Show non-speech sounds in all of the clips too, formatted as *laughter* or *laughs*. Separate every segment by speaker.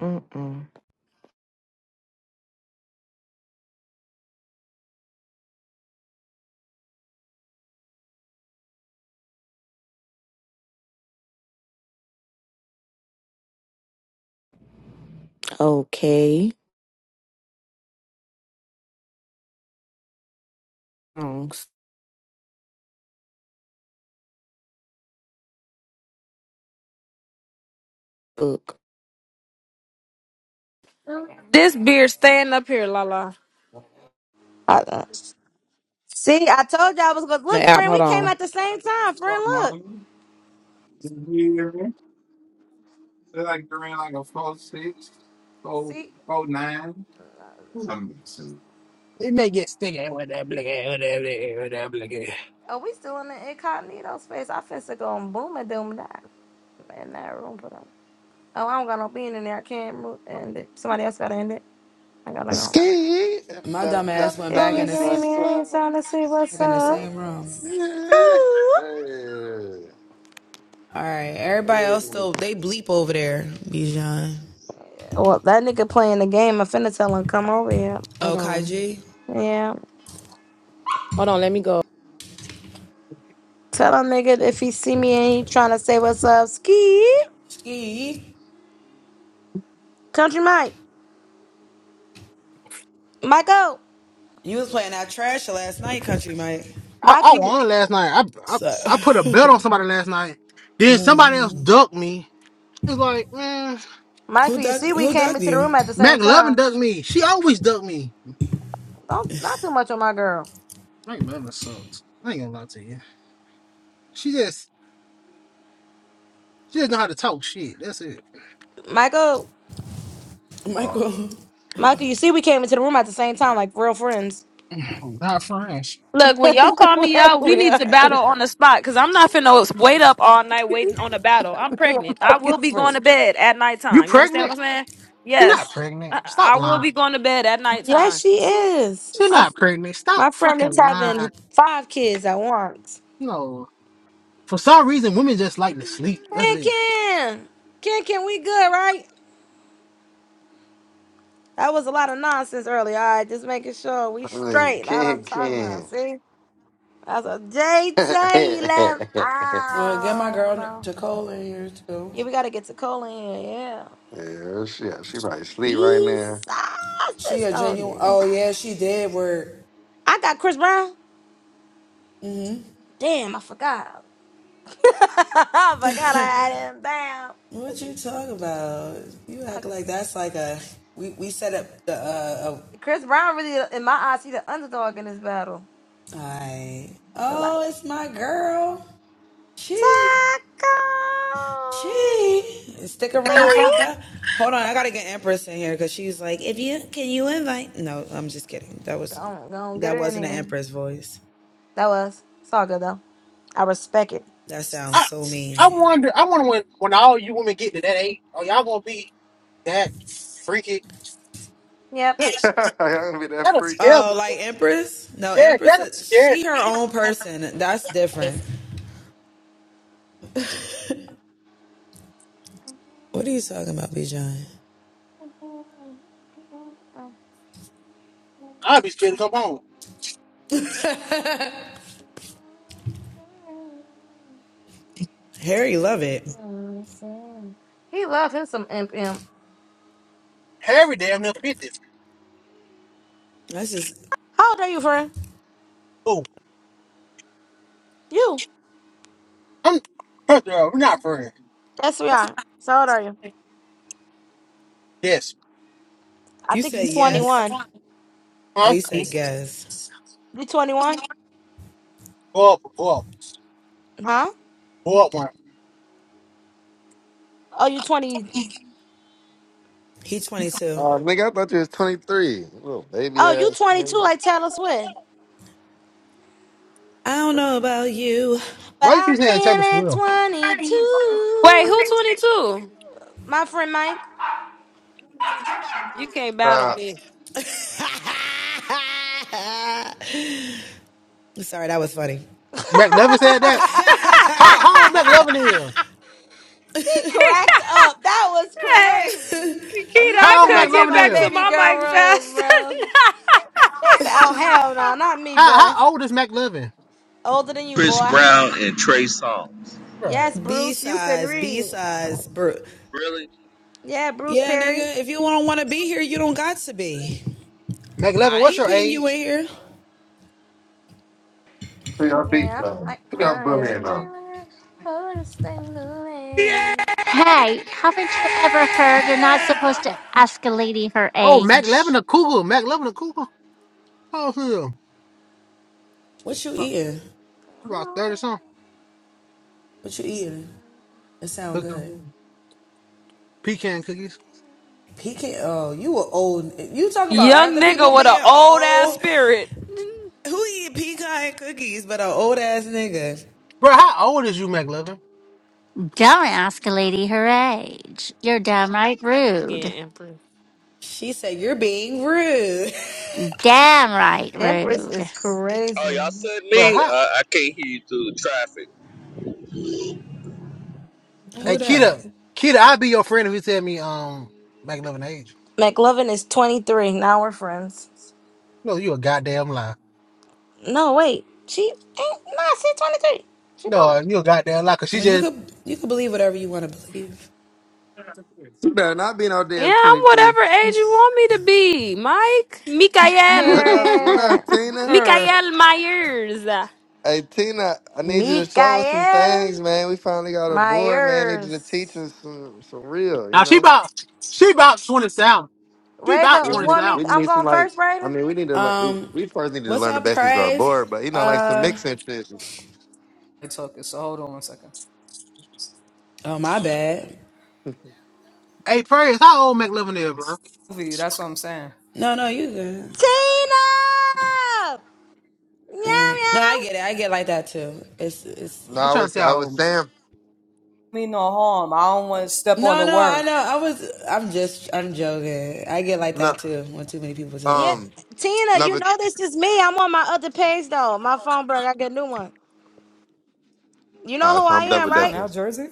Speaker 1: Mm-mm. Okay. Wrong book.
Speaker 2: This beard staying up here, Lala.
Speaker 3: I, uh, see, I told you I was gonna
Speaker 1: The
Speaker 3: look,
Speaker 1: app.
Speaker 3: friend.
Speaker 1: Hold
Speaker 3: We came
Speaker 1: on.
Speaker 3: at the same time, friend. Look, see, oh, we still in the incognito space. I finna go and boom and doom that in that room for them. Oh, I don't got no being in there. I can't move. End it. Somebody else gotta end it. I gotta
Speaker 4: Ski,
Speaker 3: go.
Speaker 4: if you ever got me
Speaker 3: If you
Speaker 4: going there
Speaker 3: see
Speaker 4: with
Speaker 3: me, I
Speaker 4: some.
Speaker 3: ain't trying to see what's up.
Speaker 4: Hey,
Speaker 3: Ooh.
Speaker 4: hey,
Speaker 3: Well, that nigga playing the game. I finna tell him come over here.
Speaker 1: Hold on.
Speaker 3: Yeah,
Speaker 1: Hold on. Let me go.
Speaker 3: tell him nigga if he see me and he trying to say what's up. Ski, country Mike, Michael,
Speaker 5: I,
Speaker 3: Mike,
Speaker 5: I won last night. I, I I put a belt on somebody last night. Then somebody else ducked me. It's like, man,
Speaker 3: Michael, you see, we came into the room at the same
Speaker 5: Mac Lovin
Speaker 3: time.
Speaker 5: ducked me. She always ducked me.
Speaker 3: Don't not too much on my girl,
Speaker 5: Mac Lovin sucks. I ain't gonna lie to you. She just she just know how to talk shit. That's it.
Speaker 3: Michael. Michael, you see, we came into the room at the same time, like real friends.
Speaker 5: Not French.
Speaker 2: Look, when y'all call me
Speaker 3: *laughs*
Speaker 2: out, we
Speaker 3: we
Speaker 2: need to
Speaker 3: are.
Speaker 2: battle on the spot because I'm not finna wait up all night waiting on a battle.
Speaker 3: *laughs*
Speaker 2: I'm pregnant. I will
Speaker 3: Michael's
Speaker 2: be going
Speaker 3: friend.
Speaker 2: to bed at
Speaker 5: You
Speaker 2: nighttime. You understand
Speaker 5: pregnant?
Speaker 2: what I'm saying?
Speaker 5: You're
Speaker 2: Yes.
Speaker 5: not pregnant.
Speaker 2: I,
Speaker 5: Stop
Speaker 2: I will
Speaker 5: lying.
Speaker 2: be going to bed at nighttime.
Speaker 3: Yes, she is.
Speaker 5: She's
Speaker 3: My
Speaker 5: not pregnant. Stop
Speaker 3: my friend
Speaker 5: fucking
Speaker 3: is
Speaker 5: lying.
Speaker 3: having five kids at once.
Speaker 5: No. For some reason, women just like to sleep. That's
Speaker 3: Ken
Speaker 5: it.
Speaker 3: Ken, Ken Ken, we good, right? That was a lot of nonsense earlier. All right, just making sure we
Speaker 4: Hey,
Speaker 3: straight. That's what I'm
Speaker 4: Ken,
Speaker 3: talking about.
Speaker 4: Ken.
Speaker 3: See, that's a
Speaker 4: *laughs*
Speaker 3: JT
Speaker 4: yeah,
Speaker 3: left. Oh no. Yeah, we gotta get to Cola in. Yeah.
Speaker 4: she, she probably sleep right
Speaker 3: Be
Speaker 4: now.
Speaker 3: sauce on it. I got Chris Brown. Damn, I forgot. *laughs* I forgot I had him down. I just Chris Brown really, in my eyes, he the underdog in this battle. Goodbye. Taco. Hey. Go on, go on, get her in here. That was. It's all good though. I respect it.
Speaker 5: I I wonder. I wonder when when all you women get to that age, are y'all gonna be that freaky?
Speaker 3: Yep.
Speaker 4: *laughs* I
Speaker 5: Yes.
Speaker 4: gonna be that
Speaker 5: That'll
Speaker 4: freaky.
Speaker 5: scare me. Yeah, that'll scare me. I'll be scared to come home.
Speaker 3: Mm, I see. He loved him some imp imp.
Speaker 5: Harry damn near fifty.
Speaker 3: How old are you, friend?
Speaker 5: Oh,
Speaker 3: You.
Speaker 5: I'm first of all, we're not friends.
Speaker 3: Yes, we are. So how old are you?
Speaker 5: Yes,
Speaker 3: I think you're 21.
Speaker 5: huh?
Speaker 3: You 21?
Speaker 5: Go up, go up,
Speaker 3: Huh?
Speaker 5: go up one.
Speaker 3: Oh, you 20.
Speaker 4: Uh, nigga, I thought you was 23. Little baby
Speaker 3: Oh, you
Speaker 4: ass.
Speaker 3: 22
Speaker 4: nigga.
Speaker 3: like Taylor Swift. But
Speaker 5: Why you keep
Speaker 3: I'm
Speaker 5: saying Taylor
Speaker 3: feeling
Speaker 5: Swift?
Speaker 2: Wait, who
Speaker 3: 22.
Speaker 2: 22?
Speaker 3: My friend Mike.
Speaker 2: You can't battle
Speaker 4: Nah,
Speaker 2: me.
Speaker 3: *laughs* she
Speaker 5: McLevin said that. How how old McLevin is?
Speaker 3: cracked up. That was
Speaker 2: Hey,
Speaker 3: crazy.
Speaker 2: Keita,
Speaker 3: not
Speaker 2: I
Speaker 5: How
Speaker 3: too
Speaker 5: old
Speaker 2: couldn't
Speaker 3: much of
Speaker 2: get
Speaker 3: my
Speaker 2: back
Speaker 5: McLevin
Speaker 2: to
Speaker 5: is?
Speaker 3: baby
Speaker 2: my
Speaker 3: girl
Speaker 2: mic
Speaker 3: rules,
Speaker 2: fast
Speaker 3: bro.
Speaker 2: enough.
Speaker 3: They said, oh, hell no, not me,
Speaker 5: How
Speaker 3: boy.
Speaker 5: how old is McLevin?
Speaker 3: Older than you,
Speaker 6: Chris
Speaker 3: boy.
Speaker 6: Brown and Trey Songz.
Speaker 5: Right.
Speaker 3: Yes, Bruce, you can read.
Speaker 6: Really?
Speaker 3: Yeah, Bruce Perry.
Speaker 5: McLevin, what's your age?
Speaker 4: who y'all beat
Speaker 3: Yeah, I'm
Speaker 4: though?
Speaker 3: like,
Speaker 4: Who y'all
Speaker 3: I
Speaker 4: bullying though?
Speaker 3: wanna stay moving.
Speaker 7: Hey, haven't you ever heard you're not supposed to ask a lady her
Speaker 5: Oh,
Speaker 7: age?
Speaker 5: McLevin a cougar. McLevin a cougar. Oh, yeah. About 30 something. Cooking Pecan cookies.
Speaker 2: *laughs* Young nigga with an old ass spirit.
Speaker 5: Bro, how old is you, McLovin?
Speaker 7: Don't ask a lady her age. You're downright
Speaker 2: Yeah,
Speaker 7: rude.
Speaker 2: Emperor.
Speaker 7: Downright
Speaker 3: Empress
Speaker 7: rude.
Speaker 3: is
Speaker 6: Oh,
Speaker 3: crazy.
Speaker 6: y'all said
Speaker 5: Bro,
Speaker 6: me? Uh,
Speaker 5: how
Speaker 6: I can't hear you through the traffic.
Speaker 5: hey Kita, Kita, I'd be your friend if you tell me um McLovin age.
Speaker 3: McLovin is 23. Now we're friends.
Speaker 5: No, you a goddamn lie.
Speaker 3: No, wait. She ain't. Nah, she's 23. She told me.
Speaker 5: No, you a goddamn lie, cause she just
Speaker 4: You better not be no
Speaker 2: Yeah,
Speaker 4: damn
Speaker 2: I'm
Speaker 4: 23.
Speaker 2: whatever age you want me to be, Mike. Mikael.
Speaker 4: What up? What up,
Speaker 3: Period.
Speaker 4: Tina?
Speaker 8: her.
Speaker 2: Mikael Myers.
Speaker 4: Hey Tina, I need you to show us some things,
Speaker 3: Mikael
Speaker 4: man. We finally got a board, man. I need you to teach
Speaker 3: Myers.
Speaker 4: us some, some real, you
Speaker 5: now she
Speaker 4: know.
Speaker 5: about she about twenty seven. She
Speaker 3: Raven,
Speaker 5: about
Speaker 4: We
Speaker 3: you
Speaker 5: twenty
Speaker 4: need
Speaker 3: want
Speaker 5: seven.
Speaker 3: me?
Speaker 4: we
Speaker 3: I'm
Speaker 4: need some
Speaker 3: going
Speaker 4: like
Speaker 3: first,
Speaker 4: I
Speaker 3: Raven.
Speaker 4: mean we need to learn we, we first need to learn the basics of our board, but you know, like some mixing shit.
Speaker 8: I took it. So hold on one second.
Speaker 5: Hey Prayers, how old McLovin is, bro?
Speaker 8: Movie, that's what I'm saying.
Speaker 3: Tina! Meow, meow.
Speaker 4: No, I was I was saying
Speaker 8: Me no harm. I don't want to step on the word.
Speaker 4: no
Speaker 3: Yeah,
Speaker 4: um
Speaker 3: Tina,
Speaker 4: no
Speaker 3: you
Speaker 4: but
Speaker 3: know this is me. I'm on my other page though. My phone broke. I get a new one. You
Speaker 4: all
Speaker 3: know
Speaker 4: right,
Speaker 3: who
Speaker 4: so
Speaker 3: I
Speaker 4: I'm
Speaker 8: Yeah,
Speaker 3: am,
Speaker 4: double
Speaker 8: come on
Speaker 3: right?
Speaker 8: now,
Speaker 4: dutching.
Speaker 8: Jersey.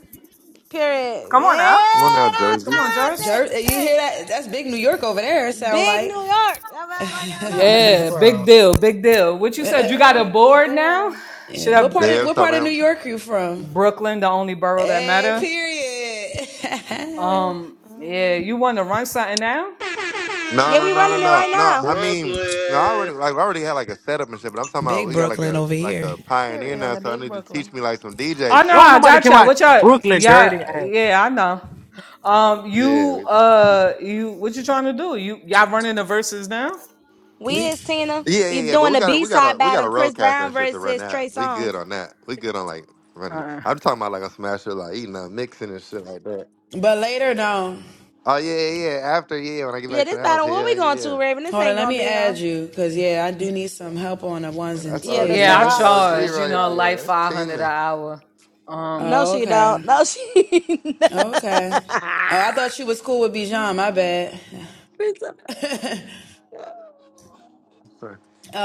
Speaker 3: Period.
Speaker 8: Come on now.
Speaker 4: Come on now,
Speaker 3: Yeah, that's
Speaker 8: Come
Speaker 4: Jersey.
Speaker 8: on,
Speaker 3: all
Speaker 8: Jersey.
Speaker 3: Tina. Hey, big New York. I'm act like I know.
Speaker 8: Yeah, big deal, big deal. What you said? You got a
Speaker 3: Big
Speaker 8: board now?
Speaker 3: Bill.
Speaker 8: Should have
Speaker 4: Yeah, what's up, man?
Speaker 8: Brooklyn, the only borough that matter. Um, yeah,
Speaker 3: Mhm.
Speaker 8: you want to run something now?
Speaker 4: No,
Speaker 3: Yeah,
Speaker 4: no,
Speaker 3: we
Speaker 4: no, no,
Speaker 3: running it
Speaker 4: no.
Speaker 3: right
Speaker 4: No,
Speaker 3: now.
Speaker 4: I mean no, I
Speaker 6: Brooklyn.
Speaker 4: already like I already had like a setup and shit, but I'm talking about we got like a like a pioneer
Speaker 3: Period on
Speaker 4: now,
Speaker 3: the
Speaker 4: so I
Speaker 3: Big
Speaker 4: need to teach
Speaker 3: Brooklyn.
Speaker 4: me like some
Speaker 8: Oh
Speaker 4: DJ
Speaker 8: no,
Speaker 5: Don't
Speaker 4: shit.
Speaker 8: I
Speaker 5: nobody
Speaker 8: got
Speaker 5: care
Speaker 8: y'all.
Speaker 5: about
Speaker 8: What y'all? Yeah, yeah, I know. Um, you,
Speaker 4: Yeah,
Speaker 8: uh, you, what you trying to do? You, y'all running the verses now?
Speaker 3: We is Tina.
Speaker 4: Yeah,
Speaker 3: We
Speaker 4: yeah, yeah. But
Speaker 3: doing
Speaker 4: we
Speaker 3: the
Speaker 4: got a
Speaker 3: B
Speaker 4: we got
Speaker 3: side
Speaker 4: a we got
Speaker 3: battle.
Speaker 4: a
Speaker 3: Chris
Speaker 4: roadcaster
Speaker 3: Brown
Speaker 4: and shit to run
Speaker 3: versus
Speaker 4: that.
Speaker 3: Trey
Speaker 4: We
Speaker 3: Songz.
Speaker 4: good on that. We good on like running. it.
Speaker 8: Uh.
Speaker 4: I'm talking about like a smasher, like eating a mixing and shit like that. Oh yeah, yeah. yeah. After yeah, when I get
Speaker 3: Yeah,
Speaker 4: back to
Speaker 3: this
Speaker 4: the house,
Speaker 3: battle. What we
Speaker 4: hell
Speaker 3: going to
Speaker 4: yeah.
Speaker 3: Raven? This ain't gonna be a.
Speaker 4: Yeah, that's
Speaker 3: Yeah,
Speaker 4: OG.
Speaker 3: the
Speaker 8: Yeah, I
Speaker 4: That's
Speaker 3: Serato.
Speaker 4: OG
Speaker 3: Yeah,
Speaker 8: charge,
Speaker 3: for
Speaker 8: you
Speaker 4: right
Speaker 8: know,
Speaker 3: sure.
Speaker 4: there.
Speaker 8: like
Speaker 4: That's
Speaker 8: five hundred
Speaker 4: Tina.
Speaker 8: an hour. Um,
Speaker 3: No, she don't. No, she. *laughs*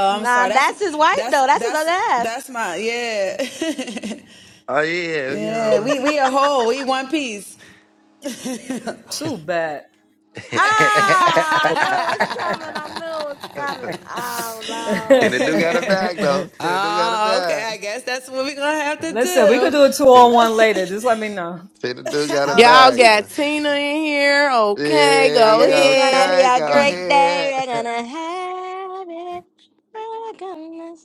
Speaker 3: nah, that's his wife though. That's his other half.
Speaker 4: Oh yeah, you know.
Speaker 8: too bad.
Speaker 3: Ah, I knew it's
Speaker 4: *laughs*
Speaker 3: coming. I knew it's coming. Oh no.
Speaker 4: Tina do got a bag though.
Speaker 8: *laughs*
Speaker 4: Tina do got a bag.
Speaker 8: Listen, we could do a two on
Speaker 4: Tina,
Speaker 8: one later. Just let me know.
Speaker 4: Tina do got a
Speaker 1: Y'all
Speaker 4: bag
Speaker 1: got
Speaker 4: though.
Speaker 1: Tina in here. Okay.
Speaker 4: Yeah,
Speaker 3: Oh,
Speaker 1: Go
Speaker 4: you
Speaker 3: this is gonna
Speaker 1: ahead.
Speaker 3: be
Speaker 4: okay?
Speaker 3: a great
Speaker 4: Go
Speaker 3: day. We're
Speaker 4: ahead.
Speaker 3: gonna have it. We're gonna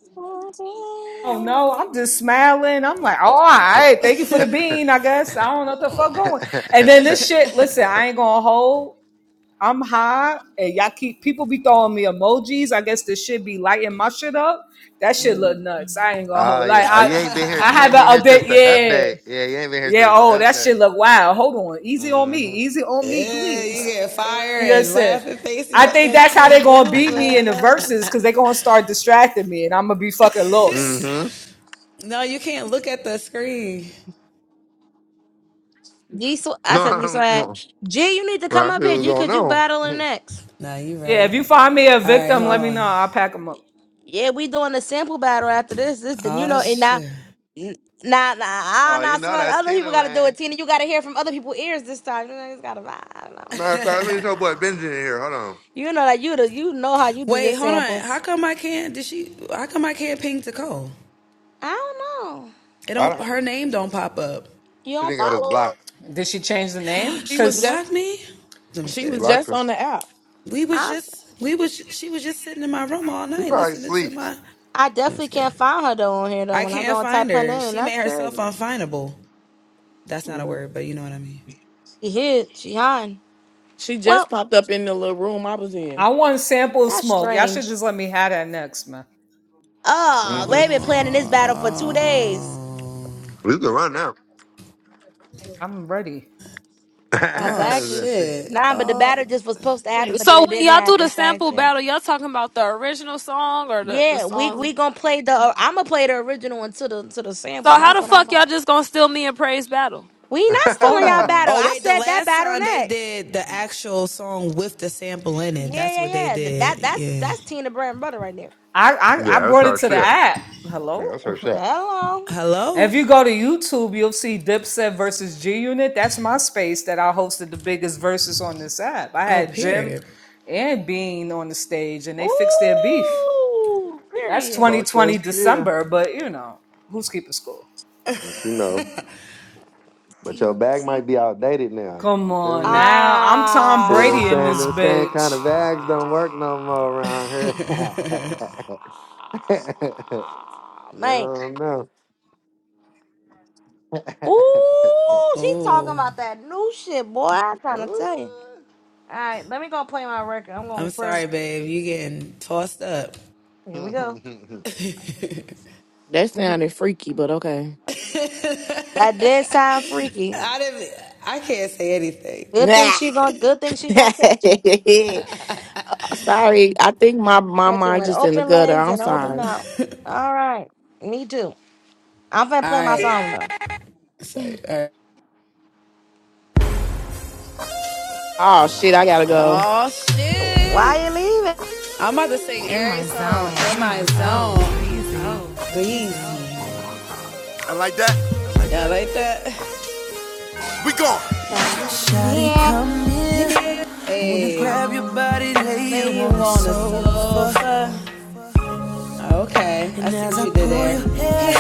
Speaker 8: Oh no, I'm just smiling. I'm like, oh, all right, thank you for the bean. I guess I don't know what the fuck going. And then
Speaker 4: *laughs*
Speaker 8: this shit. Listen, I ain't gonna hold. I'm high, and y'all keep people be throwing me emojis. I guess this shit be lighting my shit up. That shit
Speaker 1: Mm.
Speaker 8: look nuts. I ain't gonna
Speaker 4: Oh
Speaker 8: hold. Like
Speaker 4: yeah. Oh,
Speaker 8: I,
Speaker 4: you ain't been here.
Speaker 8: I
Speaker 4: You ain't
Speaker 8: haven't
Speaker 4: been here
Speaker 8: update.
Speaker 4: since the
Speaker 8: Yeah,
Speaker 4: update. Yeah, you ain't been here
Speaker 8: Yeah,
Speaker 4: since the
Speaker 8: oh, that shit
Speaker 4: update.
Speaker 8: look wild. Hold on. Easy on me.
Speaker 4: Mm-hmm.
Speaker 8: Easy on me, please. *laughs* You know what I'm
Speaker 3: celebrate.
Speaker 8: saying? I think
Speaker 3: Good
Speaker 8: that's how they
Speaker 3: seeing
Speaker 8: gonna
Speaker 3: Goof,
Speaker 8: beat me in the
Speaker 3: man.
Speaker 8: verses because they gonna start distracting me and I'm gonna be fucking lost.
Speaker 4: Mm-hmm.
Speaker 3: G, Sw- I
Speaker 4: No,
Speaker 3: said G Swag. G, you need to
Speaker 4: *laughs*
Speaker 3: come
Speaker 4: I
Speaker 3: up
Speaker 4: feel
Speaker 3: here,
Speaker 4: what's
Speaker 3: G,
Speaker 4: going
Speaker 3: cause you battling
Speaker 4: on. *laughs*
Speaker 3: next.
Speaker 8: Yeah, if you find me a victim, let me know. I'll pack them up.
Speaker 3: Yeah, we doing a sample battle after this. This, then you know, and now, n- nah, nah, ah,
Speaker 4: Oh,
Speaker 3: nah.
Speaker 4: you
Speaker 3: Some
Speaker 4: know
Speaker 3: of
Speaker 4: that
Speaker 3: other people
Speaker 4: Tina
Speaker 3: got to do
Speaker 4: Lane.
Speaker 3: it, Tina. You got to hear from other people's ears this time. You know, it's got to vibe. I don't
Speaker 4: Matter of
Speaker 3: know.
Speaker 4: fact, let me show boy Benji in here. Hold on.
Speaker 3: You know that you do. You know how you do your samples. I don't know.
Speaker 4: I don't.
Speaker 3: You
Speaker 4: She
Speaker 3: don't
Speaker 4: didn't got us
Speaker 3: follow her.
Speaker 4: blocked.
Speaker 8: Did she change the name?
Speaker 1: She was
Speaker 8: Cause
Speaker 1: just. She
Speaker 4: She
Speaker 1: was
Speaker 4: blocked
Speaker 1: just on
Speaker 4: us.
Speaker 1: the app.
Speaker 3: I,
Speaker 4: She probably sleeps.
Speaker 3: I definitely can't find her though on here though. When I go and type her name, that's crazy.
Speaker 1: Mm.
Speaker 3: She hid. She hiding.
Speaker 1: She just
Speaker 3: Well,
Speaker 1: popped up in the little room I was
Speaker 8: I
Speaker 1: in.
Speaker 8: want sample
Speaker 3: that's
Speaker 8: smoke. Y'all should
Speaker 3: strange.
Speaker 8: just let me have that next, man.
Speaker 3: Oh,
Speaker 4: Mm-hmm.
Speaker 3: they've been planning this battle for two days.
Speaker 4: We can run now.
Speaker 8: I'm ready.
Speaker 4: *laughs*
Speaker 3: Exactly.
Speaker 4: yeah, she.
Speaker 3: Nah, but the battle just was supposed to happen, but
Speaker 2: So
Speaker 3: it
Speaker 2: when
Speaker 3: didn't
Speaker 2: y'all do the
Speaker 3: happen. Type
Speaker 2: sample
Speaker 3: thing.
Speaker 2: battle, y'all talking about the original song or the, the
Speaker 3: Yeah, we
Speaker 2: songs?
Speaker 3: we gonna play the. I'm gonna play the original until the to the
Speaker 2: So
Speaker 3: sample.
Speaker 2: how
Speaker 3: That's
Speaker 2: the
Speaker 3: what I'm
Speaker 2: fuck y'all
Speaker 3: gonna.
Speaker 2: just gonna steal me and praise battle?
Speaker 3: We
Speaker 4: *laughs*
Speaker 3: not
Speaker 8: Hold
Speaker 3: stealing y'all
Speaker 4: yeah,
Speaker 8: on.
Speaker 3: battle. I said that battle next. Yeah, yeah, yeah. Th- That that's that's Tina Brand brother right there.
Speaker 8: I I, I
Speaker 4: that's
Speaker 8: brought
Speaker 4: her
Speaker 8: it to the
Speaker 4: shit.
Speaker 8: app.
Speaker 4: Yeah,
Speaker 8: Hello?
Speaker 4: that's her shit.
Speaker 3: Hello.
Speaker 8: If you go to YouTube, you'll see Dipset versus G Unit. That's my space that I hosted the biggest verses on this app. I had Jim and Bean on the stage, and they fixed their beef.
Speaker 3: Ooh.
Speaker 8: That's
Speaker 3: Period.
Speaker 4: Talk
Speaker 8: 2020
Speaker 4: that shit.
Speaker 8: December, but you know, who's keeping score?
Speaker 4: But she know. But your
Speaker 3: She
Speaker 4: bag might
Speaker 3: she.
Speaker 4: be outdated now.
Speaker 8: Come
Speaker 4: You feel
Speaker 8: on
Speaker 4: me?
Speaker 8: now. I'm Tom
Speaker 4: See them
Speaker 8: Brady in
Speaker 4: saying
Speaker 8: this
Speaker 4: them same
Speaker 3: Ah.
Speaker 4: kind
Speaker 8: bitch.
Speaker 4: of bags don't work no more around here. *laughs*
Speaker 3: Man.
Speaker 4: no, no.
Speaker 3: Ooh, she talking about that new shit, boy. I'm trying to tell you. All right, let me go play my record. I'm going first. Here we
Speaker 4: *laughs*
Speaker 3: go.
Speaker 4: Ooh. *laughs*
Speaker 1: That sounded freaky, but okay.
Speaker 3: That did sound freaky. Good thing
Speaker 1: Nah.
Speaker 3: she going good thing
Speaker 1: *laughs*
Speaker 3: she gonna catch him.
Speaker 1: sorry. I think my my
Speaker 3: Catch him
Speaker 1: mind
Speaker 3: with
Speaker 1: just in the
Speaker 3: open
Speaker 1: gutter.
Speaker 3: legs
Speaker 1: I'm
Speaker 3: and open
Speaker 1: sorry.
Speaker 3: mouth. All right. Me too. I'm finna play my song though.
Speaker 1: Oh shit. I gotta go.
Speaker 3: Why you
Speaker 9: In my zone. In my zone. Breezy. Breezy. I like that. I like that. We gone.
Speaker 1: Sorry.
Speaker 3: leaving?
Speaker 9: Shawty,
Speaker 3: He
Speaker 9: come here. I wanna grab your body, lay you on the sofa. And as
Speaker 1: Now
Speaker 9: I
Speaker 1: will
Speaker 9: pull your
Speaker 1: be
Speaker 9: hair,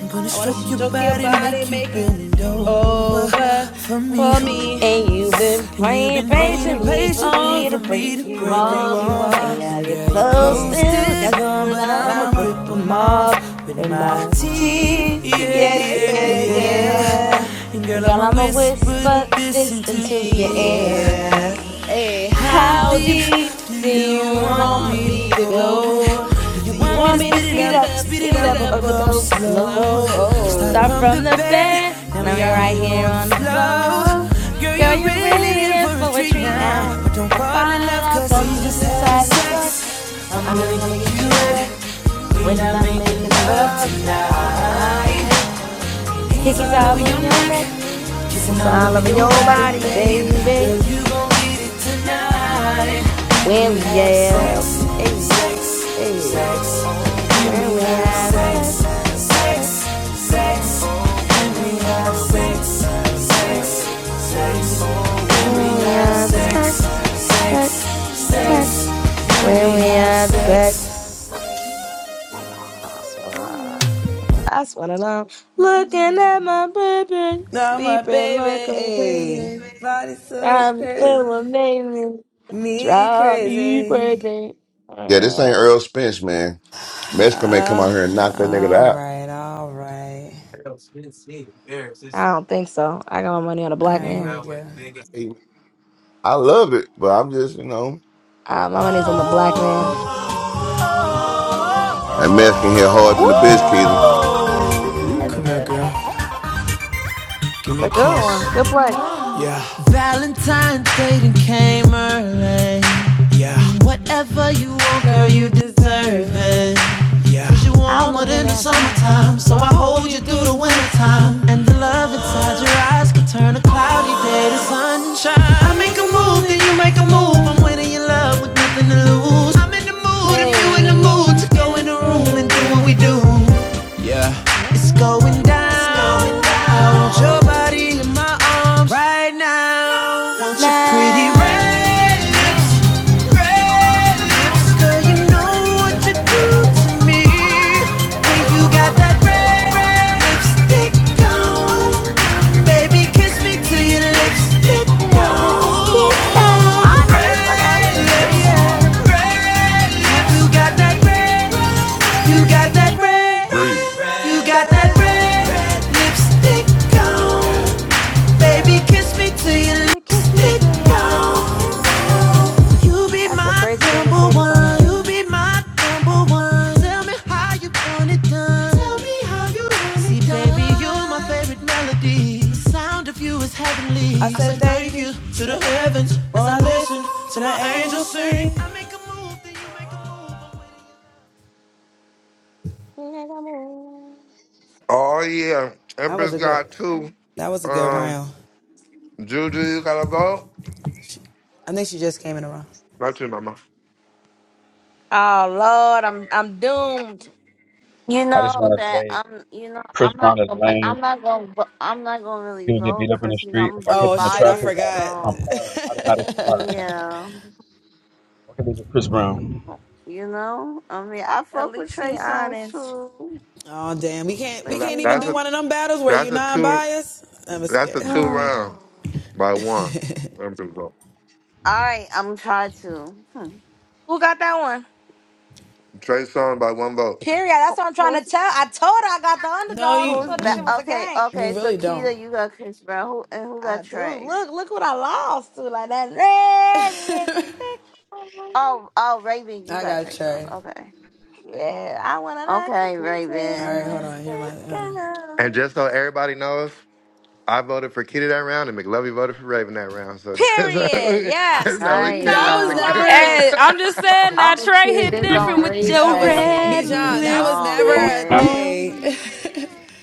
Speaker 9: I'm gonna stroke your body, make you bend
Speaker 1: more
Speaker 9: over
Speaker 1: and more
Speaker 9: for
Speaker 1: for
Speaker 9: me.
Speaker 1: me.
Speaker 3: And you've been
Speaker 9: And you've
Speaker 3: praying
Speaker 9: been waiting
Speaker 1: Combination,
Speaker 3: patiently for
Speaker 9: patiently
Speaker 3: me to
Speaker 9: for
Speaker 1: you
Speaker 9: me to
Speaker 3: break
Speaker 1: do to
Speaker 3: you
Speaker 9: break
Speaker 1: break
Speaker 9: you
Speaker 3: off.
Speaker 1: you
Speaker 9: off.
Speaker 3: And
Speaker 1: off
Speaker 3: yeah,
Speaker 9: And
Speaker 3: your
Speaker 9: girl, you
Speaker 3: clothes
Speaker 9: closed
Speaker 3: still
Speaker 9: it
Speaker 3: young,
Speaker 9: long,
Speaker 3: but
Speaker 9: but I'ma
Speaker 3: I'ma rip
Speaker 9: rip
Speaker 3: 'em
Speaker 9: 'em off
Speaker 3: off.
Speaker 9: with
Speaker 3: And
Speaker 1: with
Speaker 9: my
Speaker 1: my
Speaker 3: my
Speaker 1: feet.
Speaker 9: teeth.
Speaker 3: teeth,
Speaker 1: Yeah,
Speaker 9: Yeah,
Speaker 3: yeah,
Speaker 1: yeah,
Speaker 9: yeah,
Speaker 3: yeah,
Speaker 9: yeah.
Speaker 1: yeah.
Speaker 3: yeah.
Speaker 9: And
Speaker 3: And
Speaker 9: girl,
Speaker 3: girl,
Speaker 9: I'ma
Speaker 3: I'ma
Speaker 9: whisper
Speaker 3: whisper
Speaker 9: this
Speaker 3: this
Speaker 9: into
Speaker 3: into
Speaker 9: your
Speaker 3: your
Speaker 9: ear.
Speaker 3: ear.
Speaker 9: How
Speaker 1: I
Speaker 3: How
Speaker 9: deep
Speaker 3: deep
Speaker 9: do
Speaker 3: do you
Speaker 9: you want
Speaker 3: want
Speaker 9: me to
Speaker 3: me to
Speaker 9: go?
Speaker 3: go?
Speaker 9: Do you
Speaker 3: Do you
Speaker 9: want me to
Speaker 3: want me to
Speaker 9: speed it
Speaker 3: speed it
Speaker 9: up,
Speaker 3: up,
Speaker 9: speed it
Speaker 3: speed it
Speaker 9: up
Speaker 3: up,
Speaker 9: or
Speaker 3: or
Speaker 9: go
Speaker 3: go
Speaker 9: slow?
Speaker 3: slow?
Speaker 9: Start
Speaker 3: Start
Speaker 9: from the
Speaker 3: from the
Speaker 9: bed,
Speaker 3: bed,
Speaker 9: now
Speaker 3: now
Speaker 9: we
Speaker 3: we're
Speaker 9: out
Speaker 3: right
Speaker 9: here
Speaker 3: here
Speaker 9: on the
Speaker 3: on the floor.
Speaker 9: floor. Girl,
Speaker 3: Girl,
Speaker 9: you're
Speaker 3: you're
Speaker 9: really
Speaker 3: really
Speaker 9: in
Speaker 3: in
Speaker 9: for a
Speaker 3: for a
Speaker 9: treat
Speaker 3: treat
Speaker 9: now.
Speaker 3: now.
Speaker 9: But don't
Speaker 3: Don't
Speaker 9: fall in
Speaker 3: fall in
Speaker 9: love,
Speaker 3: love,
Speaker 9: cause we
Speaker 3: cause we
Speaker 9: just
Speaker 3: just
Speaker 9: having
Speaker 3: having sex.
Speaker 9: sex. I'm
Speaker 3: I'm
Speaker 9: gonna get
Speaker 3: gonna get
Speaker 9: you
Speaker 3: you
Speaker 1: do
Speaker 9: wet.
Speaker 3: wet
Speaker 9: We
Speaker 3: when
Speaker 9: not
Speaker 3: I'm
Speaker 9: making
Speaker 3: making
Speaker 9: love
Speaker 3: love
Speaker 1: you
Speaker 9: tonight.
Speaker 3: tonight.
Speaker 9: He's
Speaker 3: Hickey's
Speaker 9: all over
Speaker 3: all
Speaker 9: your
Speaker 3: on your
Speaker 9: neck,
Speaker 3: neck,
Speaker 9: kissing
Speaker 3: it's
Speaker 9: all
Speaker 3: all
Speaker 9: over
Speaker 3: over
Speaker 1: down.
Speaker 9: your
Speaker 3: your
Speaker 9: body,
Speaker 3: body,
Speaker 9: babe.
Speaker 3: baby.
Speaker 9: Girl, you gon' get it tonight. Can we
Speaker 3: When we
Speaker 9: have sex,
Speaker 3: have, hey,
Speaker 9: sex, sex.
Speaker 3: hey, uh,
Speaker 9: Can we
Speaker 3: where we
Speaker 9: have
Speaker 3: have
Speaker 9: sex,
Speaker 3: sex,
Speaker 9: sex, sex.
Speaker 3: sex,
Speaker 9: Can
Speaker 3: sex,
Speaker 9: we
Speaker 3: when we
Speaker 9: have
Speaker 3: have sex,
Speaker 9: sex,
Speaker 3: uh,
Speaker 9: sex, sex. Can we
Speaker 3: when we
Speaker 9: have
Speaker 3: have
Speaker 9: sex,
Speaker 3: sex,
Speaker 9: sex,
Speaker 3: sex,
Speaker 9: sex.
Speaker 3: sex,
Speaker 9: Can we
Speaker 3: when we
Speaker 9: have
Speaker 1: Thank
Speaker 3: have
Speaker 9: sex,
Speaker 3: sex. That's what I, that's what I love. Looking at my baby, sleeping like a baby. I'm so amazing, drive me crazy.
Speaker 10: Yeah, this ain't Earl Spence, man. Mexican may come out here and knock that nigga out.
Speaker 3: I don't think so. I got my money on a black man.
Speaker 10: I love it, but I'm just, you know,
Speaker 3: Uh, my money's on the black man.
Speaker 10: and Mexican hit harder than the bitch, Keto.
Speaker 3: Woo!
Speaker 11: Come here, girl. Give
Speaker 3: It's
Speaker 11: me a
Speaker 3: a good
Speaker 11: kiss.
Speaker 3: one. Good play.
Speaker 11: Yeah, yeah, yeah,
Speaker 3: I don't know the name of that song. Hey, hey.
Speaker 11: yeah.
Speaker 3: Now, your lips get down. I know this, okay? Baby, kiss me till your lipstick gone. That's a crazy thing to say to somebody. Oh
Speaker 4: Oh yeah, Empress got two. Um, Juju, you got a vote? Not you, Mama.
Speaker 3: Lord, I'm I'm doomed.
Speaker 12: You
Speaker 13: I just
Speaker 12: know
Speaker 13: want to
Speaker 12: that
Speaker 13: say
Speaker 12: I'm. You know
Speaker 13: Chris
Speaker 12: I'm
Speaker 13: Brown
Speaker 12: not
Speaker 13: is
Speaker 12: gonna.
Speaker 13: lame.
Speaker 12: I'm not gonna. vo- I'm not gonna really
Speaker 13: He'll get beat
Speaker 12: vote
Speaker 13: up in the
Speaker 12: because you know I'm
Speaker 13: street.
Speaker 12: gonna
Speaker 13: If I
Speaker 12: be
Speaker 13: catch him in traffic,
Speaker 12: biased.
Speaker 13: I'm, I'm
Speaker 12: So
Speaker 13: firing. Automatic fire.
Speaker 12: yeah,
Speaker 13: What can they do, Chris Brown?
Speaker 12: you know. I mean, I
Speaker 3: At
Speaker 12: fuck with
Speaker 3: least
Speaker 12: Trey
Speaker 3: she
Speaker 12: Songz
Speaker 3: honest.
Speaker 12: too, but
Speaker 4: That-
Speaker 12: you
Speaker 4: That's a
Speaker 12: know.
Speaker 4: that's a two that's a
Speaker 12: *sighs*
Speaker 4: two round
Speaker 12: All
Speaker 4: by one. Empress vote.
Speaker 12: right, I'm trying to. Hmm.
Speaker 3: Who got that one?
Speaker 4: Trey Song by one vote.
Speaker 3: Period.
Speaker 12: Who-
Speaker 3: That's what I'm trying to
Speaker 12: Who's
Speaker 3: tell. I told her I got the underdog. She
Speaker 12: who's
Speaker 3: thought this
Speaker 12: back?
Speaker 3: shit was a
Speaker 12: Okay,
Speaker 3: game.
Speaker 12: okay. So Keita, you got Chris Brown. Who and who
Speaker 3: I
Speaker 12: got
Speaker 3: do.
Speaker 12: Trey?
Speaker 3: Look, look what I lost to. Like that red lipstick. on.
Speaker 12: Oh, oh, Raven, you got Trey Songz. Okay,
Speaker 3: Yeah, I wanna like
Speaker 12: okay,
Speaker 3: a
Speaker 12: Raven.
Speaker 3: red lipstick.
Speaker 4: And
Speaker 3: on.
Speaker 4: just so everybody knows. I voted for Kitty that round, and McLovey voted for Raven that round. So, *laughs*
Speaker 3: Period.
Speaker 4: so
Speaker 3: Yes.
Speaker 12: All
Speaker 4: no, it came out.
Speaker 3: No
Speaker 12: right,
Speaker 4: The,
Speaker 2: Hey,
Speaker 3: bias.
Speaker 2: I'm just saying that
Speaker 12: Oh
Speaker 2: Trey
Speaker 12: shit,
Speaker 2: hit
Speaker 12: this on
Speaker 2: different with your
Speaker 13: No,
Speaker 2: red
Speaker 12: replay. Oh
Speaker 2: lipstick
Speaker 13: I'm not
Speaker 12: man.
Speaker 2: on.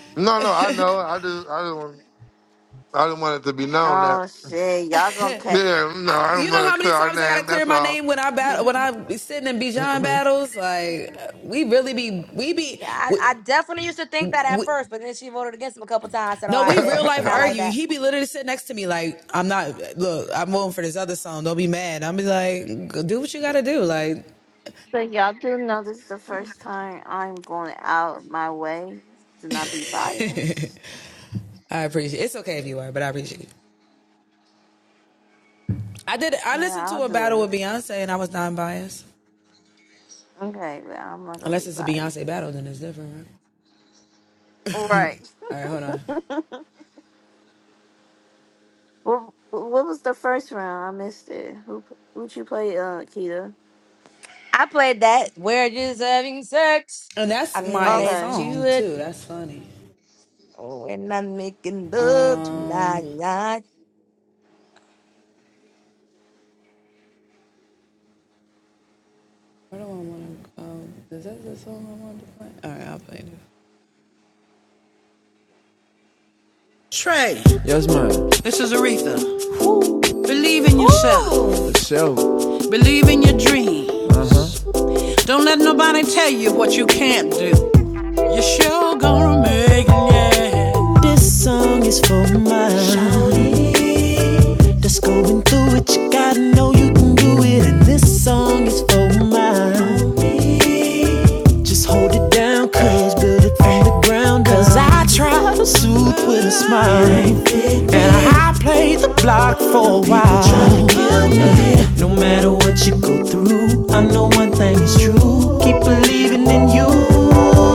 Speaker 4: *laughs* no, no, I know. I just, I just, want, I just want it to be known that.
Speaker 12: Oh shit, y'all gonna catch.
Speaker 4: Yeah, no, I don't want to clear our name. That's all. *laughs*
Speaker 3: Yeah, I, I definitely used to think that at first, but then she voted against him a couple times. so I said, "All right, bet she not like that."
Speaker 12: So y'all do know this is the first time I'm going out my way to not be biased. Yeah, I'll do it. Okay, but I'm not gonna be biased. right? What What was the first round? I missed it. Who Would you play, uh, Keita?
Speaker 3: I played that. We're just having sex. I'm gonna
Speaker 12: Okay.
Speaker 3: do it. Oh, and I'm making love tonight. Ooh,
Speaker 11: No matter what you go through, I know one thing is true. Keep believing in you.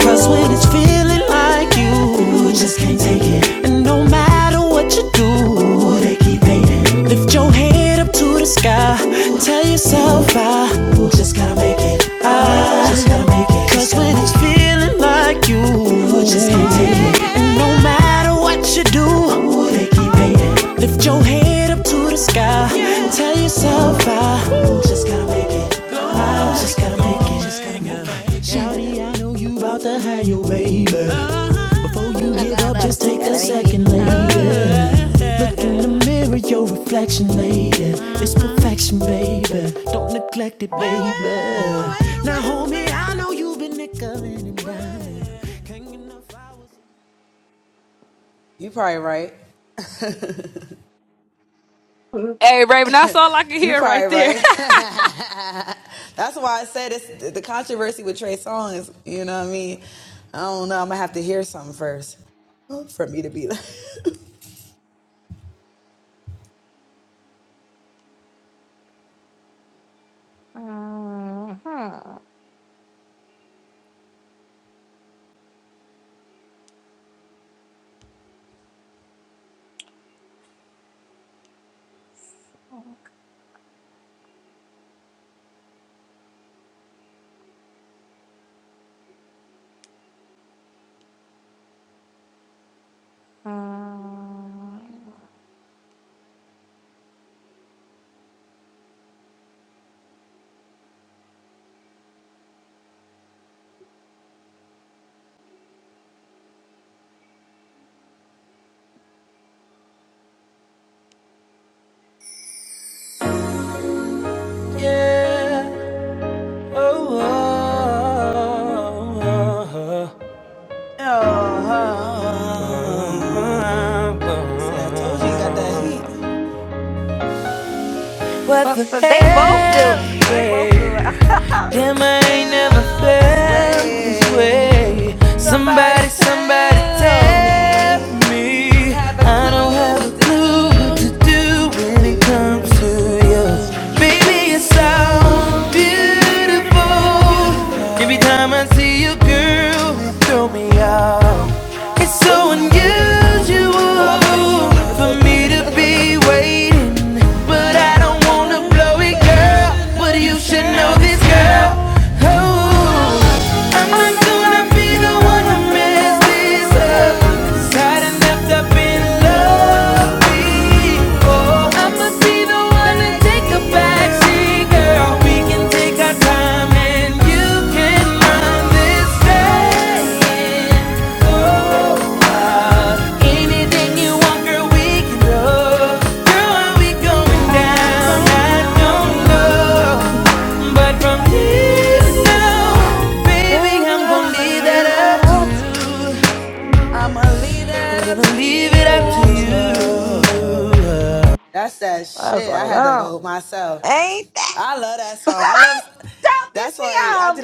Speaker 11: Cause when it's feeling like you, you just can't take it. And no matter what you do, they keep hating. Lift your head up to the sky. Tell yourself I just gotta make it. I just gotta make it. Cause when it's feeling like you, you just can't take it. No matter what you do, Ooh, they keep hating. Lift your head up to the sky. yeah. And Tell yourself I just gotta make it. I just gotta make it. Just gotta make it. Shouty, I know you about to have your baby. Before you
Speaker 3: I
Speaker 11: give
Speaker 3: got
Speaker 11: up,
Speaker 3: up.
Speaker 11: just
Speaker 3: It's
Speaker 11: take a
Speaker 3: gotta make me.
Speaker 11: second, lady.
Speaker 3: Uh,
Speaker 11: Look in the mirror, your reflection, lady. It's perfection, baby. Don't neglect it, baby. Now, homie, I know you've been nickeling and diming.
Speaker 2: Hey Raven, that's all I can hear right there.
Speaker 3: uh, uh, uh.
Speaker 9: yeah. Oh, oh, oh, oh. oh.
Speaker 3: That's what I
Speaker 9: What
Speaker 3: But,
Speaker 9: the
Speaker 3: but they both do.
Speaker 9: hell,
Speaker 3: They both do.
Speaker 9: babe?
Speaker 3: *laughs*
Speaker 9: Damn, I ain't never felt
Speaker 3: Bound
Speaker 9: this
Speaker 3: this way.
Speaker 9: way. Somebody, somebody tell me. I don't
Speaker 3: *laughs*
Speaker 9: have a clue what to do when it comes to you.
Speaker 3: Baby,
Speaker 9: Baby, you're
Speaker 3: it's
Speaker 9: so
Speaker 3: so
Speaker 9: beautiful.
Speaker 3: beautiful.
Speaker 9: Every time I see you, girl, you throw me
Speaker 3: Uh-uh-uh.
Speaker 9: off. It's so unusual for me to be waiting, but I don't wanna blow it, girl. But you should
Speaker 3: Please don't
Speaker 9: know this,
Speaker 3: know it,
Speaker 9: girl.
Speaker 3: girl. Oh,
Speaker 9: Oh, I'm
Speaker 3: I'm
Speaker 9: not
Speaker 3: not
Speaker 9: gonna
Speaker 3: trying to
Speaker 9: be
Speaker 3: be
Speaker 9: the
Speaker 3: the
Speaker 9: one to
Speaker 3: one to
Speaker 9: mess
Speaker 3: mess
Speaker 9: this
Speaker 3: this
Speaker 9: up.
Speaker 3: up.
Speaker 9: Cause I'd enough to be
Speaker 3: I've
Speaker 9: in
Speaker 3: been
Speaker 9: love
Speaker 3: loved
Speaker 9: before.
Speaker 3: before,
Speaker 9: I'ma be the one to take a backseat,
Speaker 3: hey
Speaker 9: girl. We can
Speaker 3: girl.
Speaker 9: take our time and you can mind this staying.
Speaker 3: Waiting.
Speaker 1: you.
Speaker 3: Oh,
Speaker 1: No,
Speaker 9: Anything you want, girl, we can do. Girl, are we
Speaker 3: we
Speaker 9: going
Speaker 3: going
Speaker 9: down?
Speaker 3: down.
Speaker 9: I
Speaker 3: I
Speaker 9: don't
Speaker 3: don't know.
Speaker 9: know. But from here to
Speaker 3: It's love.
Speaker 9: baby,
Speaker 3: Baby,
Speaker 9: I'm gonna
Speaker 3: I'ma
Speaker 9: leave that
Speaker 3: leave that
Speaker 9: up to
Speaker 3: up to
Speaker 9: you.
Speaker 3: you.
Speaker 9: I'm gonna leave
Speaker 3: Leave
Speaker 9: it up
Speaker 3: it
Speaker 9: to
Speaker 3: up to you. That's one of them. Ain't that? *laughs* Stop it for y'all.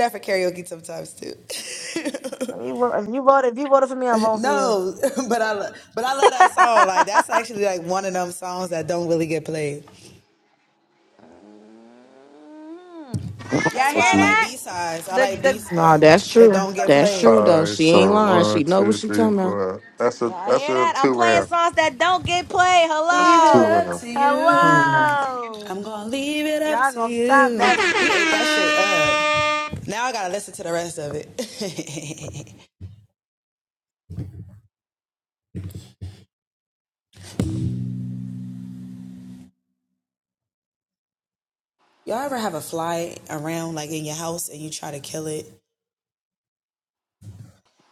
Speaker 3: If you, vo- if you voted, if you voted for me, I'm voting for you. Mhm. Y'all
Speaker 4: that's
Speaker 3: hear
Speaker 4: it.
Speaker 3: that? The the.
Speaker 1: that's true. That's true
Speaker 4: All
Speaker 1: though.
Speaker 4: right,
Speaker 1: She ain't
Speaker 4: so
Speaker 1: lying. She
Speaker 4: one,
Speaker 1: know
Speaker 4: two,
Speaker 1: what she
Speaker 4: three,
Speaker 1: talking about.
Speaker 4: four. That's a
Speaker 3: Y'all
Speaker 4: that's
Speaker 3: hear
Speaker 4: a
Speaker 3: that? I'm
Speaker 4: two
Speaker 3: playing
Speaker 4: round.
Speaker 3: songs that don't get played.
Speaker 4: That's a two
Speaker 3: Hello.
Speaker 4: round.
Speaker 1: Mhm.
Speaker 3: Hello. Y'all gonna stop that.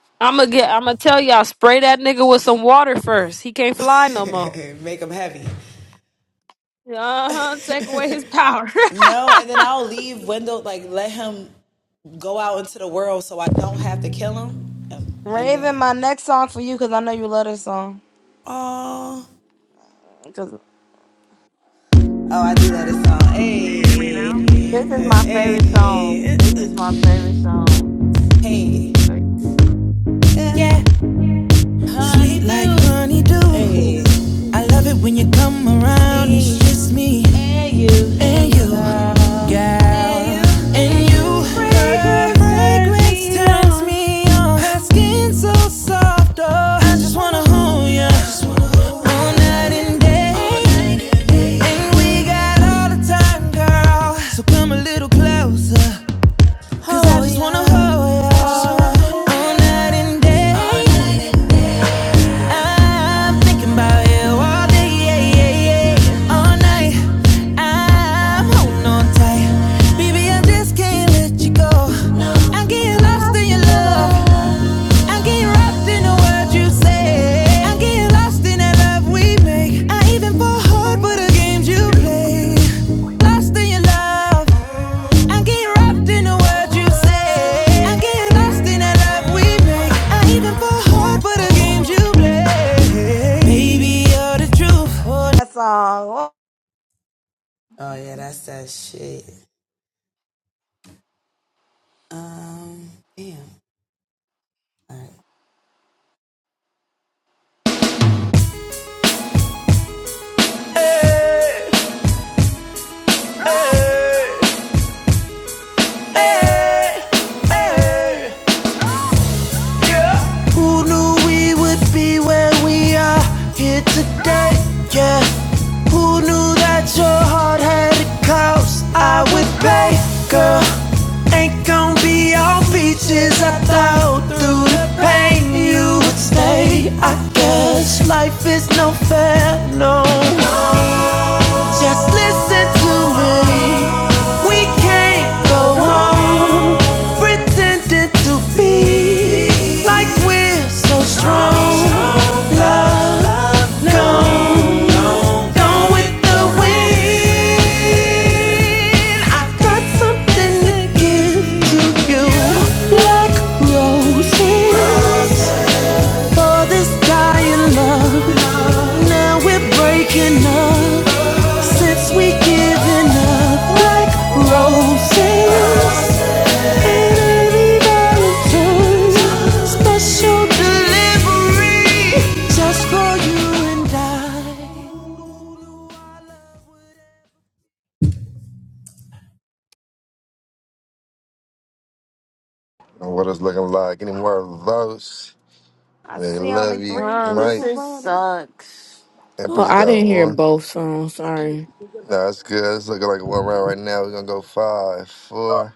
Speaker 2: *laughs* I'ma get I'ma tell y'all, spray that nigga with some water first. He can't fly no more. Uh-huh. Take away his power.
Speaker 3: Raven, my next song for you because I know you love this song. Because
Speaker 12: This is my favorite song. This is my favorite song. Like,
Speaker 9: you. Yeah, sweet like honeydew. I love it when you come around, it's just me. And you, girl, and you, her fragrance turns me on. Her skin so soft, oh, I just wanna hold ya all night and day. And we got all the time, girl. So come a little closer, cause I just wanna hold ya all night and day. I'm thinking about you all day, yeah, yeah, yeah. all night. I'm holding on tight, baby. I just can't let you go. I'm
Speaker 3: I get
Speaker 9: getting
Speaker 12: you
Speaker 9: lost
Speaker 12: know,
Speaker 9: in
Speaker 3: lost
Speaker 9: your
Speaker 3: in
Speaker 12: me
Speaker 3: your
Speaker 9: love.
Speaker 12: love.
Speaker 3: love,
Speaker 12: What you say?
Speaker 3: Raven. That song. Oh,
Speaker 11: Stay us like roses in any Valentine's special delivery just for you and I.
Speaker 4: And what it's looking like? Any more votes?
Speaker 3: I
Speaker 4: They
Speaker 3: see
Speaker 4: love
Speaker 3: only
Speaker 4: you,
Speaker 3: three
Speaker 12: Wow, this
Speaker 4: Mike.
Speaker 3: people
Speaker 12: is
Speaker 3: voting.
Speaker 12: sucks.
Speaker 1: oh,
Speaker 4: Empress
Speaker 1: I
Speaker 4: got
Speaker 1: didn't hear
Speaker 4: one.
Speaker 1: both songs. Sorry.
Speaker 4: No, it's good. It's looking like one round right now. We're gonna go five,
Speaker 13: talking.
Speaker 4: four,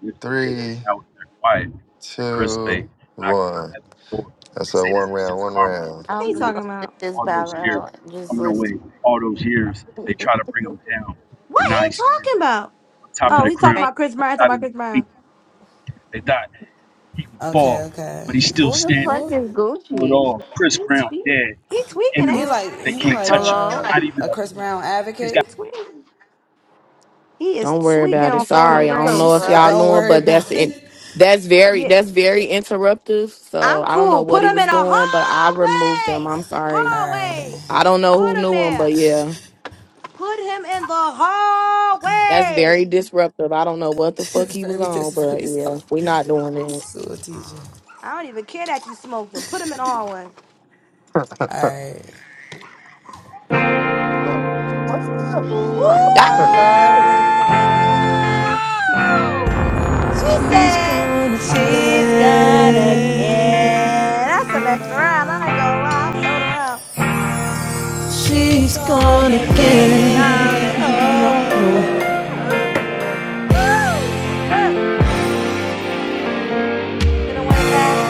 Speaker 13: You're saying, hey,
Speaker 4: three,
Speaker 13: now they're quiet. Like Chris
Speaker 4: two,
Speaker 13: Bay knocking on
Speaker 4: one.
Speaker 13: heaven's door. They
Speaker 4: That's a
Speaker 13: say
Speaker 4: one
Speaker 13: that it's
Speaker 4: round,
Speaker 13: just
Speaker 4: one
Speaker 13: karma.
Speaker 4: round.
Speaker 3: What are
Speaker 12: I'm
Speaker 3: you
Speaker 13: I'm
Speaker 12: just
Speaker 3: talking
Speaker 12: gonna sit
Speaker 3: about?
Speaker 12: this
Speaker 13: All those
Speaker 12: battle
Speaker 13: years,
Speaker 12: out and just
Speaker 13: coming
Speaker 12: listen.
Speaker 13: away. All those years, they try to bring him down.
Speaker 3: What
Speaker 13: But now
Speaker 3: he
Speaker 13: he's standing
Speaker 3: talking about?
Speaker 13: on top of
Speaker 3: Oh,
Speaker 12: Like,
Speaker 13: the
Speaker 3: he talking
Speaker 13: crown.
Speaker 12: right.
Speaker 3: about Chris
Speaker 13: They
Speaker 3: Brown. He talking
Speaker 13: thought
Speaker 3: about
Speaker 13: he was
Speaker 3: Chris
Speaker 13: weak.
Speaker 3: Brown.
Speaker 13: They thought he would fall, but he's still
Speaker 12: Who the
Speaker 13: standing.
Speaker 12: fuck is
Speaker 13: through it
Speaker 12: Gucci?
Speaker 13: all. Chris
Speaker 3: He
Speaker 13: Brown
Speaker 3: tweaking.
Speaker 13: dead
Speaker 3: He
Speaker 13: to his
Speaker 3: tweaking ain't it.
Speaker 13: enemies. They can't touch him.
Speaker 12: Hello?
Speaker 13: Not even a bruise. He's got
Speaker 3: He tweaking. He is
Speaker 1: Don't worry
Speaker 3: tweaking
Speaker 1: about it.
Speaker 3: on
Speaker 12: *laughs*
Speaker 3: falling them
Speaker 1: Sorry. I
Speaker 12: What
Speaker 1: don't
Speaker 3: grave.
Speaker 12: the
Speaker 1: know if y'all
Speaker 12: fuck?
Speaker 1: know it, but that's it. That's very
Speaker 3: Yeah,
Speaker 1: that's
Speaker 3: yeah,
Speaker 1: very interruptive. So
Speaker 3: I'm
Speaker 1: I don't know
Speaker 3: cool.
Speaker 1: what
Speaker 3: Put
Speaker 1: he
Speaker 3: him
Speaker 1: was
Speaker 3: in a
Speaker 1: doing, but I removed him.
Speaker 3: hallway.
Speaker 1: I'm sorry.
Speaker 3: Hallway.
Speaker 1: I don't know who
Speaker 3: Put him
Speaker 1: knew him,
Speaker 3: there.
Speaker 1: but yeah.
Speaker 3: Put him in the
Speaker 1: That's very
Speaker 3: hallway.
Speaker 1: disruptive. I don't know what the fuck he was on, but yeah, we not doing this.
Speaker 3: I don't even care that you smoked him. Put him in the hallway.
Speaker 12: Ooh, I
Speaker 1: *laughs*
Speaker 12: love this song.
Speaker 3: Ooh! She said she's gonna get. That's the next round. I ain't gonna lie. I'm throwing around. She's gonna get. Uh, uh, Woo! It's one of them. Hit 'em with that.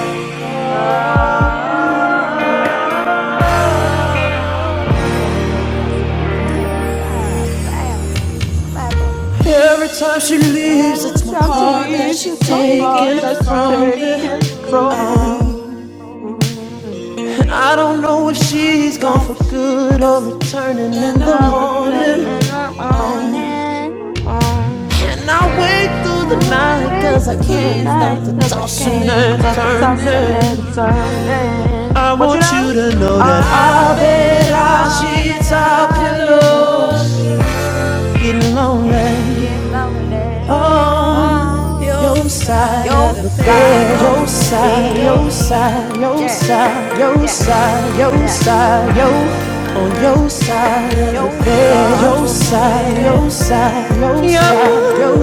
Speaker 3: Oh, that's one of them. God damn. Let me slap on it. Every time she leaves, it's my heart that's taken from me. Mm. Up the- and I'm on it. Mm. And I
Speaker 11: Like
Speaker 3: wait until the night because I can't stop for tossing and turning. But you know, all I know, all I up in us get lonely on your side of the bed. Yes, yes, yes, your side of the
Speaker 11: Side, yo
Speaker 3: bed.
Speaker 11: side, yo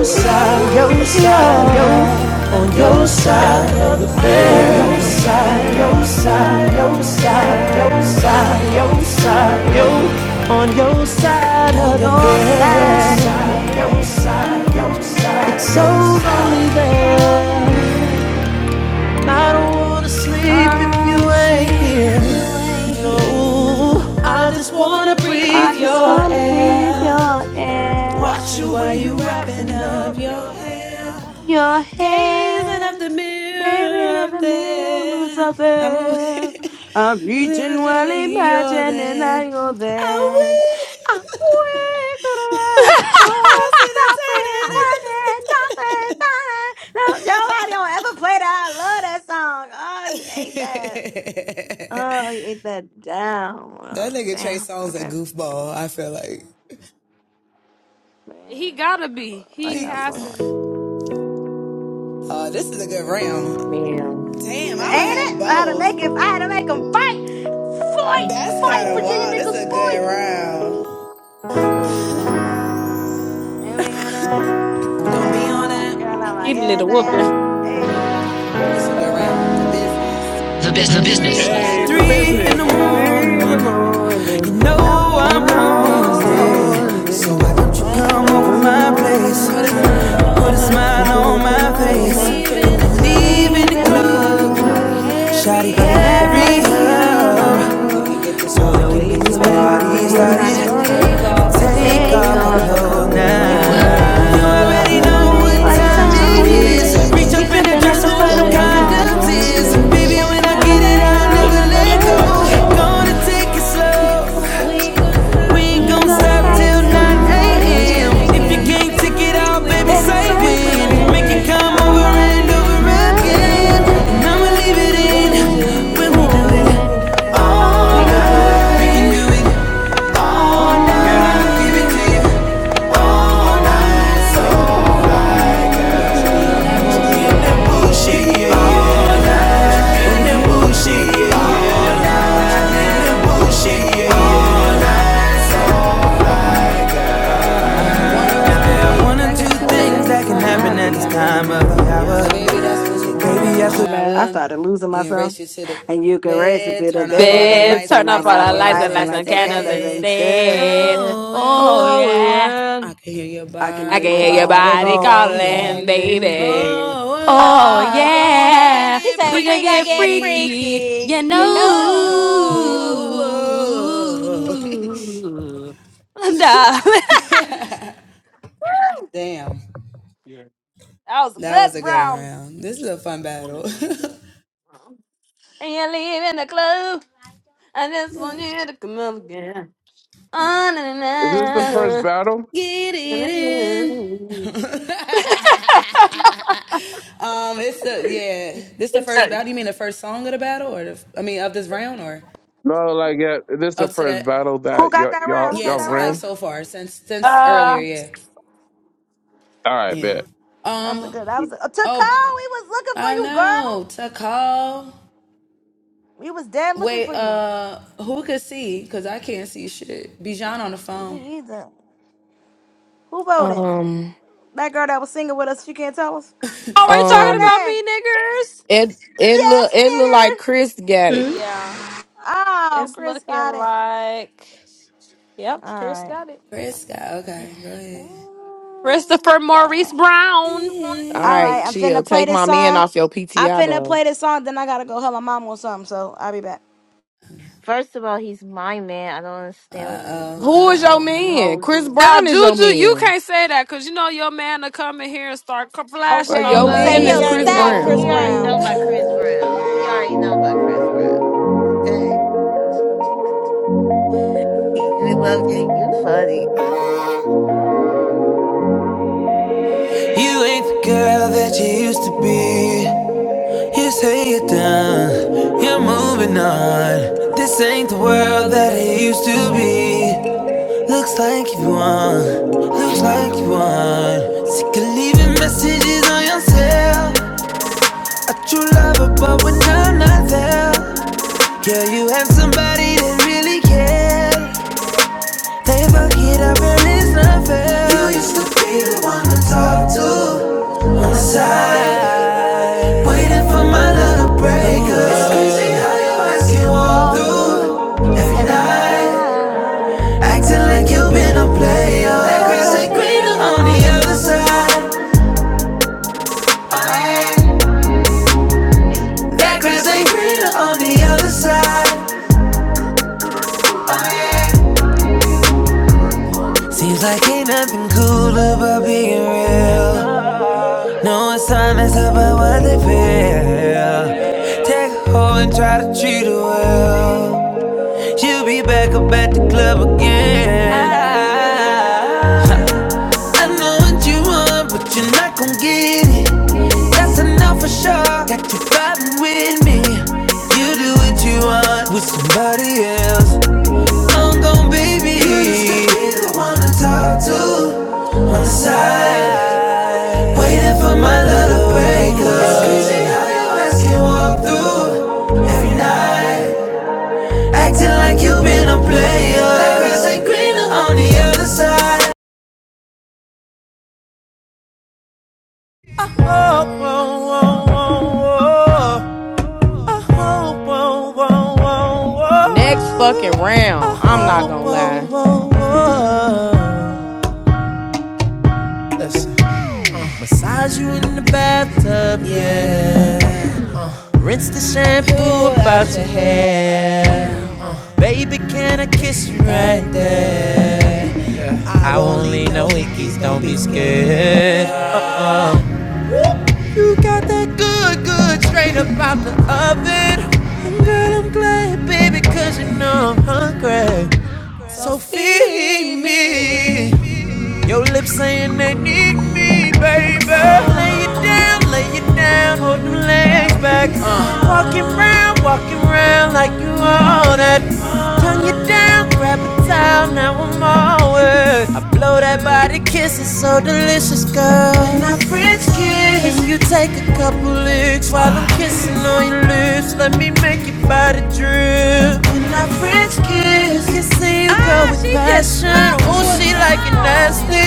Speaker 11: side, yo side, yo side, yo side,
Speaker 3: side of the bed. Your side, your
Speaker 11: side,
Speaker 3: side.
Speaker 11: yo side, yo on your side
Speaker 3: On
Speaker 11: of the
Speaker 3: your side of
Speaker 11: bed.
Speaker 3: the bed.
Speaker 11: So lonely
Speaker 3: So lonely there. I don't wanna sleep if you ain't here. I just wanna breathe your air. Your hand came in and the mirrors up there. I'm reaching well, imagining I go there. I wait to the line. Oh, toss it,
Speaker 1: Ah!
Speaker 3: turn it, toss it, turn it. No, nobody don't ever play that. I love that song. Oh, he ate that. Oh, he ate that down. Oh, damn. Okay.
Speaker 2: *laughs* he
Speaker 3: Man,
Speaker 2: gotta be.
Speaker 3: I
Speaker 2: He
Speaker 3: got
Speaker 2: has to
Speaker 3: some.
Speaker 2: be.
Speaker 1: Man.
Speaker 3: Ain't it? I had to make it. I had to make them fight, fight, fight, Virginia niggas, fight. And we gonna do it. Ah, Girl, I'm like,
Speaker 2: Getting it
Speaker 3: yeah,
Speaker 2: a
Speaker 3: yeah.
Speaker 2: whooping.
Speaker 3: Hey,
Speaker 9: The
Speaker 3: the
Speaker 9: business. The
Speaker 3: business.
Speaker 14: Hey,
Speaker 9: business.
Speaker 14: the
Speaker 1: So
Speaker 9: three in
Speaker 3: Three
Speaker 14: business.
Speaker 3: in
Speaker 9: the
Speaker 3: the
Speaker 14: Three in the
Speaker 9: morning.
Speaker 3: morning,
Speaker 9: You
Speaker 14: morning.
Speaker 3: you
Speaker 9: know
Speaker 14: You
Speaker 9: I'm
Speaker 3: know I'm
Speaker 14: know
Speaker 9: on
Speaker 14: I'm
Speaker 3: hungry.
Speaker 9: it. So why
Speaker 14: morning.
Speaker 9: don't you
Speaker 3: What's the
Speaker 1: what's
Speaker 9: come
Speaker 14: Your
Speaker 9: over
Speaker 3: car
Speaker 1: come
Speaker 3: over
Speaker 14: baby's
Speaker 1: over
Speaker 9: my
Speaker 1: my
Speaker 3: my
Speaker 14: on
Speaker 9: place?
Speaker 14: my
Speaker 3: pants?
Speaker 1: face?
Speaker 14: face.
Speaker 9: Put a
Speaker 3: Put
Speaker 1: What
Speaker 3: a
Speaker 1: is
Speaker 14: You
Speaker 9: smile
Speaker 14: put
Speaker 3: smile
Speaker 14: your
Speaker 1: going
Speaker 9: on
Speaker 3: on
Speaker 1: on
Speaker 9: my
Speaker 14: pussy
Speaker 3: my
Speaker 1: my
Speaker 14: on
Speaker 9: face.
Speaker 14: my
Speaker 3: face.
Speaker 9: You
Speaker 1: face?
Speaker 9: can
Speaker 14: face.
Speaker 9: leave in the
Speaker 14: Three
Speaker 3: Leaving
Speaker 1: Leaving
Speaker 3: the
Speaker 1: a
Speaker 14: in the
Speaker 9: club.
Speaker 1: club.
Speaker 3: club,
Speaker 14: morning.
Speaker 9: Shawty,
Speaker 3: Tony
Speaker 1: and
Speaker 14: You
Speaker 9: hurry
Speaker 3: Harry up,
Speaker 9: up.
Speaker 1: leaving.
Speaker 9: So we
Speaker 3: so
Speaker 1: So
Speaker 3: we
Speaker 9: can
Speaker 1: we
Speaker 9: get
Speaker 3: can
Speaker 1: can
Speaker 9: this
Speaker 3: get
Speaker 14: know
Speaker 1: get
Speaker 3: this
Speaker 1: this
Speaker 14: get your
Speaker 9: party
Speaker 3: party
Speaker 14: heart
Speaker 1: party
Speaker 9: started.
Speaker 3: started.
Speaker 1: started.
Speaker 14: started.
Speaker 9: And
Speaker 3: and
Speaker 9: take
Speaker 1: Take
Speaker 3: take
Speaker 9: off
Speaker 14: Take
Speaker 9: our
Speaker 1: off
Speaker 3: off her
Speaker 1: the
Speaker 14: off the
Speaker 9: clothes
Speaker 3: clothes
Speaker 1: coat.
Speaker 9: now.
Speaker 14: glove
Speaker 9: You
Speaker 14: now.
Speaker 1: You
Speaker 9: already
Speaker 14: You
Speaker 1: already
Speaker 3: now.
Speaker 9: know
Speaker 14: may
Speaker 1: know
Speaker 9: what
Speaker 14: know
Speaker 1: what
Speaker 3: What
Speaker 14: what
Speaker 9: time
Speaker 3: time
Speaker 1: time
Speaker 9: it
Speaker 14: time
Speaker 3: it
Speaker 1: it
Speaker 14: it
Speaker 9: is.
Speaker 3: is?
Speaker 9: Reach
Speaker 14: is.
Speaker 1: is.
Speaker 9: up
Speaker 3: Reach
Speaker 9: in
Speaker 3: up
Speaker 14: You
Speaker 9: that
Speaker 3: and I
Speaker 9: dresser
Speaker 3: dress up
Speaker 9: where
Speaker 1: So
Speaker 9: them
Speaker 3: where
Speaker 14: already
Speaker 1: what
Speaker 3: the
Speaker 1: I'm proud
Speaker 14: know
Speaker 9: condoms
Speaker 14: what
Speaker 1: doing
Speaker 3: condoms
Speaker 1: is
Speaker 14: time
Speaker 9: is.
Speaker 14: it
Speaker 3: is.
Speaker 9: And baby,
Speaker 14: is.
Speaker 9: when
Speaker 3: Baby,
Speaker 9: I
Speaker 3: when I
Speaker 9: get it,
Speaker 3: get it,
Speaker 9: I'll
Speaker 3: I'll
Speaker 9: never
Speaker 3: never
Speaker 9: let
Speaker 3: let
Speaker 9: go.
Speaker 3: go.
Speaker 9: Gonna take it
Speaker 14: You
Speaker 9: slow. We
Speaker 3: We
Speaker 1: we
Speaker 9: ain't
Speaker 3: ain't
Speaker 1: you
Speaker 9: gon'
Speaker 3: gonna
Speaker 1: gonna
Speaker 9: stop
Speaker 3: stop
Speaker 1: stop
Speaker 9: till 9
Speaker 3: till
Speaker 14: already
Speaker 1: till
Speaker 14: know
Speaker 3: 9
Speaker 1: 9
Speaker 14: what
Speaker 9: a.m. If you
Speaker 3: a.m.
Speaker 14: time
Speaker 1: a.m.
Speaker 9: can't take it all, baby,
Speaker 3: Baby,
Speaker 9: say
Speaker 3: say
Speaker 9: when.
Speaker 14: it
Speaker 3: when.
Speaker 9: Make
Speaker 14: is.
Speaker 9: it
Speaker 3: Make you
Speaker 9: come
Speaker 3: come
Speaker 9: over and
Speaker 3: on
Speaker 9: over again.
Speaker 3: again.
Speaker 1: Oh, my
Speaker 9: And
Speaker 1: God,
Speaker 3: And
Speaker 9: I'ma
Speaker 3: I'ma
Speaker 9: leave it
Speaker 3: leave it
Speaker 9: in
Speaker 3: in
Speaker 9: when we
Speaker 3: when
Speaker 9: do
Speaker 3: we do it
Speaker 9: it all
Speaker 3: all
Speaker 9: night. We
Speaker 14: Honor,
Speaker 9: can do
Speaker 3: night,
Speaker 9: it all
Speaker 3: all
Speaker 9: night. Girl, I'll give it to
Speaker 14: honor,
Speaker 3: night,
Speaker 9: you all
Speaker 3: all night.
Speaker 14: honor,
Speaker 3: So right,
Speaker 14: Father.
Speaker 3: girl. Not
Speaker 9: night.
Speaker 3: To
Speaker 9: In
Speaker 3: be
Speaker 9: that
Speaker 3: on that bullshit,
Speaker 9: bullshit,
Speaker 3: yeah,
Speaker 14: Bullshit.
Speaker 9: yeah.
Speaker 3: yeah.
Speaker 9: yeah.
Speaker 14: Look
Speaker 9: In
Speaker 14: at
Speaker 9: that
Speaker 14: doing that
Speaker 9: bullshit, yeah.
Speaker 14: bullshit.
Speaker 3: Not To
Speaker 9: In
Speaker 3: be on
Speaker 9: that
Speaker 3: that bullshit,
Speaker 9: bullshit,
Speaker 3: yeah,
Speaker 9: yeah.
Speaker 3: yeah. Oh, my God.
Speaker 9: One or
Speaker 3: One or
Speaker 9: two
Speaker 3: two
Speaker 9: things
Speaker 3: things
Speaker 9: that can
Speaker 3: that can
Speaker 9: happen at
Speaker 3: happen
Speaker 9: this
Speaker 3: at the
Speaker 9: time of
Speaker 3: time
Speaker 9: the
Speaker 3: of the
Speaker 9: hour.
Speaker 3: hour.
Speaker 9: So baby,
Speaker 3: Oh,
Speaker 9: after
Speaker 3: my God. I started losing myself. And you can race me to the
Speaker 2: Then
Speaker 3: bed.
Speaker 2: turn
Speaker 3: Turn
Speaker 2: up
Speaker 3: off
Speaker 2: all
Speaker 3: all
Speaker 2: our
Speaker 3: the
Speaker 2: lights and
Speaker 3: lights and
Speaker 2: light
Speaker 3: light
Speaker 2: some
Speaker 3: some
Speaker 2: candles
Speaker 3: candles
Speaker 2: instead.
Speaker 3: instead.
Speaker 2: Oh
Speaker 3: Oh,
Speaker 2: yeah.
Speaker 3: yeah. I can
Speaker 2: I
Speaker 3: hear
Speaker 2: can
Speaker 3: your
Speaker 2: hear your
Speaker 3: body
Speaker 2: body calling,
Speaker 3: calling,
Speaker 2: baby.
Speaker 3: baby.
Speaker 2: Oh
Speaker 3: Oh yeah,
Speaker 2: yeah,
Speaker 3: he said
Speaker 2: we gonna
Speaker 3: we gonna
Speaker 2: get
Speaker 3: get
Speaker 2: freaky,
Speaker 3: freaky,
Speaker 2: you know.
Speaker 3: you know.
Speaker 2: *laughs* that was good, Brown. And you leaving the club. I just want you to come up again. On
Speaker 14: Is this the first
Speaker 2: and
Speaker 14: battle?
Speaker 2: on. It's uh,
Speaker 14: No, like yeah, is this the first battle
Speaker 3: Who
Speaker 14: that
Speaker 3: got
Speaker 14: y'all
Speaker 3: that
Speaker 14: y'all
Speaker 3: round? Who got
Speaker 14: y'all
Speaker 3: that round?
Speaker 14: ran?
Speaker 2: uh,
Speaker 14: All right, bet.
Speaker 3: That's a good. That was a uh, Takao. We was looking for you, girl. We was dead looking for you. You- Who voted?
Speaker 1: Um.
Speaker 3: That girl that was singing with us. She can't tell us.
Speaker 2: all right, talking
Speaker 1: Um,
Speaker 2: about
Speaker 3: Charlie.
Speaker 2: me, niggers.
Speaker 1: it it look
Speaker 3: Yes,
Speaker 1: it look
Speaker 3: nigger.
Speaker 1: like Chris got it.
Speaker 15: Mm,
Speaker 2: Yeah,
Speaker 3: Oh,
Speaker 2: it's
Speaker 3: Chris
Speaker 2: looking
Speaker 3: got it.
Speaker 2: like. Yep, Chris
Speaker 3: All
Speaker 2: got it. Christopher Maurice
Speaker 3: right.
Speaker 2: Brown.
Speaker 1: All
Speaker 3: All
Speaker 1: right,
Speaker 3: right, I'm
Speaker 1: chill.
Speaker 3: finna play
Speaker 1: Take
Speaker 3: this
Speaker 1: my man
Speaker 3: song.
Speaker 1: off your
Speaker 3: I
Speaker 1: PTI
Speaker 3: finna
Speaker 1: though.
Speaker 3: play this song, then I gotta go help my mom or something, so I'll be back.
Speaker 12: First of all, he's my man. I don't understand what
Speaker 1: Who
Speaker 12: the
Speaker 1: is your
Speaker 12: hell you
Speaker 1: man?
Speaker 12: hold
Speaker 1: Chris
Speaker 12: do.
Speaker 2: Now,
Speaker 1: Brown is your
Speaker 2: Juju, you
Speaker 1: man.
Speaker 2: can't say that because you know your man will come in here and start c-
Speaker 1: Bro,
Speaker 2: flashing
Speaker 12: Okay,
Speaker 2: on
Speaker 1: your
Speaker 3: I
Speaker 2: the.
Speaker 12: well
Speaker 3: say
Speaker 1: man is
Speaker 12: he
Speaker 3: he'll
Speaker 12: already
Speaker 1: Chris
Speaker 3: stab
Speaker 12: know
Speaker 3: Chris
Speaker 12: he
Speaker 1: Brown.
Speaker 12: already
Speaker 3: Brown.
Speaker 12: know about Chris Brown. He already know about Chris Brown. Okay. We love you. You funny.
Speaker 9: You ain't the girl that you used to be. You say you're done, you're moving on. This ain't the world that it used to be. Looks like you won, looks like you won. Sick of leaving messages on your cell. A true lover, but when I'm not there, yeah, you have somebody that really cares. They forget it up and not fair. You
Speaker 3: You
Speaker 9: used to
Speaker 3: used to
Speaker 9: be
Speaker 3: be
Speaker 9: the
Speaker 3: the
Speaker 9: one to
Speaker 3: one I
Speaker 9: talk
Speaker 3: talked to
Speaker 9: to on the
Speaker 3: on the side,
Speaker 9: side, waiting for
Speaker 3: waiting for
Speaker 9: my
Speaker 3: my
Speaker 9: love
Speaker 3: love
Speaker 9: to
Speaker 3: to
Speaker 9: break up.
Speaker 3: break
Speaker 9: It's crazy how
Speaker 3: love.
Speaker 9: your eyes can walk
Speaker 3: Walk through
Speaker 9: through every
Speaker 3: every
Speaker 9: night,
Speaker 3: night.
Speaker 9: acting like you've been a player. That
Speaker 3: The
Speaker 9: grass
Speaker 3: grass
Speaker 9: ain't
Speaker 3: ain't
Speaker 9: greener
Speaker 3: greener
Speaker 9: on the
Speaker 3: on the
Speaker 9: other
Speaker 3: other
Speaker 9: side.
Speaker 3: side.
Speaker 9: Oh, yeah.
Speaker 3: Oh yeah. Hey.
Speaker 9: That grass ain't greener on the other side. Oh, yeah. Seems like ain't nothing cool about being real. No assignments about what they feel. Take a hoe and try to treat her well. She'll be back up at the club again. I know what you want, but you're not gon' get it. That's enough for sure. Got you vibing with me. You do what you want with somebody else. I'm gon' baby. You used to be the one to talk to side, waiting for my love to break up. It's crazy how your ass can walk through every night, acting like you've been a player. That grass ain't greener on the other side.
Speaker 1: Next fucking round. I'm not gonna
Speaker 11: there. Got that good, good straight up out the oven. And Girl, I'm glad, baby, cause you know I'm hungry. So feed me. Your lips saying they need me, baby. Lay it down, lay it down, hold them legs back. Walking round, walking round like you own that. Turn you down, grab a towel, now I'm all wet. I blow that.
Speaker 3: Ah, she just smoked me. Ah.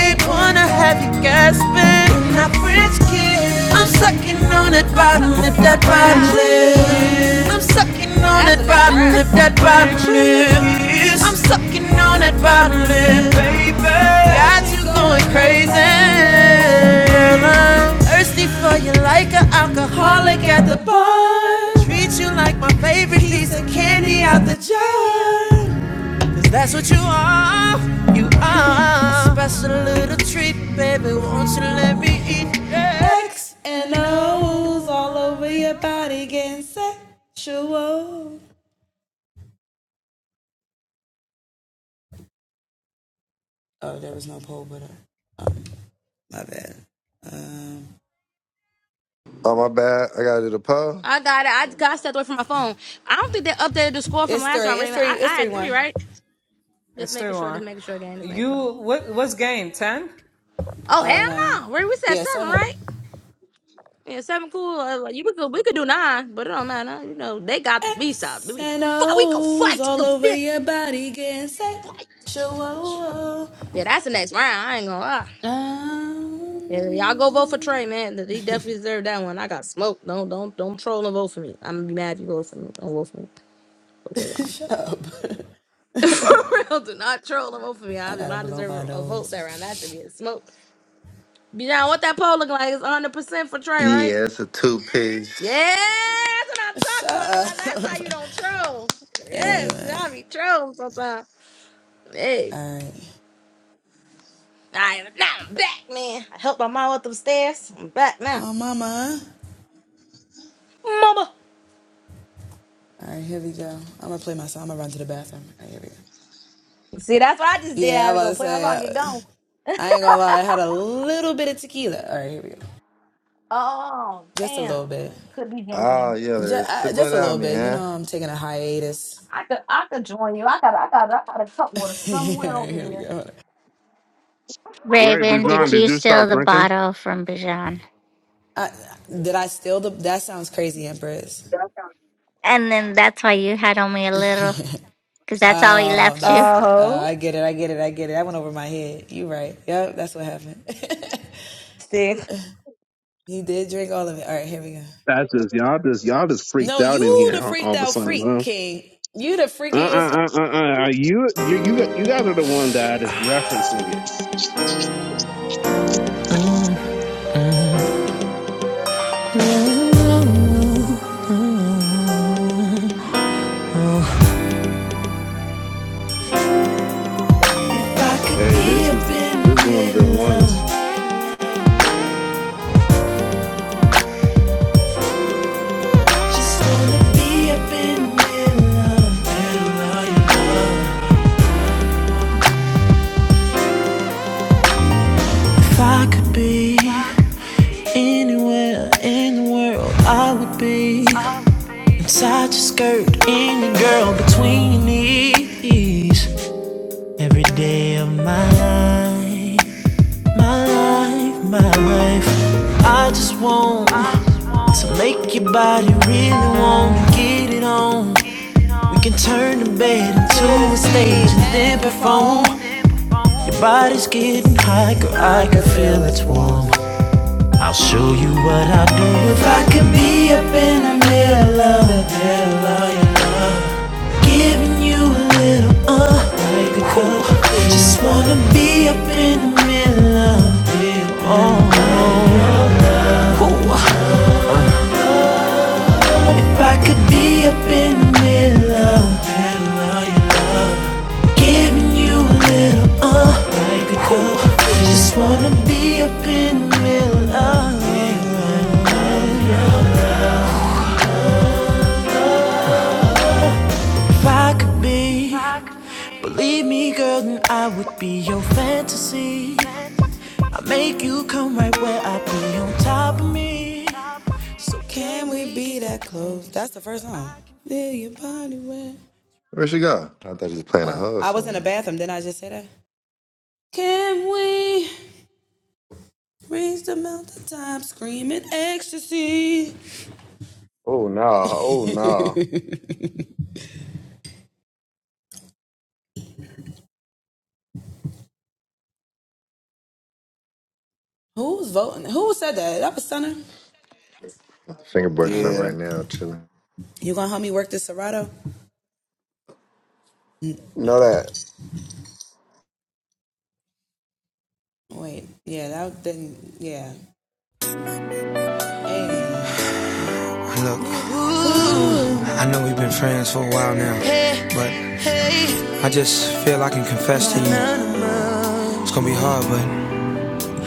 Speaker 3: I'm sucking on that bottom lip. That's the next round.
Speaker 4: Oh my bad. I gotta do the pole.
Speaker 3: I got it. I got stepped away from my phone. I don't think they updated the score from last round, Raymond. I, I had three, right?
Speaker 8: And
Speaker 3: Just
Speaker 8: three
Speaker 3: making sure,
Speaker 8: one.
Speaker 3: just making sure again. Just making sure.
Speaker 8: You, what, what's game? 10?
Speaker 3: Oh hell no. Ray, we said seven, right? Yeah, seven cool. Uh, like, you we could we could do nine, but it don't matter. You know, they got the B side. We fight we could fight to the fifth fight. Yeah, that's the next round. I ain't gonna lie. Yeah, y'all go vote for Trey, man. He definitely deserved that one. I got smoked. Don't don't don't troll and vote for me. I'm gonna be mad if you vote for me. Don't vote for me. Okay, gone. *laughs* For real, do not troll them over me. I do not deserve a, a vote that round. That should be a smoke. Bijan, what that poll look like? It's 100% for Trey, right?
Speaker 4: Yeah, it's a two piece.
Speaker 3: Yeah, that's what I'm talking about. That- that's how you don't troll. Yes, I be trolling sometimes. Yes. I am now back, man. I helped my mom up them stairs. I'm back now. Mama. See, that's what I just did. I had to go play my song and get gone. Oh, damn. Could be
Speaker 4: Oh
Speaker 3: joining.
Speaker 4: yeah, but it's sipping on me, huh?
Speaker 3: I could I could join you. I got I got I got a cup water somewhere over here.
Speaker 14: Wait, but
Speaker 7: Raven, did
Speaker 14: John, did
Speaker 7: you
Speaker 14: you
Speaker 7: steal
Speaker 14: stop
Speaker 7: the
Speaker 14: drinking?
Speaker 7: bottle from Bijan? And then that's why you had only a little, because that's all he left you.
Speaker 3: Oh, see.
Speaker 14: That's just y'all just y'all just freaked out in here all all of a sudden, huh? Uh-uh-uh-uh-uh. You, you, you, got- you guys are the one that is referencing it.
Speaker 11: I could
Speaker 14: Hey, this
Speaker 11: be
Speaker 14: is
Speaker 11: up
Speaker 14: this
Speaker 11: in
Speaker 14: is one of
Speaker 11: the
Speaker 14: the
Speaker 11: middle of
Speaker 14: ones.
Speaker 11: Just wanna be up in the If I could be anywhere in the world, I would be inside your skirt, in your girl, between your knees. Every day of my life, my life, my life. I just want to make your body really want to get it on. We can turn the bed into a stage and then perform. Body's getting hot, girl, I can feel it's warm. I'll show you what I do if I could be up in the middle of it, giving you a little uh, like a girl. Just wanna be up in the middle of it. if I could be up in the middle of it, giving you a little uh, like a girl. Just wanna be up in the middle of it. If I could be. Believe me, girl, then I would be your fantasy. I make you come right where I be on top of me. So
Speaker 4: Where she go? I thought she was playing a hug song.
Speaker 16: Oh no! Oh no!
Speaker 4: Fingerboard shop
Speaker 16: Yeah,
Speaker 4: right now, chilling.
Speaker 16: know that.
Speaker 9: Look, I know we've been friends for a while now, but I just feel I can confess to you. It's gonna be hard, but.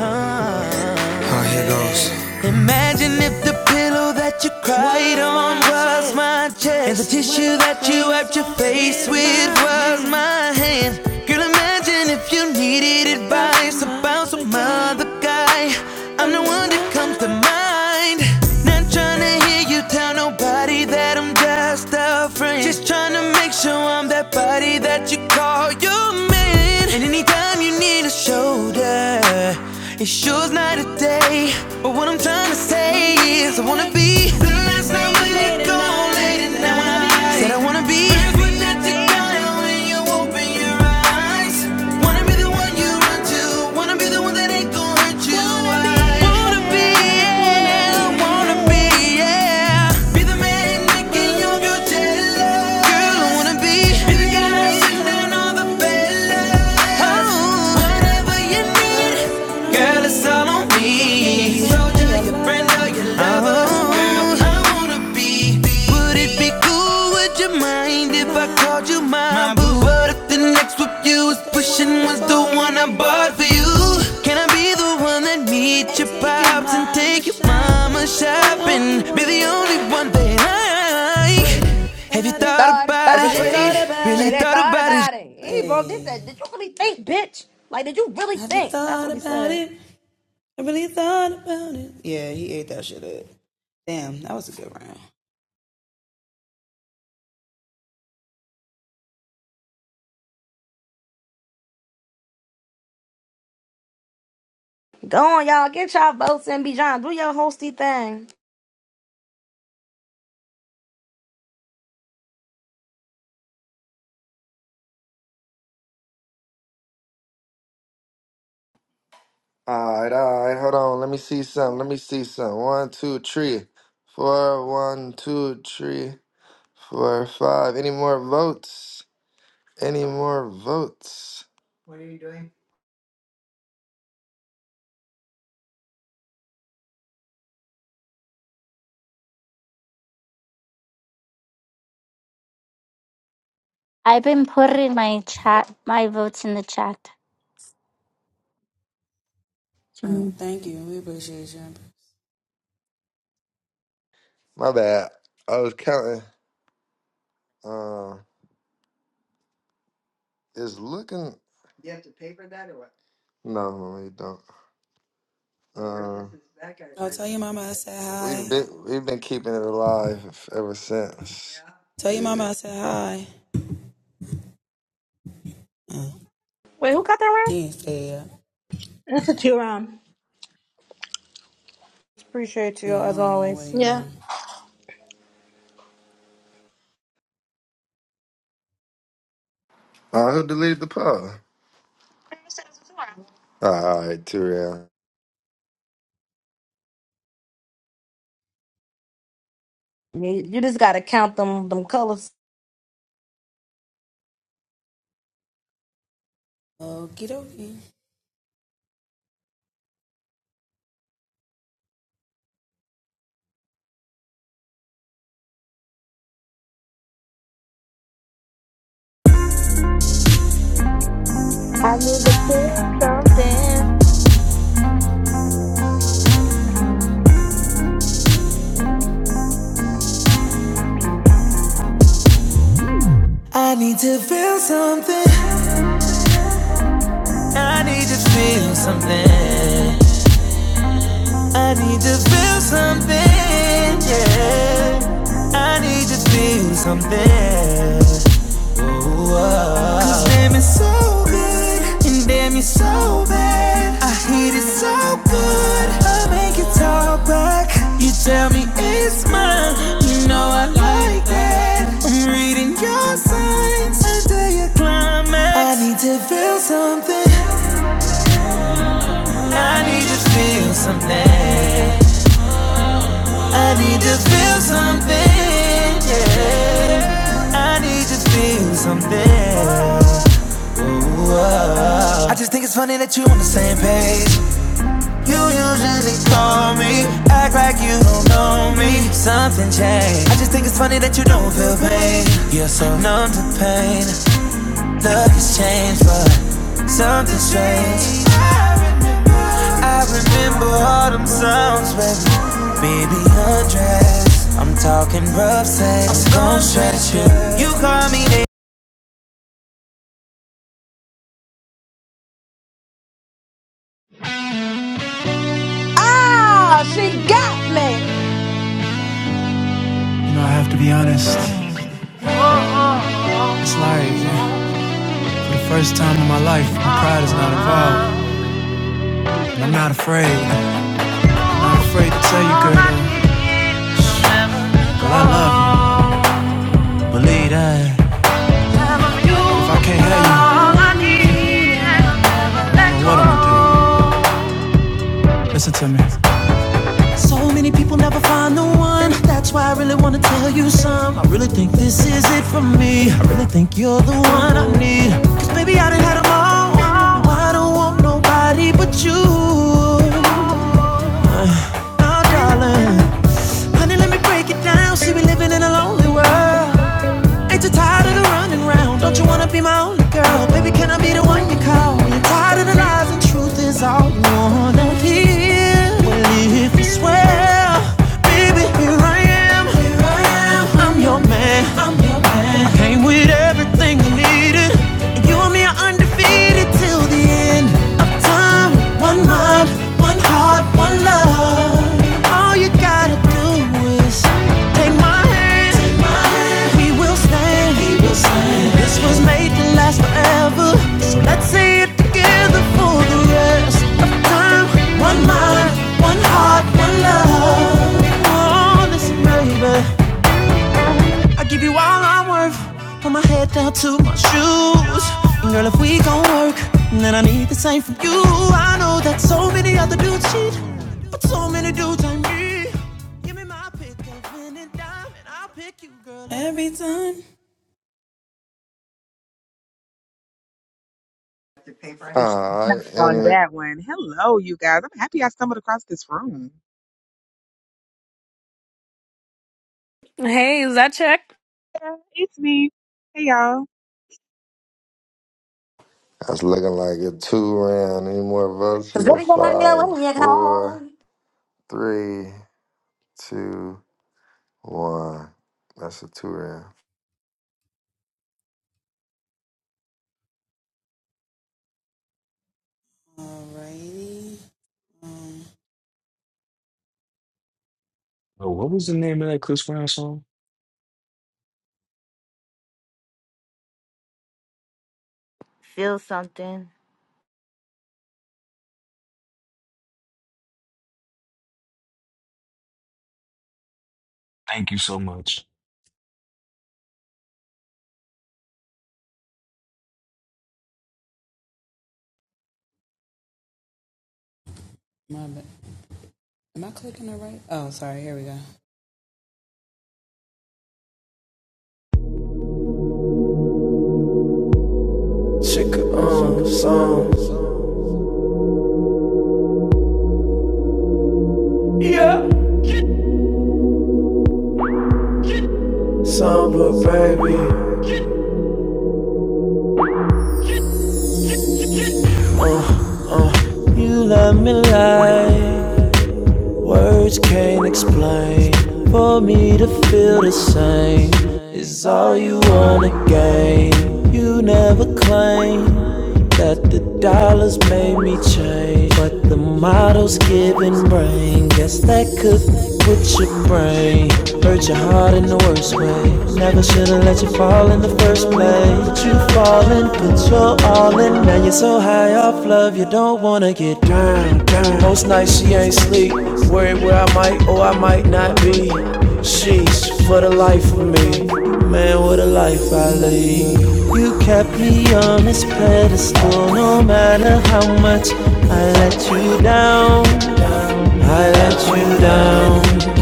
Speaker 9: Oh, here goes. Imagine if the pillow that you cried on was my chest, and the tissue that you wiped your face with was my hand. Girl, imagine if you needed advice about some other guy. I'm the one that comes to mind. Not trying to hear you tell nobody that I'm just a style frame. Just trying to make sure I'm that body that you call your man. And anytime you need a shoulder, it sure's night or day. But what I'm trying to say is, I wanna be the last night when you're gone late at night. Said I wanna be. Friends with that you got when you open your eyes. Wanna be the one you run to. Wanna be the one that ain't gonna hurt you. I wanna be be, yeah. Wanna be, yeah. Be the man making your girl jealous. Girl, I wanna be. Be the guy sitting down all the fellas. Oh, whatever you need. Girl, it's all on me. Soldier, your friend, or your lover. Girl, I wanna be. Would it be cool? Would you mind if I called you my, my boo? What if the next whip you was pushing was the one I bought for you? Can I be the one that meets your pops and take your mama shopping? Be the only one that I. Have you
Speaker 3: You
Speaker 9: thought
Speaker 3: Thought
Speaker 9: about
Speaker 3: about
Speaker 9: it?
Speaker 3: it.
Speaker 9: Wait, Really
Speaker 3: Really
Speaker 9: thought
Speaker 3: thought
Speaker 9: about it?
Speaker 3: about it. He broke this said, Did you really think, bitch? Like, did you really think? That's what he said. Go on, y'all. Get y'all votes and be John. Do your hosty thing.
Speaker 4: All right, all right. Hold on. Let me see something. Let me see something. One, two, three, four. One, two, three, four, five. Any more votes? Any more votes? What are you doing?
Speaker 7: I've been putting my chat, my votes in the chat. Mm.
Speaker 4: My bad. I was counting. Uh, is looking. No, we don't. Uh, we've been we've been keeping it alive ever since. yeah. Yeah.
Speaker 3: Wait, who got that round?
Speaker 15: that's what you um.
Speaker 3: Appreciate you as always.
Speaker 15: Yeah,
Speaker 4: Uh, who deleted the poll? All right, two round.
Speaker 3: You, you just gotta count them them colors.
Speaker 12: I need to feel something.
Speaker 9: I need to feel something. I need to feel something. I need to feel something, yeah. I need to feel something. Ooh, oh. Cause damn, it's so good. And damn, you're so bad. I hate it so good. I make it talk back. You tell me it's mine. You know I like that. I'm reading your signs until you climax. I need to feel something. I need to feel something. I need to feel something. Yeah. I need to feel something. Whoa. I just think it's funny that you on the same page. You usually call me, act like you don't know me. Something changed. I just think it's funny that you don't feel pain. You're so numb to pain. Look has changed, but something strange. I remember all them sounds, baby. Baby, undress. I'm talking rough sex. I'm gon' stretch you. You call me teenage
Speaker 3: Ah, she got me.
Speaker 11: You know, I have to be honest. It's like, for the first time in my life, my pride is not involved. And I'm not afraid. I'm not afraid to tell you, girl, girl, I love you. Believe that. If I can't have you, then what am I to do. Listen to me. So many people never find the one. That's why I really wanna tell you some. I really think this is it for me. I really think you're the one I need. Cause baby, I done had 'em all. Now I don't want nobody but you. Now, darling, honey, let me break it down. See, we living in a lonely world. Ain't you tired of the running round? Don't you wanna be my only girl? Baby, can I be the one you call? When you're tired of the lies and truth is all you wanna hear. Well, if you swear, baby, here I am. Here I am. I'm your man. I'm your man. I came with everything you needed. you and me are undefeated till the end of time time, one mind, one heart, one love. All you gotta do is take my hand. take my hand. We will stand. we will stand. This was made to last forever. So let's say it together for the rest of time. One mind, one heart, one love. Oh, listen, baby. I give you all I'm worth. from my head down to my shoes. And girl, if we gon' work, then I need the same from you. I know that so many other dudes cheat, but so many dudes I need. Give me my pick of win and dime, and I'll pick you, girl, every time.
Speaker 17: Praise
Speaker 4: All right,
Speaker 17: God on
Speaker 4: any.
Speaker 17: that one. Hello, you guys. I'm happy I stumbled across this room.
Speaker 2: Hey, is that check?
Speaker 17: Yeah, it's me. Hey, y'all.
Speaker 4: That's looking like a two round. Any more votes? We
Speaker 3: Cause
Speaker 4: go
Speaker 3: everybody know
Speaker 4: five,
Speaker 3: when you call.
Speaker 4: four, three, two, one. That's a two round.
Speaker 18: Oh, what was the name of that Chris Brown song?
Speaker 12: Feel something.
Speaker 18: Thank you so much.
Speaker 11: Pick up me like Words can't explain. For me to feel the same is all you wanna gain. You never claim. that the dollars made me change. But the model's giving brain. Guess that could put your brain. Hurt your heart in the worst way. Never should've let you fall in the first place. But you falling, put your all in. Now you're so high off love, you don't wanna get down. Mostly, I might oh, I might not. for me. Man, what a life I lead. You kept me on this pedestal, no matter how much I let you down. I let you down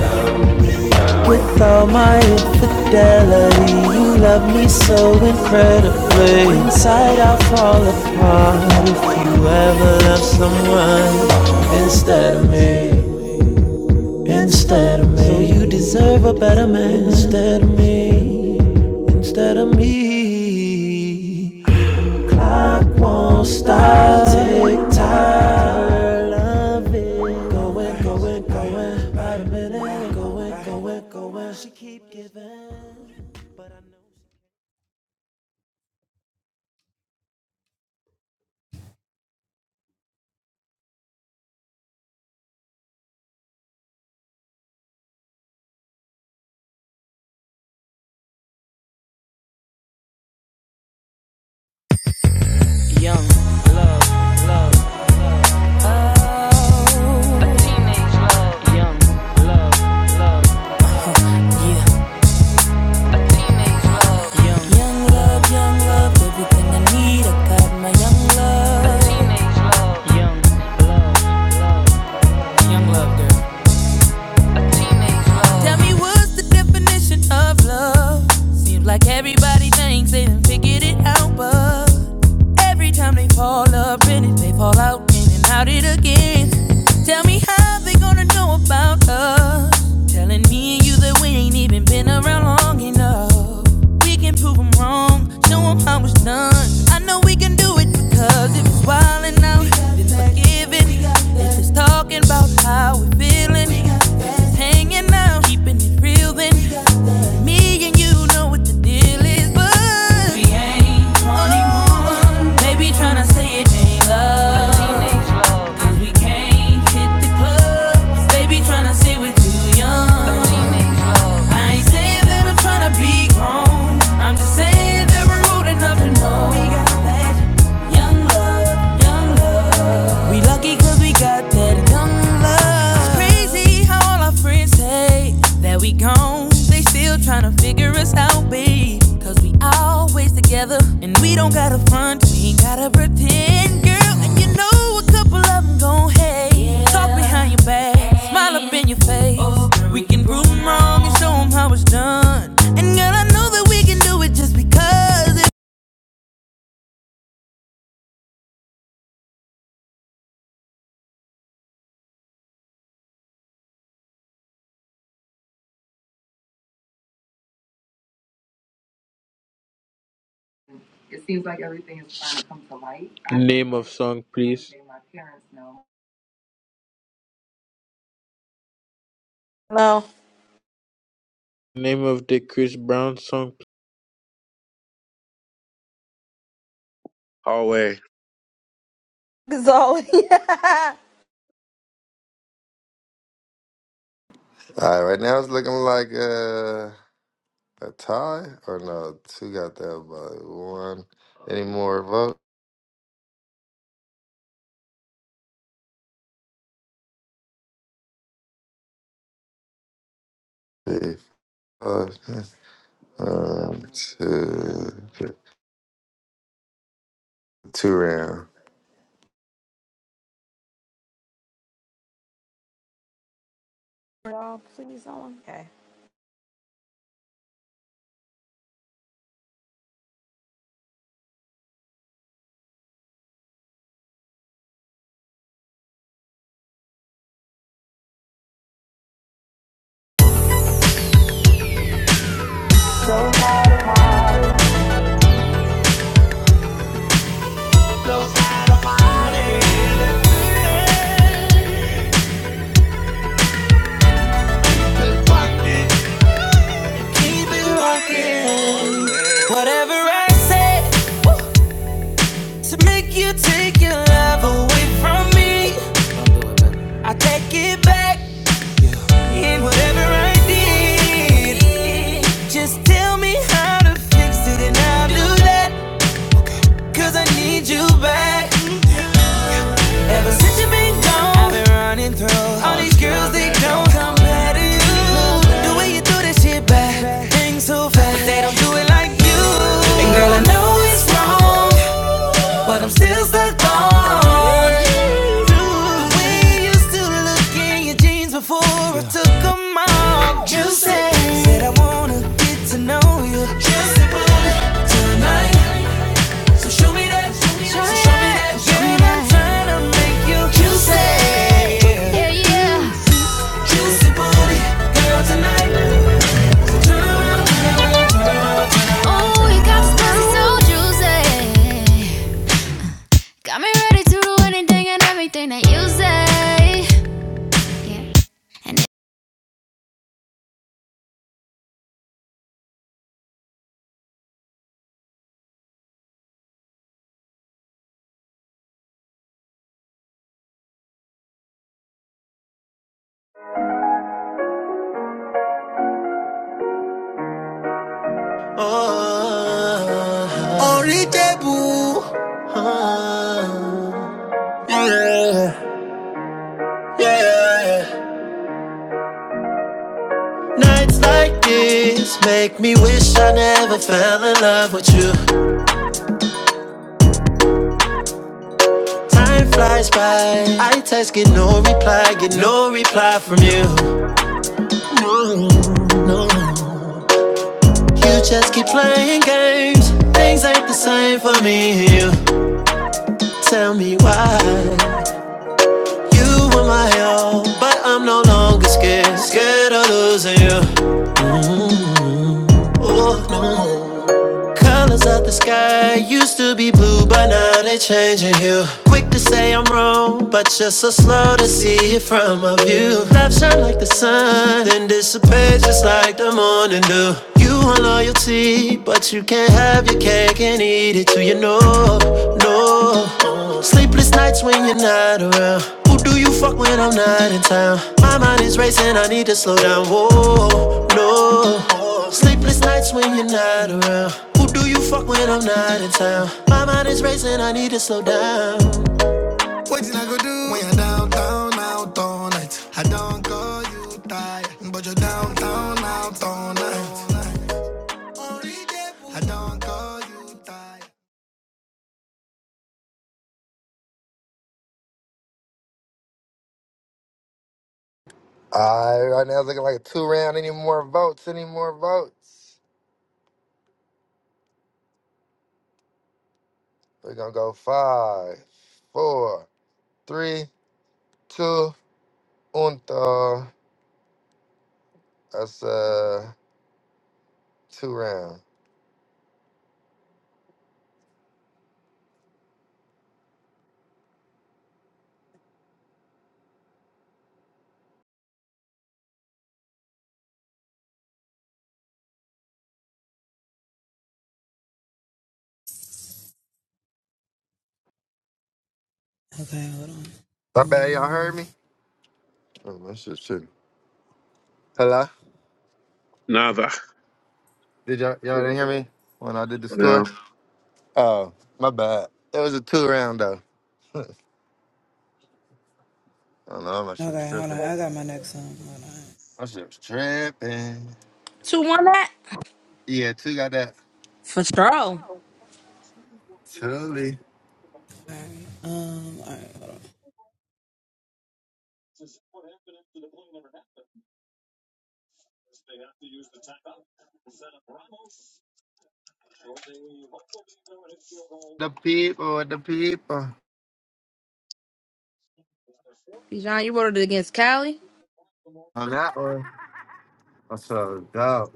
Speaker 11: with all my infidelity. You love me so incredible. Instead, instead of me, so you deserve a better man. Instead of me, instead of me. I won't stop. Tick tock. Love it. Going, going, going. By the minute. Going, going, going. She keep giving.
Speaker 9: love, teenage love, name. Tell me what's the definition of love? Like everybody thinks they done figured it out, but every time they fall up in it, they fall out in and out it again. Tell me how they gonna know about us. Telling me and you that we ain't even been around long enough. We can prove 'em wrong, show 'em how it's done. I know we can do it because if it's wildin' out, if it's forgiving. If it's talking about how we're feeling, if it's hanging out, keeping it real, then me and you know what the deal is. But we ain't 21. Baby tryna say it ain't love. 'Cause we can't hit the clubs. Baby tryna say we're too young. I ain't saying that I'm tryna be grown. I'm just saying that we're old enough to know. We got that young love, young love. We lucky 'cause we got that young love. It's crazy how all our friends say that we gone. They still tryna figure us out, babe. Cause we always together and we don't gotta front. We ain't gotta pretend, girl. And you know a couple of them gon' hate. Yeah. Talk behind your back, hey. smile up in your face. Oh, girl, we we can prove 'em wrong and show 'em how it's done. And girl, I know that we can do it just because. It-
Speaker 19: Name of song, please.
Speaker 3: No.
Speaker 19: Name of the Chris Brown song,
Speaker 14: Hallway,
Speaker 3: cause all. *laughs*
Speaker 4: All right, right now it's looking like uh, a tie or no? Two got that by one. Any more votes? Three, five, Um, two, two round.
Speaker 3: Yeah. Y'all, please, someone. Okay.
Speaker 9: Keep it rocking. Whatever I say, to make you take your love away from me. I take it back in whatever I did. Just tell me how to fix it and I'll do that. 'Cause I need you back. Ever since you been gone, I've been running through all these girls. They don't compare to you. The way you do that shit back, things so fast, but they don't do it like you. And girl, I know it's wrong, but I'm still stuck on you. The way you still look in your jeans before I took them off. You said, said I wanna get to know you. Just a bullet tonight. So show me that, show show me that, show me that. Trying to make you juicy, Yeah, yeah. juicy booty, girl tonight. So turn around, turn around, turn around, turn around. Oh, you got this pussy so juicy. Got me ready to do anything and everything that you say. Yeah.
Speaker 11: Oh, Only Ah, yeah, yeah. Nights like this make me wish I never fell in love with you. Time flies by. I text, get no reply, get no reply from you. No, no. no. You just keep playing games. Things ain't the same for me and you. Tell me why. You were my all, but I'm no longer scared. Scared of losing you. Oh no. Colors of the sky used to be blue, but now they changing hue. Quick to say I'm wrong, but just so slow to see it from a view. Love shine like the sun, then dissipate just like the morning dew. You want loyalty, but you can't have your cake and eat it too. You know, no. Sleepless nights when you're not around. Who do you fuck when I'm not in town? My mind is racing, I need to slow down. Whoa, no. Sleepless nights when you're not around. Do you fuck when I'm not in town? My mind is racing, I need to slow down. You do when you're downtown, out all night. I don't call you tired, but you're downtown, out all night.
Speaker 4: All right, right now it's looking like a two round. Any more votes? Any more votes? We're gonna go five, four, three, two, unto. That's uh two round. My bad, y'all heard me. Oh, that's just true. Hello?
Speaker 14: nada.
Speaker 4: Did y'all y'all didn't hear me when I did the score?
Speaker 14: No,
Speaker 4: Oh, my bad. It was a two round though. *laughs* I don't know. My shit was tripping. My shit was tripping.
Speaker 3: 2 1 that?
Speaker 4: Yeah, two got that.
Speaker 3: For sure.
Speaker 4: Truly. The people, the people.
Speaker 3: Bijan, you voted against Cali?
Speaker 4: On that one. That's so dope.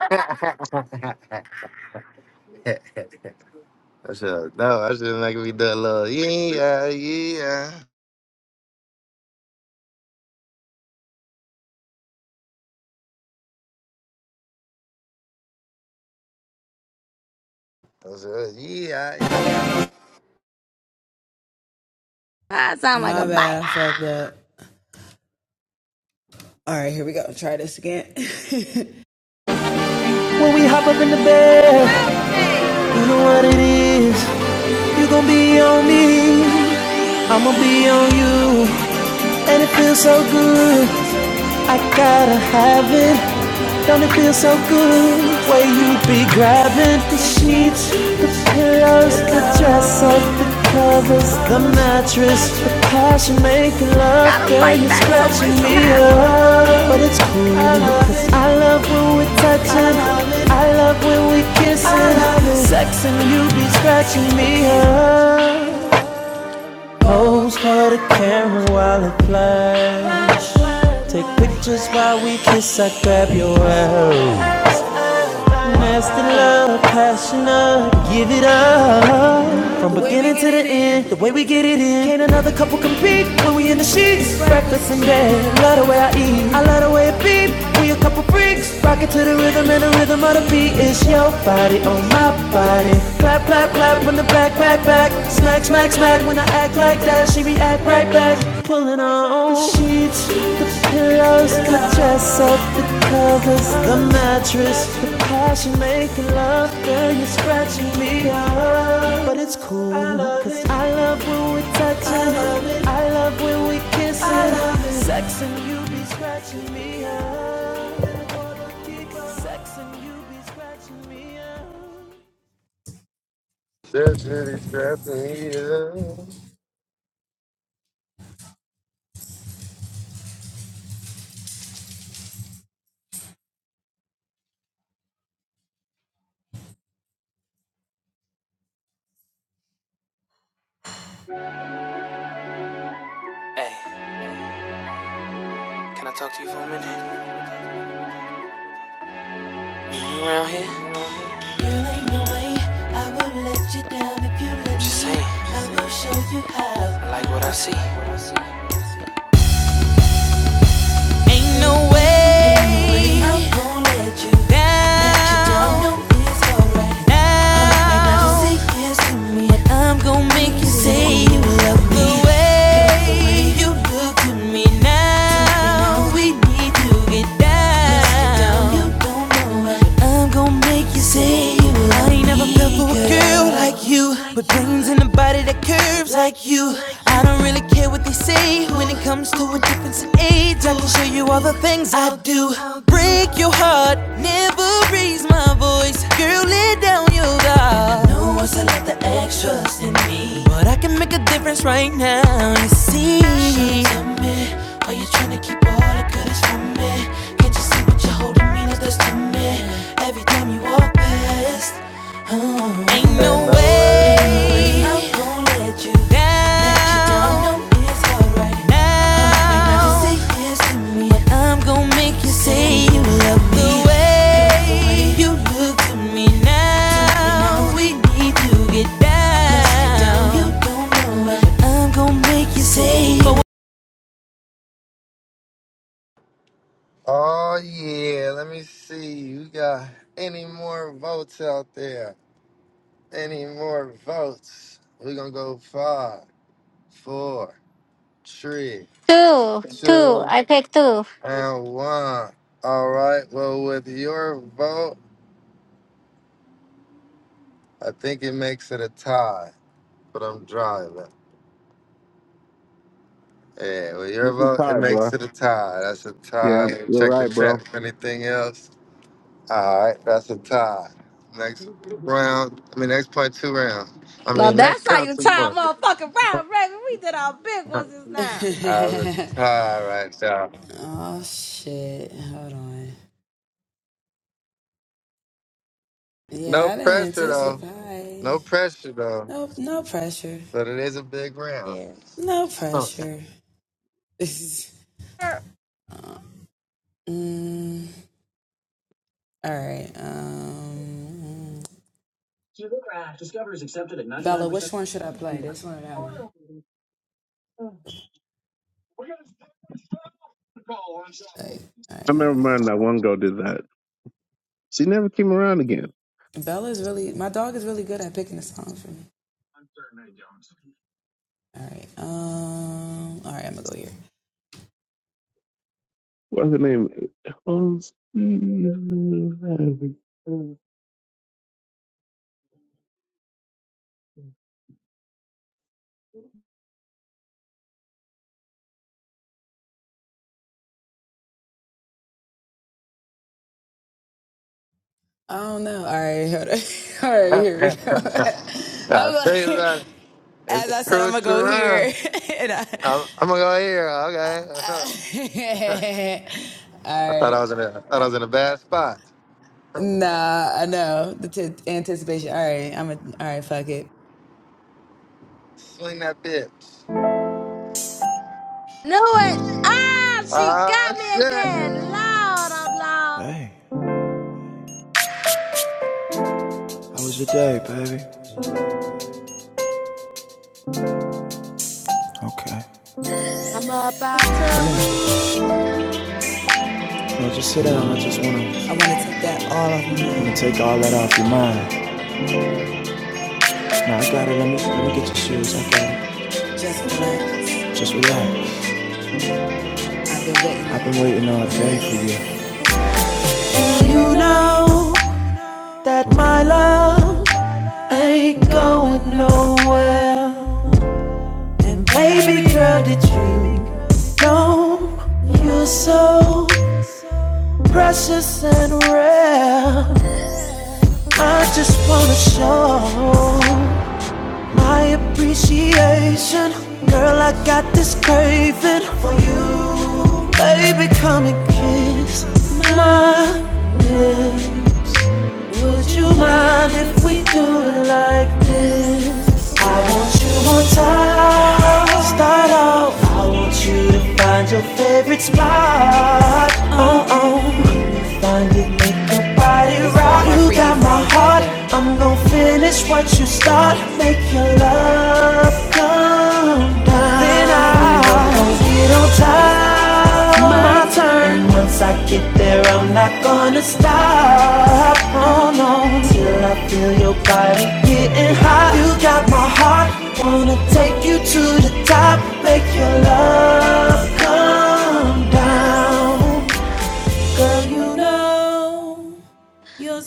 Speaker 4: *laughs* That's so dope. *laughs* I should make me do a little yeah, yeah. That's a yeah, yeah.
Speaker 3: I sound like a banger. Milk me.
Speaker 11: You gon' be on me, I'ma be on you, and it feels so good. I gotta have it. Don't it feel so good? Way you be grabbing the sheets, the pillows, the dress up, the covers, the mattress, the passion making love.
Speaker 3: Gotta
Speaker 11: Girl,
Speaker 3: fight
Speaker 11: you're
Speaker 3: back some way
Speaker 11: scratching me
Speaker 3: somehow.
Speaker 11: up, but it's cool. Cause I love when we're touching. I love when we are kissing. Sex and you be scratching me up. Pose for the camera while it flash. Take pictures while we kiss. I grab your arrow. Nasty love, passionate, give it up. From beginning to the end, the way we get it in. Can't another couple compete when we in the sheets. Breakfast in bed, love the way I eat. I love the way it beat. We a couple freaks, rock it to the rhythm and the rhythm of the beat. It's your body on my body. Clap, clap, clap when the back, back, back. Smack, smack, smack when I act like that. She react right back. Pulling on the sheets, the pillows, the dress up, the covers, the mattress, the Passion making love, girl, you're scratching me up. But it's cool, I love cause it. I love when we're touching. I love it. I love when we kissing. I love it. Sex and you be scratching me up. Sex and you be scratching me up.
Speaker 4: Shit, shit, he's trapping, yeah.
Speaker 9: Can I talk to you for a minute? You new around here? Just saying, I like what I see. Ain't no way. Ain't I'm down down now. But I'm gon' make you say you
Speaker 1: lie.
Speaker 9: love me. The way you look at me now, we need to get down. You don't know it. but I'm gon' make you say you love me. I ain't never felt for a girl like you, with brains and a body that curves like you. I don't really care what they say when it comes to a difference in age. I can show you all the things I do. Break your heart, never raise my voice. Girl, lay down your guard. No one's allowed trust in me. But I can make a difference right now, you see. Ain't
Speaker 4: Ain't
Speaker 9: no
Speaker 4: no
Speaker 9: way I'll
Speaker 4: way.
Speaker 9: let you down. It's alright Now, But I'm gonna make you say you love me. The way you look to me now, we need to get down. You don't know but I'm gonna make you say,
Speaker 4: Oh yeah, let me see. You got any more votes out there? Any more votes? We're gonna go five, four, three,
Speaker 7: Two, two.
Speaker 4: two,
Speaker 7: I picked two.
Speaker 4: and one. All right. Well, with your vote, I think it makes it a tie. But I'm driving. Yeah, with your
Speaker 14: you too
Speaker 4: vote, it
Speaker 14: tired, bro.
Speaker 4: makes it a tie. That's a
Speaker 14: Yeah,
Speaker 4: tie.
Speaker 14: you're
Speaker 4: Check the
Speaker 14: right, bro.
Speaker 4: chat for anything else. All right, that's a tie.
Speaker 14: I
Speaker 4: Next round, I mean, next point, two rounds. I
Speaker 3: Now
Speaker 4: mean,
Speaker 3: that's
Speaker 4: next *laughs*
Speaker 3: how
Speaker 4: round,
Speaker 3: you
Speaker 4: two
Speaker 3: tie a
Speaker 4: points.
Speaker 3: motherfucking round, baby. We did our big
Speaker 4: *laughs*
Speaker 3: ones just now.
Speaker 4: I was a tie right there. No pressure, though. No pressure, though. But it is a big round.
Speaker 3: Yeah.
Speaker 4: So,
Speaker 3: Er,
Speaker 14: remember mine that one girl did that. She never came around again. What's her name? Oh,
Speaker 4: *laughs* I'll tell you about it. It's a crucial round. I'm, I'm gonna go here, okay? *laughs* I thought I was in a, I thought I was in a bad spot. *laughs* Swing that bitch.
Speaker 3: Knew it. Ah, she
Speaker 4: Ah,
Speaker 3: got me
Speaker 4: shit.
Speaker 3: again. Lord, oh Lord.
Speaker 11: Hey, how was your day, baby? Okay.
Speaker 3: I'm about,
Speaker 11: No, just sit down. I just wanna, wanna take all that off your mind. Now I got it. Let me let me get your shoes. I got it. Just relax. I've been waiting all day for you. You're so precious and rare. I just wanna show my appreciation. Girl, I got this craving for you. Baby, come and kiss my lips. Would you mind if we do it like this? I want you on time. Start off. I want you to find your favorite spot. Oh oh. When you find it, make your body rock. You got my heart. I'm gonna finish what you start. Make your love come down. Then I Zero time, my turn. And once I get there, I'm not gonna stop. Oh no, till I feel your body getting hot. You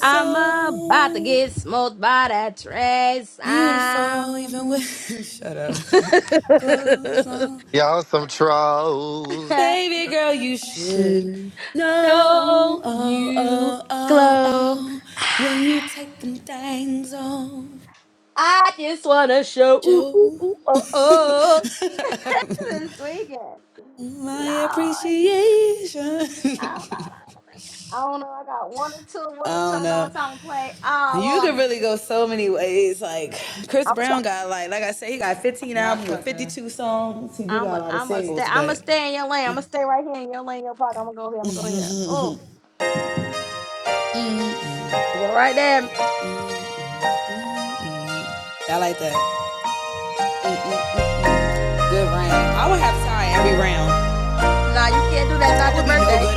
Speaker 3: I'm about to get smoked by that trace. i
Speaker 4: Y'all some trolls.
Speaker 3: *laughs* to know you glow. I just wanna show ooh ooh ooh oh oh. This is tweaking. Lord. I don't know. I don't know. I got one or two, one or two. I don't know what time to play. Oh Lord. I'm a
Speaker 8: Y'all cooking.
Speaker 3: I'm a, I'm a stay I'm a stay in your lane. I'm gonna stay right here in your lane, your pocket. I'm gonna go here. I'm gonna go here. Oh, go right there. Nah, you can't do that. It's not your birthday.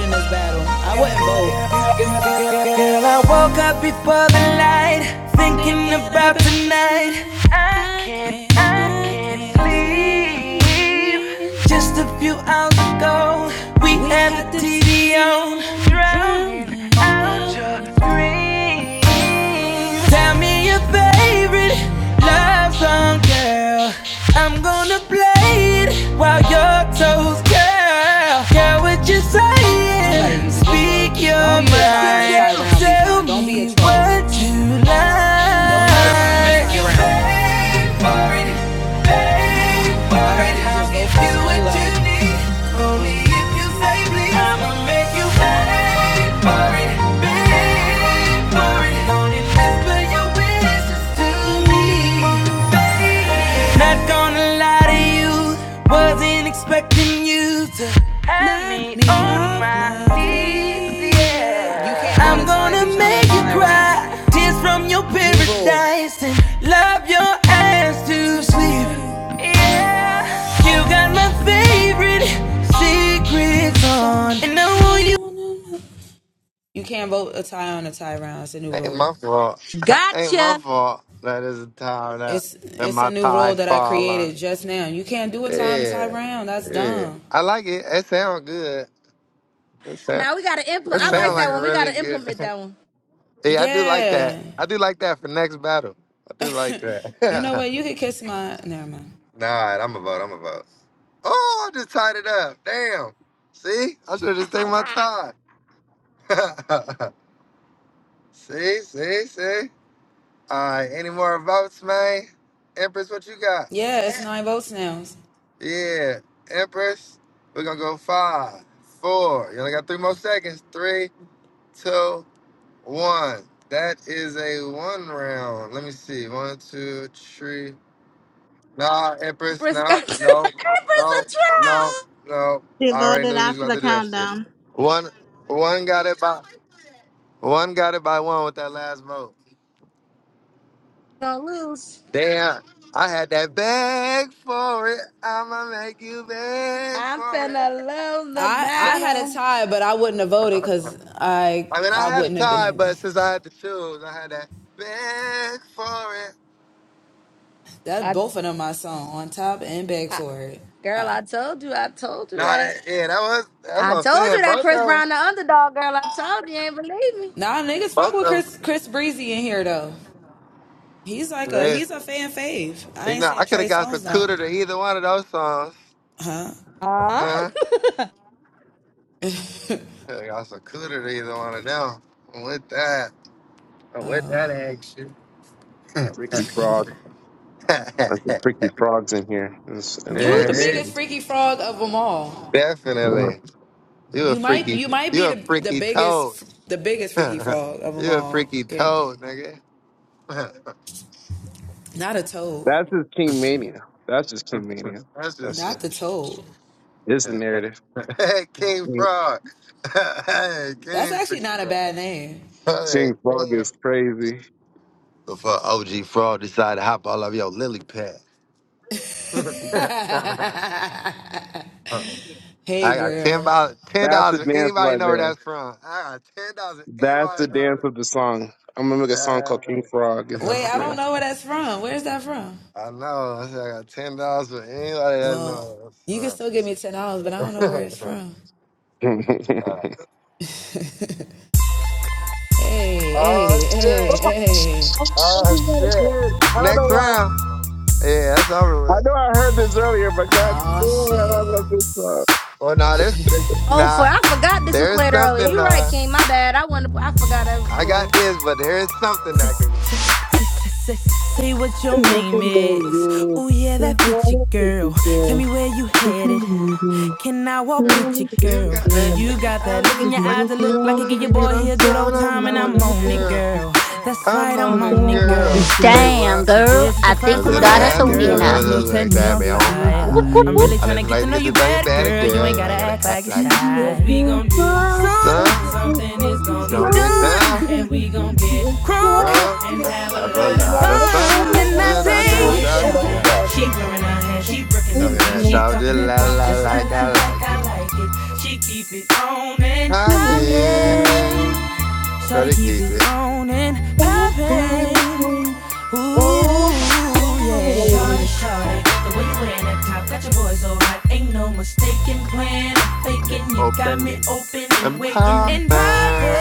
Speaker 9: Girl, I woke up before the light, thinking about tonight. I can't, I can't sleep. Just a few hours ago, we had the TV on, drowning out your screams. Tell me your favorite love song, girl. I'm gonna play it while your toes curl. Girl, what you saying? Speak your mind. Tell me what you like. I'ma make You pay for it, pay for it. I'll give you what you need, only if you say please. I'ma make you pay for it, pay for it. Only whisper your wishes to me. Not gonna lie to you, wasn't expecting you to have me on my knees, yeah. I'm gonna make you cry, tears from your paradise, and love your ass to sleep, yeah. You got my favorite secrets on
Speaker 4: Ain't my fault. *laughs* Ain't my
Speaker 3: Gotcha.
Speaker 4: fault that is a time that, that my tie fall on. Yeah, yeah. I like it. It sound good. It sound,
Speaker 3: Now we gotta implement.
Speaker 4: it
Speaker 3: I
Speaker 4: sound
Speaker 3: like
Speaker 4: like
Speaker 3: that
Speaker 4: a
Speaker 3: one. We
Speaker 4: really
Speaker 3: gotta
Speaker 4: good.
Speaker 3: implement
Speaker 4: *laughs*
Speaker 3: that one.
Speaker 4: yeah, I do like that. I do like that for next battle. I do like that. *laughs* nah, I'm a vote. I'm a vote. Oh, I just tied it up. Damn. See, I should have just take my
Speaker 3: *laughs*
Speaker 4: time. *laughs* see, see, see. All right, any more votes, man? Empress, what you got? Yeah, Empress, we're gonna go five, four. You only got three more seconds. Three, two, one. That is a one round. Let me see. One, two, three. Nah, Empress,
Speaker 3: Empress got *laughs*
Speaker 4: no,
Speaker 3: Empress
Speaker 4: no,
Speaker 3: a
Speaker 4: no, no,
Speaker 3: trial.
Speaker 4: no.
Speaker 15: she
Speaker 4: I already
Speaker 15: voted
Speaker 4: knew he was
Speaker 15: after
Speaker 4: about
Speaker 15: the
Speaker 4: to do that shit.
Speaker 15: countdown.
Speaker 4: One, one got it by, one got it by one with that last move.
Speaker 3: Don't lose.
Speaker 4: Damn, I had that bag for it. I'ma make you beg
Speaker 3: I'm
Speaker 4: for it.
Speaker 3: finna lose the battle.
Speaker 4: *laughs* I mean, I had a tie, but since I had to choose, I had that back for it.
Speaker 3: I, I, girl, I told you, I told you
Speaker 4: Nah,
Speaker 3: that.
Speaker 4: that yeah, that was that's
Speaker 3: I
Speaker 4: what I'm
Speaker 3: told
Speaker 4: saying.
Speaker 3: you that
Speaker 4: Both
Speaker 3: Chris
Speaker 4: of them,
Speaker 3: Brown the underdog, girl. I told you, you ain't believe me.
Speaker 4: both of them. They, you know, I could have got some cooter to either one of those songs, huh?
Speaker 3: Uh-huh.
Speaker 4: Could have got some cooter to either one of them. With that, with that action.
Speaker 14: Freaky frog. Like the freaky
Speaker 4: *laughs*
Speaker 14: frogs in here and, s- and on
Speaker 4: yeah,
Speaker 14: this
Speaker 4: yeah,
Speaker 14: thing.
Speaker 4: definitely. You a freaky, you a freaky toad. *laughs* you a freaky toad, nigga.
Speaker 14: That's just King Mania. That's just King Mania.
Speaker 4: *laughs* that's
Speaker 14: That's
Speaker 4: just
Speaker 14: just,
Speaker 4: kidding.
Speaker 14: it's
Speaker 4: *laughs*
Speaker 14: the narrative.
Speaker 4: *laughs* Hey, King
Speaker 14: King
Speaker 4: Frog. *laughs* hey, King. Hey,
Speaker 14: King Frog
Speaker 4: King.
Speaker 14: is crazy.
Speaker 4: Before OG Frog decided to hop all over your lily pad. *laughs* I got ten dollars. Ten
Speaker 14: That's
Speaker 4: dollars.
Speaker 14: the
Speaker 4: If
Speaker 14: dance
Speaker 4: anybody
Speaker 14: right
Speaker 4: know where
Speaker 14: there.
Speaker 4: that's from, I got ten dollars. If
Speaker 14: That's the
Speaker 4: anybody know
Speaker 14: dance of the song. I am gonna make a song called King
Speaker 4: where
Speaker 14: Frog, and
Speaker 4: that's from.
Speaker 14: that's the dance.
Speaker 4: *laughs* I know. I said I got ten dollars for anybody that knows.
Speaker 14: *laughs*
Speaker 4: *laughs* oh shit!
Speaker 14: Oh, I'm so glad I
Speaker 4: Oh
Speaker 14: just wanna
Speaker 4: shit!
Speaker 14: hear it. I don't know
Speaker 4: Next
Speaker 14: why.
Speaker 4: round. Yeah, that's over
Speaker 14: I
Speaker 4: with.
Speaker 14: know I heard this earlier, but God damn, I love this song.
Speaker 4: Well, no, nah, there's
Speaker 3: *laughs* oh,
Speaker 4: nah.
Speaker 3: for I forgot this was
Speaker 4: There is
Speaker 3: played earlier.
Speaker 4: something.
Speaker 3: You right,
Speaker 4: Uh,
Speaker 3: King. My bad. I wanted. to- I forgot I
Speaker 4: I got this, but there is something
Speaker 9: Say,
Speaker 4: I can.
Speaker 9: say, what your
Speaker 14: It's just a
Speaker 9: name
Speaker 14: day,
Speaker 9: is.
Speaker 14: yeah.
Speaker 9: Oh yeah, that
Speaker 14: It's
Speaker 9: fits you,
Speaker 14: what it
Speaker 9: girl.
Speaker 14: is,
Speaker 9: Tell
Speaker 14: yeah.
Speaker 9: me where you
Speaker 14: It's
Speaker 9: headed.
Speaker 14: what
Speaker 9: Can I walk
Speaker 4: Girl,
Speaker 9: with you,
Speaker 14: it is,
Speaker 4: you
Speaker 9: girl?
Speaker 4: got
Speaker 14: yeah.
Speaker 4: that. Look
Speaker 9: You
Speaker 4: at
Speaker 9: got
Speaker 4: the
Speaker 9: that
Speaker 4: eyes.
Speaker 9: look in
Speaker 4: Look
Speaker 9: your
Speaker 4: like
Speaker 9: eyes that
Speaker 4: you
Speaker 9: look
Speaker 4: get
Speaker 9: like it
Speaker 4: more
Speaker 9: give your
Speaker 4: here. Get
Speaker 9: boy here a
Speaker 4: up
Speaker 9: good
Speaker 4: time.
Speaker 9: old
Speaker 4: And I'm
Speaker 9: time, and
Speaker 4: on
Speaker 9: I'm
Speaker 4: it,
Speaker 9: on it,
Speaker 4: girl.
Speaker 9: girl. That's
Speaker 4: I'm
Speaker 9: right, I'm
Speaker 4: on
Speaker 9: on
Speaker 4: it,
Speaker 9: it, girl.
Speaker 4: girl. Say
Speaker 7: Damn,
Speaker 4: what?
Speaker 9: See,
Speaker 7: girl.
Speaker 9: this is the
Speaker 7: I
Speaker 4: I
Speaker 9: first
Speaker 7: think
Speaker 9: time
Speaker 7: we
Speaker 9: I
Speaker 4: said I
Speaker 7: got
Speaker 9: had
Speaker 7: us
Speaker 9: a
Speaker 4: had
Speaker 7: a
Speaker 4: the
Speaker 9: girl
Speaker 7: winner.
Speaker 9: whose
Speaker 4: girl who
Speaker 9: looks
Speaker 4: likes
Speaker 9: had
Speaker 4: to
Speaker 9: me
Speaker 4: have
Speaker 9: on
Speaker 4: me on
Speaker 9: fire.
Speaker 7: Whoop,
Speaker 4: fire.
Speaker 7: whoop,
Speaker 9: I'm
Speaker 7: whoop.
Speaker 9: really
Speaker 4: I
Speaker 9: tryna
Speaker 4: didn't
Speaker 9: get to
Speaker 4: like to
Speaker 9: know
Speaker 4: get
Speaker 9: you
Speaker 4: to know you
Speaker 9: better,
Speaker 4: better,
Speaker 9: girl. You
Speaker 4: girl.
Speaker 9: ain't
Speaker 4: You know,
Speaker 9: gotta
Speaker 4: I
Speaker 9: act
Speaker 4: gotta
Speaker 9: like
Speaker 4: act
Speaker 9: you're shy.
Speaker 4: like you shy.
Speaker 9: Cause we gon' do something,
Speaker 4: So
Speaker 9: something is
Speaker 4: it's
Speaker 9: gon' get
Speaker 4: gonna get
Speaker 9: done.
Speaker 4: done,
Speaker 9: And we gon' get crunk
Speaker 4: bro.
Speaker 9: and have a
Speaker 4: Have a
Speaker 9: lot of
Speaker 4: lot of
Speaker 9: fun. And
Speaker 4: fun.
Speaker 9: I
Speaker 4: And
Speaker 9: say,
Speaker 4: I say,
Speaker 9: Shawty,
Speaker 4: shawty,
Speaker 9: Shawty,
Speaker 4: shawty.
Speaker 9: She wearing her hair, she brooking them
Speaker 4: Talking
Speaker 9: jeans.
Speaker 4: that
Speaker 9: She
Speaker 4: talk just
Speaker 9: talking that
Speaker 4: la
Speaker 9: punk
Speaker 4: la
Speaker 9: just la
Speaker 4: like
Speaker 9: la
Speaker 4: I
Speaker 9: like
Speaker 4: like
Speaker 9: I like
Speaker 4: it.
Speaker 9: it. She keep it on and poppin'.
Speaker 4: Popping.
Speaker 9: Shawty
Speaker 4: Gotta
Speaker 9: keep
Speaker 4: keep
Speaker 9: it
Speaker 4: it
Speaker 9: on and poppin'.
Speaker 14: Oh,
Speaker 9: Ooh, yeah.
Speaker 14: oh,
Speaker 9: Shawty, shawty, the way you wearing that top got your boy so hot. Ain't no mistaken plan or faking. You got me
Speaker 4: open
Speaker 9: open and
Speaker 4: and
Speaker 9: waiting and
Speaker 4: popping.
Speaker 9: poppin'.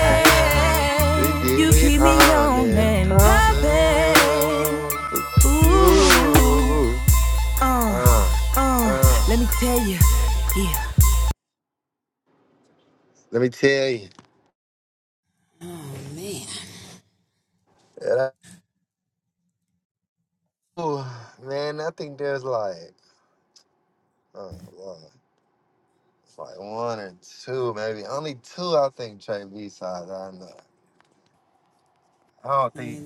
Speaker 4: You keep
Speaker 9: You
Speaker 4: it
Speaker 9: keep me
Speaker 4: on
Speaker 9: on
Speaker 4: and
Speaker 9: and
Speaker 4: popping.
Speaker 9: poppin'. Ooh,
Speaker 4: Ooh.
Speaker 9: uh,
Speaker 4: Uh,
Speaker 9: uh,
Speaker 4: uh.
Speaker 9: let me tell you, yeah.
Speaker 4: Let me tell you. And I- Ooh, man, I think there's like, uh, well, it's like one or two, maybe. Only two, I think, Trey B sides I know. I don't think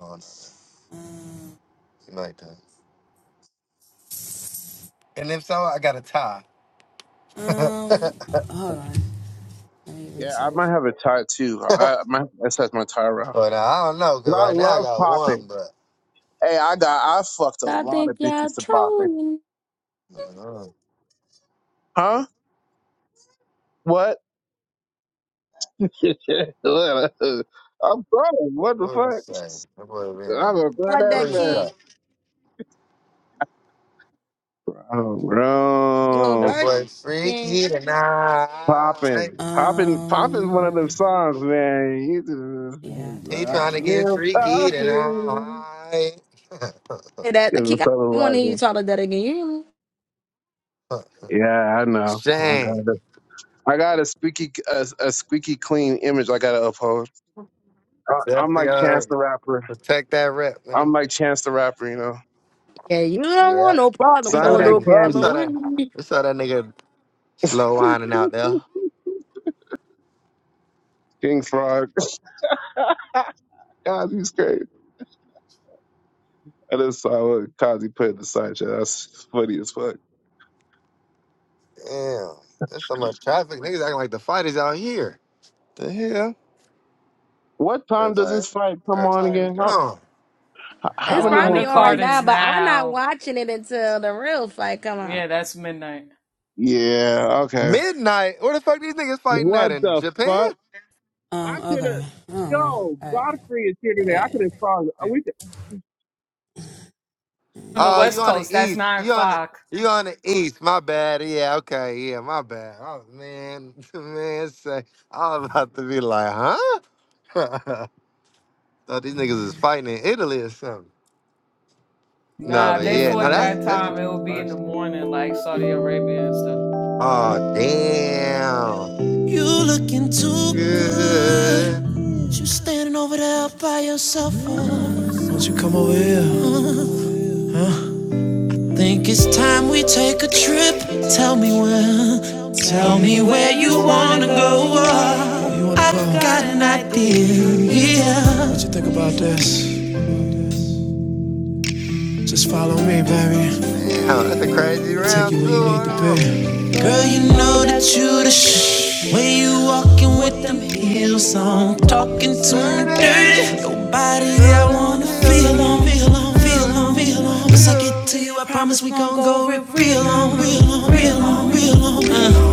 Speaker 4: on. You like that? And if so, I got a tie. But
Speaker 14: Yeah, I might have a tie too. I I might have my tie around.
Speaker 4: I don't know,
Speaker 14: 'Cause
Speaker 4: cause
Speaker 14: I
Speaker 4: right now I
Speaker 14: love
Speaker 4: got one,
Speaker 14: popping.
Speaker 4: but
Speaker 14: Hey, I got I fucked a
Speaker 3: I
Speaker 14: lot
Speaker 3: think
Speaker 14: of
Speaker 3: y'all
Speaker 14: bitches to popping.
Speaker 3: trolling
Speaker 4: uh,
Speaker 14: Huh? What? *laughs* I'm grown. What the
Speaker 4: what do you
Speaker 14: fuck?
Speaker 4: say? That boy been.
Speaker 14: I'm a grown
Speaker 3: like
Speaker 14: ass
Speaker 4: What
Speaker 3: that,
Speaker 4: do you
Speaker 3: King.
Speaker 14: man.
Speaker 4: say?
Speaker 14: Oh
Speaker 3: You a
Speaker 14: bro.
Speaker 4: That
Speaker 3: virgin,
Speaker 4: boy
Speaker 3: King.
Speaker 4: freaky tonight.
Speaker 14: Poppin'. Poppin' Poppin's one of them songs, man. You just *laughs*
Speaker 4: He trying to get
Speaker 14: you
Speaker 4: freaky
Speaker 14: poppin'.
Speaker 4: tonight. *laughs*
Speaker 3: Say
Speaker 14: You
Speaker 3: That
Speaker 14: know,
Speaker 3: King,
Speaker 14: something
Speaker 3: I want
Speaker 14: like
Speaker 3: to hear you
Speaker 14: that.
Speaker 3: talk like that again. You hear me?
Speaker 14: Yeah, I know. Oh, God,
Speaker 4: Shane.
Speaker 14: I got a squeaky a, a squeaky clean image I gotta uphold. I, I'm
Speaker 4: Definitely
Speaker 14: like Chance
Speaker 4: gotta
Speaker 14: the Rapper.
Speaker 4: protect that rep,
Speaker 14: I'm
Speaker 4: man.
Speaker 14: like Chance the Rapper, you know.
Speaker 3: Yeah, you don't want
Speaker 4: Yep.
Speaker 3: no
Speaker 4: We
Speaker 3: problem,
Speaker 4: saw
Speaker 3: want
Speaker 14: Sunday
Speaker 4: that
Speaker 3: no
Speaker 4: we
Speaker 14: Candy,
Speaker 3: problem
Speaker 4: saw
Speaker 3: with
Speaker 4: that
Speaker 3: me.
Speaker 4: we saw that nigga slow
Speaker 14: *laughs*
Speaker 4: winding out there.
Speaker 14: King Frog. *laughs* Kazi's crazy. I just saw what Kazi put in the side chat. That's funny as fuck.
Speaker 4: Damn. There's so much traffic. Niggas acting like the fight is out here. The hell?
Speaker 14: What time does
Speaker 4: Everybody,
Speaker 14: this fight come on
Speaker 4: everybody.
Speaker 14: again? How
Speaker 4: Oh,
Speaker 14: h-
Speaker 8: The
Speaker 14: how
Speaker 3: It's
Speaker 14: many more
Speaker 3: probably on
Speaker 8: undercard
Speaker 3: right
Speaker 14: fights?
Speaker 8: is
Speaker 3: now, but I'm not
Speaker 8: now.
Speaker 3: watching it until the real fight come out.
Speaker 8: Yeah, that's midnight.
Speaker 14: Yeah, okay.
Speaker 4: midnight. Where the fuck these niggas fighting at
Speaker 14: What
Speaker 4: in
Speaker 14: the
Speaker 4: Japan?
Speaker 14: fuck? I could have. Yo, Godfrey is here today. I could have saw.
Speaker 8: On the
Speaker 4: Oh, you
Speaker 8: West
Speaker 4: on the
Speaker 8: Coast, that's
Speaker 4: east?
Speaker 8: 9
Speaker 4: You on the
Speaker 8: o'clock.
Speaker 4: you on the east? My bad. Yeah. Okay. Yeah. My bad. Oh man, *laughs* man. Say, I'm about to be like, huh? *laughs* Thought these niggas is fighting in Italy or something. No,
Speaker 8: Nah, if
Speaker 4: but
Speaker 8: they
Speaker 4: yeah. No,
Speaker 8: fought
Speaker 4: that's
Speaker 8: that
Speaker 4: that's.
Speaker 8: time,
Speaker 4: Just
Speaker 8: it would be in the
Speaker 4: first.
Speaker 8: morning, like Saudi Arabia and stuff.
Speaker 4: oh damn.
Speaker 11: got you looking too
Speaker 4: Good.
Speaker 11: good. You standing over there by yourself. Oh. Won't you come over here? Think it's time we take a trip. Tell me where. Tell me where you wanna go. I've got an idea. What you think about this? Just follow.
Speaker 4: Damn. That's a crazy round too. Hold
Speaker 11: Girl, you know that you the shit. When you walking with them heels on, talking to me
Speaker 4: on.
Speaker 11: dirty. Your body, I
Speaker 4: Gonna
Speaker 11: wanna
Speaker 4: feel
Speaker 11: feel on,
Speaker 4: 'em,
Speaker 11: feel
Speaker 4: alone,
Speaker 11: on,
Speaker 4: feel
Speaker 11: feel on,
Speaker 4: alone,
Speaker 11: feel on. Once I
Speaker 4: feel
Speaker 11: get to
Speaker 4: alone,
Speaker 11: you, I promise we gon' go real
Speaker 4: 'em,
Speaker 11: on, real
Speaker 4: alone.
Speaker 11: on, real on, real on. Uh,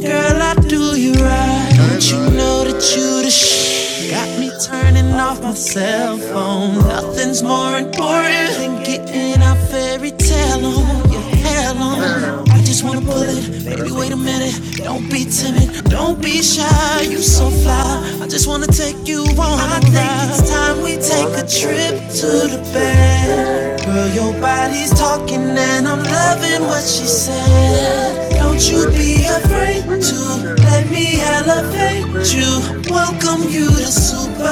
Speaker 11: girl, I do you right.
Speaker 4: I
Speaker 11: Don't you
Speaker 4: got it
Speaker 11: know that
Speaker 4: right.
Speaker 11: you the
Speaker 4: The
Speaker 11: shit?
Speaker 4: truth
Speaker 11: Got me
Speaker 4: is a
Speaker 11: turning off my
Speaker 4: supposed to
Speaker 11: cell
Speaker 4: feel
Speaker 11: phone.
Speaker 4: found.
Speaker 11: Nothing's more important than getting our fairy tale on. Your hair long. I just wanna pull it. Baby, wait a minute. Don't be timid. Don't be shy. You so fly. I just wanna take you on. a ride. I think it's time we take a
Speaker 4: Wanna take
Speaker 11: trip
Speaker 4: a
Speaker 11: to
Speaker 4: trip
Speaker 11: the
Speaker 4: to the
Speaker 11: bed.
Speaker 4: fair.
Speaker 11: Girl, your body's talking and I'm
Speaker 4: I'm
Speaker 11: loving
Speaker 4: not
Speaker 11: what
Speaker 4: the
Speaker 11: she
Speaker 4: rich you
Speaker 11: said.
Speaker 4: say.
Speaker 11: Don't you
Speaker 4: Baby,
Speaker 11: be
Speaker 4: bring a
Speaker 11: afraid to
Speaker 4: creep
Speaker 11: let
Speaker 4: to
Speaker 11: let me
Speaker 4: bring out a
Speaker 11: elevate
Speaker 4: creep.
Speaker 11: you.
Speaker 4: It's
Speaker 11: Welcome you to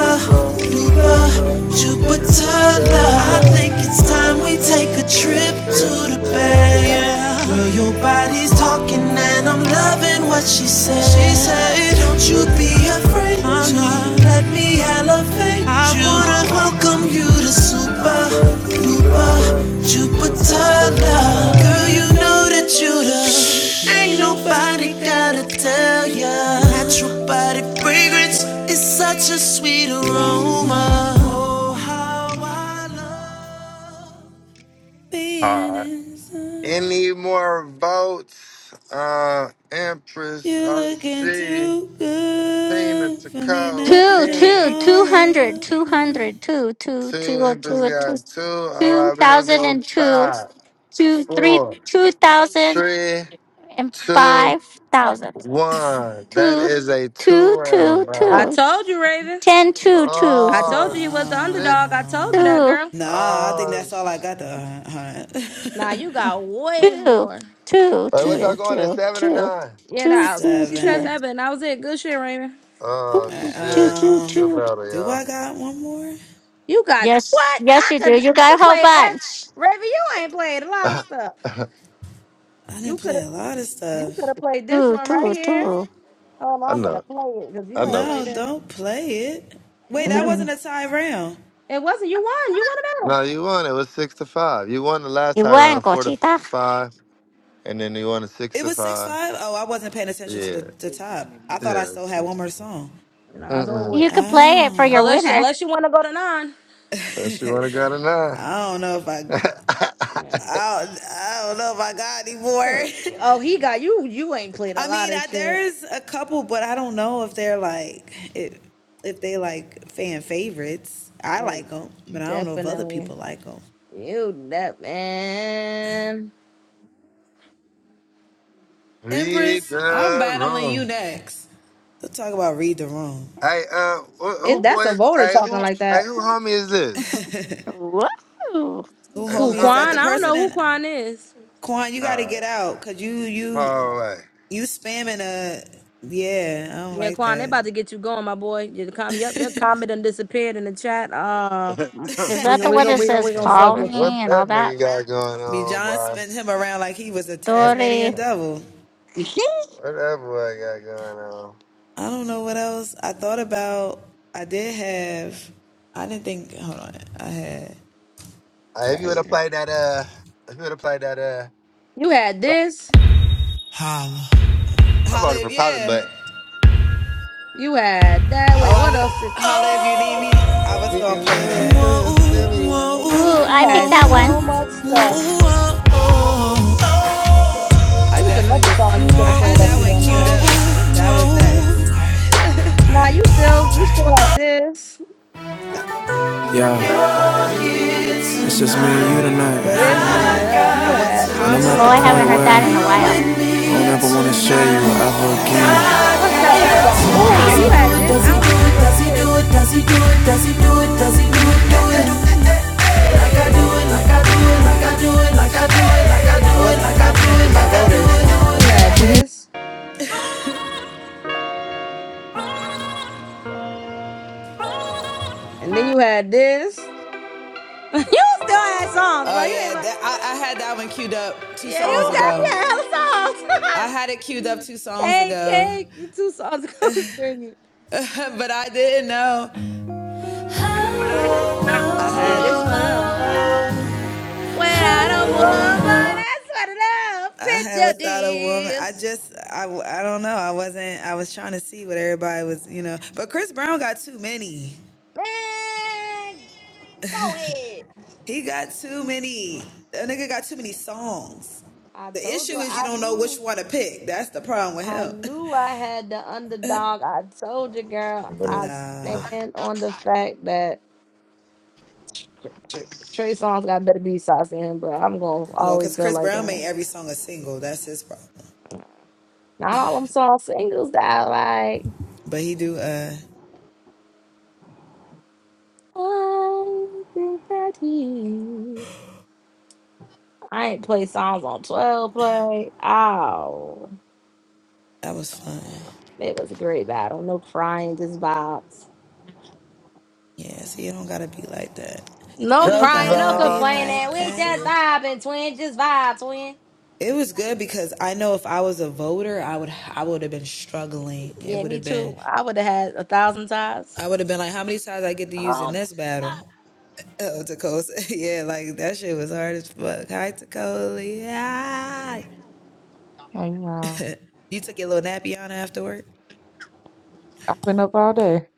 Speaker 4: the fun, the
Speaker 11: Duper
Speaker 4: fun. Trip to the
Speaker 11: Jupiter. I think
Speaker 4: fair.
Speaker 11: it's time we take a trip to
Speaker 4: Trip
Speaker 11: the
Speaker 4: to the
Speaker 11: bay.
Speaker 4: fair.
Speaker 11: Girl, your body's talking and I'm loving what she said. She said, Don't you
Speaker 4: Alright.
Speaker 11: be afraid to let me elevate I you. Wanna welcome you to Super Duper Jupiter. Girl, you know that you the ain't nobody gotta tell tell ya,
Speaker 4: Any more votes? Uh, Empress RG, Tina Taco,
Speaker 7: Two,
Speaker 4: King.
Speaker 7: two, two hundred, two hundred, two, two, two,
Speaker 4: Two,
Speaker 7: oh, two,
Speaker 4: Empress
Speaker 7: oh, two,
Speaker 4: got two. All
Speaker 7: two
Speaker 4: right, we're gonna
Speaker 7: thousand
Speaker 4: go
Speaker 7: and two,
Speaker 4: five,
Speaker 7: two, three,
Speaker 4: four,
Speaker 7: two thousand
Speaker 4: three,
Speaker 7: and
Speaker 4: two,
Speaker 7: five thousand,
Speaker 4: one. That
Speaker 7: two,
Speaker 4: is a two
Speaker 7: two, two,
Speaker 4: round
Speaker 3: I
Speaker 4: battle.
Speaker 7: two,
Speaker 3: told you, Raven.
Speaker 7: ten, two, two,
Speaker 3: I
Speaker 7: two,
Speaker 3: told
Speaker 4: Oh,
Speaker 3: you he was the
Speaker 4: shit.
Speaker 3: underdog. I told you that,
Speaker 7: two,
Speaker 3: girl.
Speaker 4: Oh,
Speaker 3: Nah, you got
Speaker 7: two,
Speaker 3: way
Speaker 7: two,
Speaker 3: more.
Speaker 7: two,
Speaker 4: Hey, what y'all
Speaker 7: two,
Speaker 4: going at
Speaker 7: two,
Speaker 4: seven or
Speaker 7: two,
Speaker 4: nine?
Speaker 3: Yeah,
Speaker 7: two,
Speaker 3: nah. She says that, but that was it. Good shit, Raven.
Speaker 4: Oh
Speaker 7: two, two,
Speaker 4: shit.
Speaker 7: two,
Speaker 4: Good
Speaker 7: two.
Speaker 4: battle, y'all.
Speaker 3: You got
Speaker 7: Yes,
Speaker 3: what?
Speaker 7: yes,
Speaker 3: I
Speaker 7: you do.
Speaker 3: could
Speaker 7: You
Speaker 3: I
Speaker 7: got
Speaker 3: could
Speaker 7: a whole
Speaker 3: play eh,
Speaker 7: bunch.
Speaker 3: Raven, you ain't played a lot of stuff.
Speaker 4: *laughs*
Speaker 3: You could have you could have played this
Speaker 7: Two,
Speaker 3: one right
Speaker 7: two,
Speaker 3: here.
Speaker 7: two.
Speaker 3: Hold on,
Speaker 4: I
Speaker 3: I'm gonna
Speaker 4: know.
Speaker 3: play it because
Speaker 4: I
Speaker 3: you ain't
Speaker 4: know.
Speaker 3: played this. You could have
Speaker 4: Mhm.
Speaker 3: it wasn't you won. You won it all.
Speaker 4: No, you won. It was six to five. You won the last
Speaker 7: You
Speaker 4: tie
Speaker 7: won,
Speaker 4: round, four to f-
Speaker 7: Gotita.
Speaker 4: five, and then you won a six to five. Yeah. Yeah. it's Six. to
Speaker 3: Nah, it's over
Speaker 4: Mm-mm.
Speaker 3: with.
Speaker 7: You could play it for your
Speaker 3: Unless you
Speaker 7: winner.
Speaker 3: unless you wanna go to nine.
Speaker 4: Unless you want to go to nine. *laughs*
Speaker 3: Yeah. Oh, he got you. You ain't played a lot of shit. Oh, definitely. You that man.
Speaker 4: Read the room. Hey, uh, who, who
Speaker 3: It that's a
Speaker 4: boys?
Speaker 3: voter
Speaker 4: Hey, who?
Speaker 3: talking like
Speaker 4: Hey,
Speaker 3: that.
Speaker 4: who homie is this?
Speaker 7: Whoa.
Speaker 4: Hey, who
Speaker 3: Who
Speaker 4: homie
Speaker 3: Quan? I
Speaker 4: is
Speaker 3: don't know
Speaker 4: this?
Speaker 3: who Quan is.
Speaker 4: Uh, far away.
Speaker 3: Yeah, Quan, they about to get you going, my boy. Your comment, yep, your comment done disappeared in the chat.
Speaker 4: *laughs* I
Speaker 3: Uh
Speaker 7: Is
Speaker 3: we're
Speaker 7: that
Speaker 3: gonna
Speaker 7: the
Speaker 3: we
Speaker 7: one
Speaker 3: gonna
Speaker 7: that
Speaker 3: we gonna,
Speaker 7: says
Speaker 3: we gonna
Speaker 4: don't
Speaker 7: call
Speaker 3: fuck
Speaker 4: know
Speaker 3: with
Speaker 4: what
Speaker 3: you.
Speaker 7: me and all
Speaker 4: that
Speaker 7: that?
Speaker 4: nigga got going on, boy. *laughs*
Speaker 7: Dory. *laughs*
Speaker 4: Whatever I got going on? Uh, if you would have played that, uh, if you would have played that, uh,
Speaker 3: You had this.
Speaker 4: I voted for Poppin, but
Speaker 3: You had that. Wait, what else did
Speaker 9: Oh.
Speaker 4: he can never feel silly.
Speaker 7: Ooh, I
Speaker 3: you
Speaker 7: picked
Speaker 3: had?
Speaker 7: that one.
Speaker 3: So much stuff. It was another song you could have played that you didn't play. Nah, you still you still had this.
Speaker 9: Yeah, it's just me and you tonight.
Speaker 3: This one, um, you had
Speaker 9: And I'm at
Speaker 7: Oh,
Speaker 9: the
Speaker 7: I
Speaker 3: this.
Speaker 9: point
Speaker 7: haven't heard that in a
Speaker 9: where
Speaker 7: while.
Speaker 9: I don't ever wanna share you ever
Speaker 3: You-
Speaker 9: again.
Speaker 3: What's that other song? Oh, yeah, you had this. I don't think you played this. Let me see. You had this, and then you had this. *laughs* you still had songs, bro. You ain't my. Yeah, you definitely had hella songs. *laughs* cake, cake, two songs ago *laughs* screaming. Yeah, this one of them. When I don't want my, that's what it up. Picture this. Man, go ahead. I told you I knew. I knew I had the underdog. I told you, girl. I stand on the fact that Tr- Tr- Trey Songz got better be sauce in him, but I'm gonna always feel like that. Not all them song singles that I like. I think that he. I ain't play songs on 12 play. Oh, it was a great battle. No crying, just vibes. No
Speaker 4: Just
Speaker 3: crying, no complaining.
Speaker 4: like
Speaker 3: We
Speaker 4: *laughs*
Speaker 3: just vibing, twin. Just vibe, twin. Yeah, me too. I would have had a thousand ties. Oh my god.
Speaker 20: Hey, y'all. I've been up all day.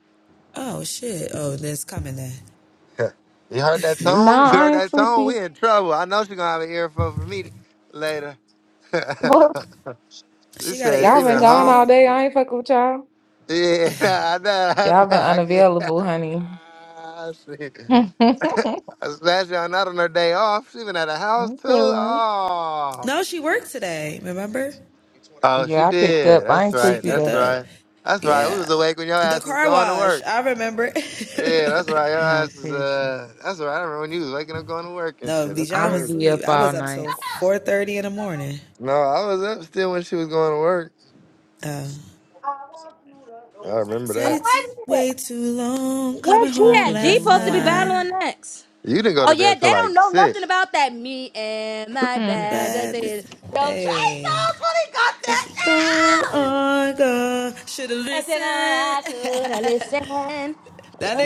Speaker 4: you heard that tone. You
Speaker 20: Nah, I
Speaker 4: heard
Speaker 20: ain't
Speaker 4: that tone.
Speaker 20: sleepy.
Speaker 4: We in trouble. I know she gonna have an earful for me later. *laughs*
Speaker 20: *laughs* Look,
Speaker 4: she said she
Speaker 20: y'all been
Speaker 4: been
Speaker 20: gone
Speaker 4: home.
Speaker 20: all day. I ain't fucking with y'all.
Speaker 4: Yeah, *laughs* nah, nah,
Speaker 20: Y'all been
Speaker 4: nah. I can't. *laughs*
Speaker 20: unavailable, honey.
Speaker 4: Shit.
Speaker 20: *laughs* I'm
Speaker 4: Smash y'all not on her day off. She been at the house too.
Speaker 20: chilling.
Speaker 4: Oh, oh, she
Speaker 20: Yeah, I picked up.
Speaker 4: did.
Speaker 20: I
Speaker 4: That's
Speaker 20: ain't
Speaker 4: right.
Speaker 20: sleepy
Speaker 4: That's
Speaker 20: though.
Speaker 4: right. That's right. We was awake when your ass was going to work. Yeah, that's right. Your
Speaker 20: No,
Speaker 4: ass is
Speaker 20: seriously.
Speaker 4: uh. That's right. I remember when you was waking up going to work and shit. That's
Speaker 20: I'm
Speaker 4: crazy.
Speaker 20: be up all night.
Speaker 4: No, I was up still when she was going to work. I remember
Speaker 3: Oh
Speaker 4: that.
Speaker 3: wait a minute. Where G
Speaker 20: I have to
Speaker 3: at? G
Speaker 20: drink my
Speaker 3: supposed to be
Speaker 20: wine.
Speaker 3: battling next.
Speaker 4: You didn't go
Speaker 3: Oh
Speaker 4: to
Speaker 3: yeah,
Speaker 4: bed
Speaker 3: they
Speaker 4: till
Speaker 3: don't
Speaker 4: like
Speaker 3: know nothing
Speaker 4: six.
Speaker 3: about that. Me and my
Speaker 20: Hmm.
Speaker 3: bad. That's it. Yo, Trey Songz really got that now. It's gonna have to listen.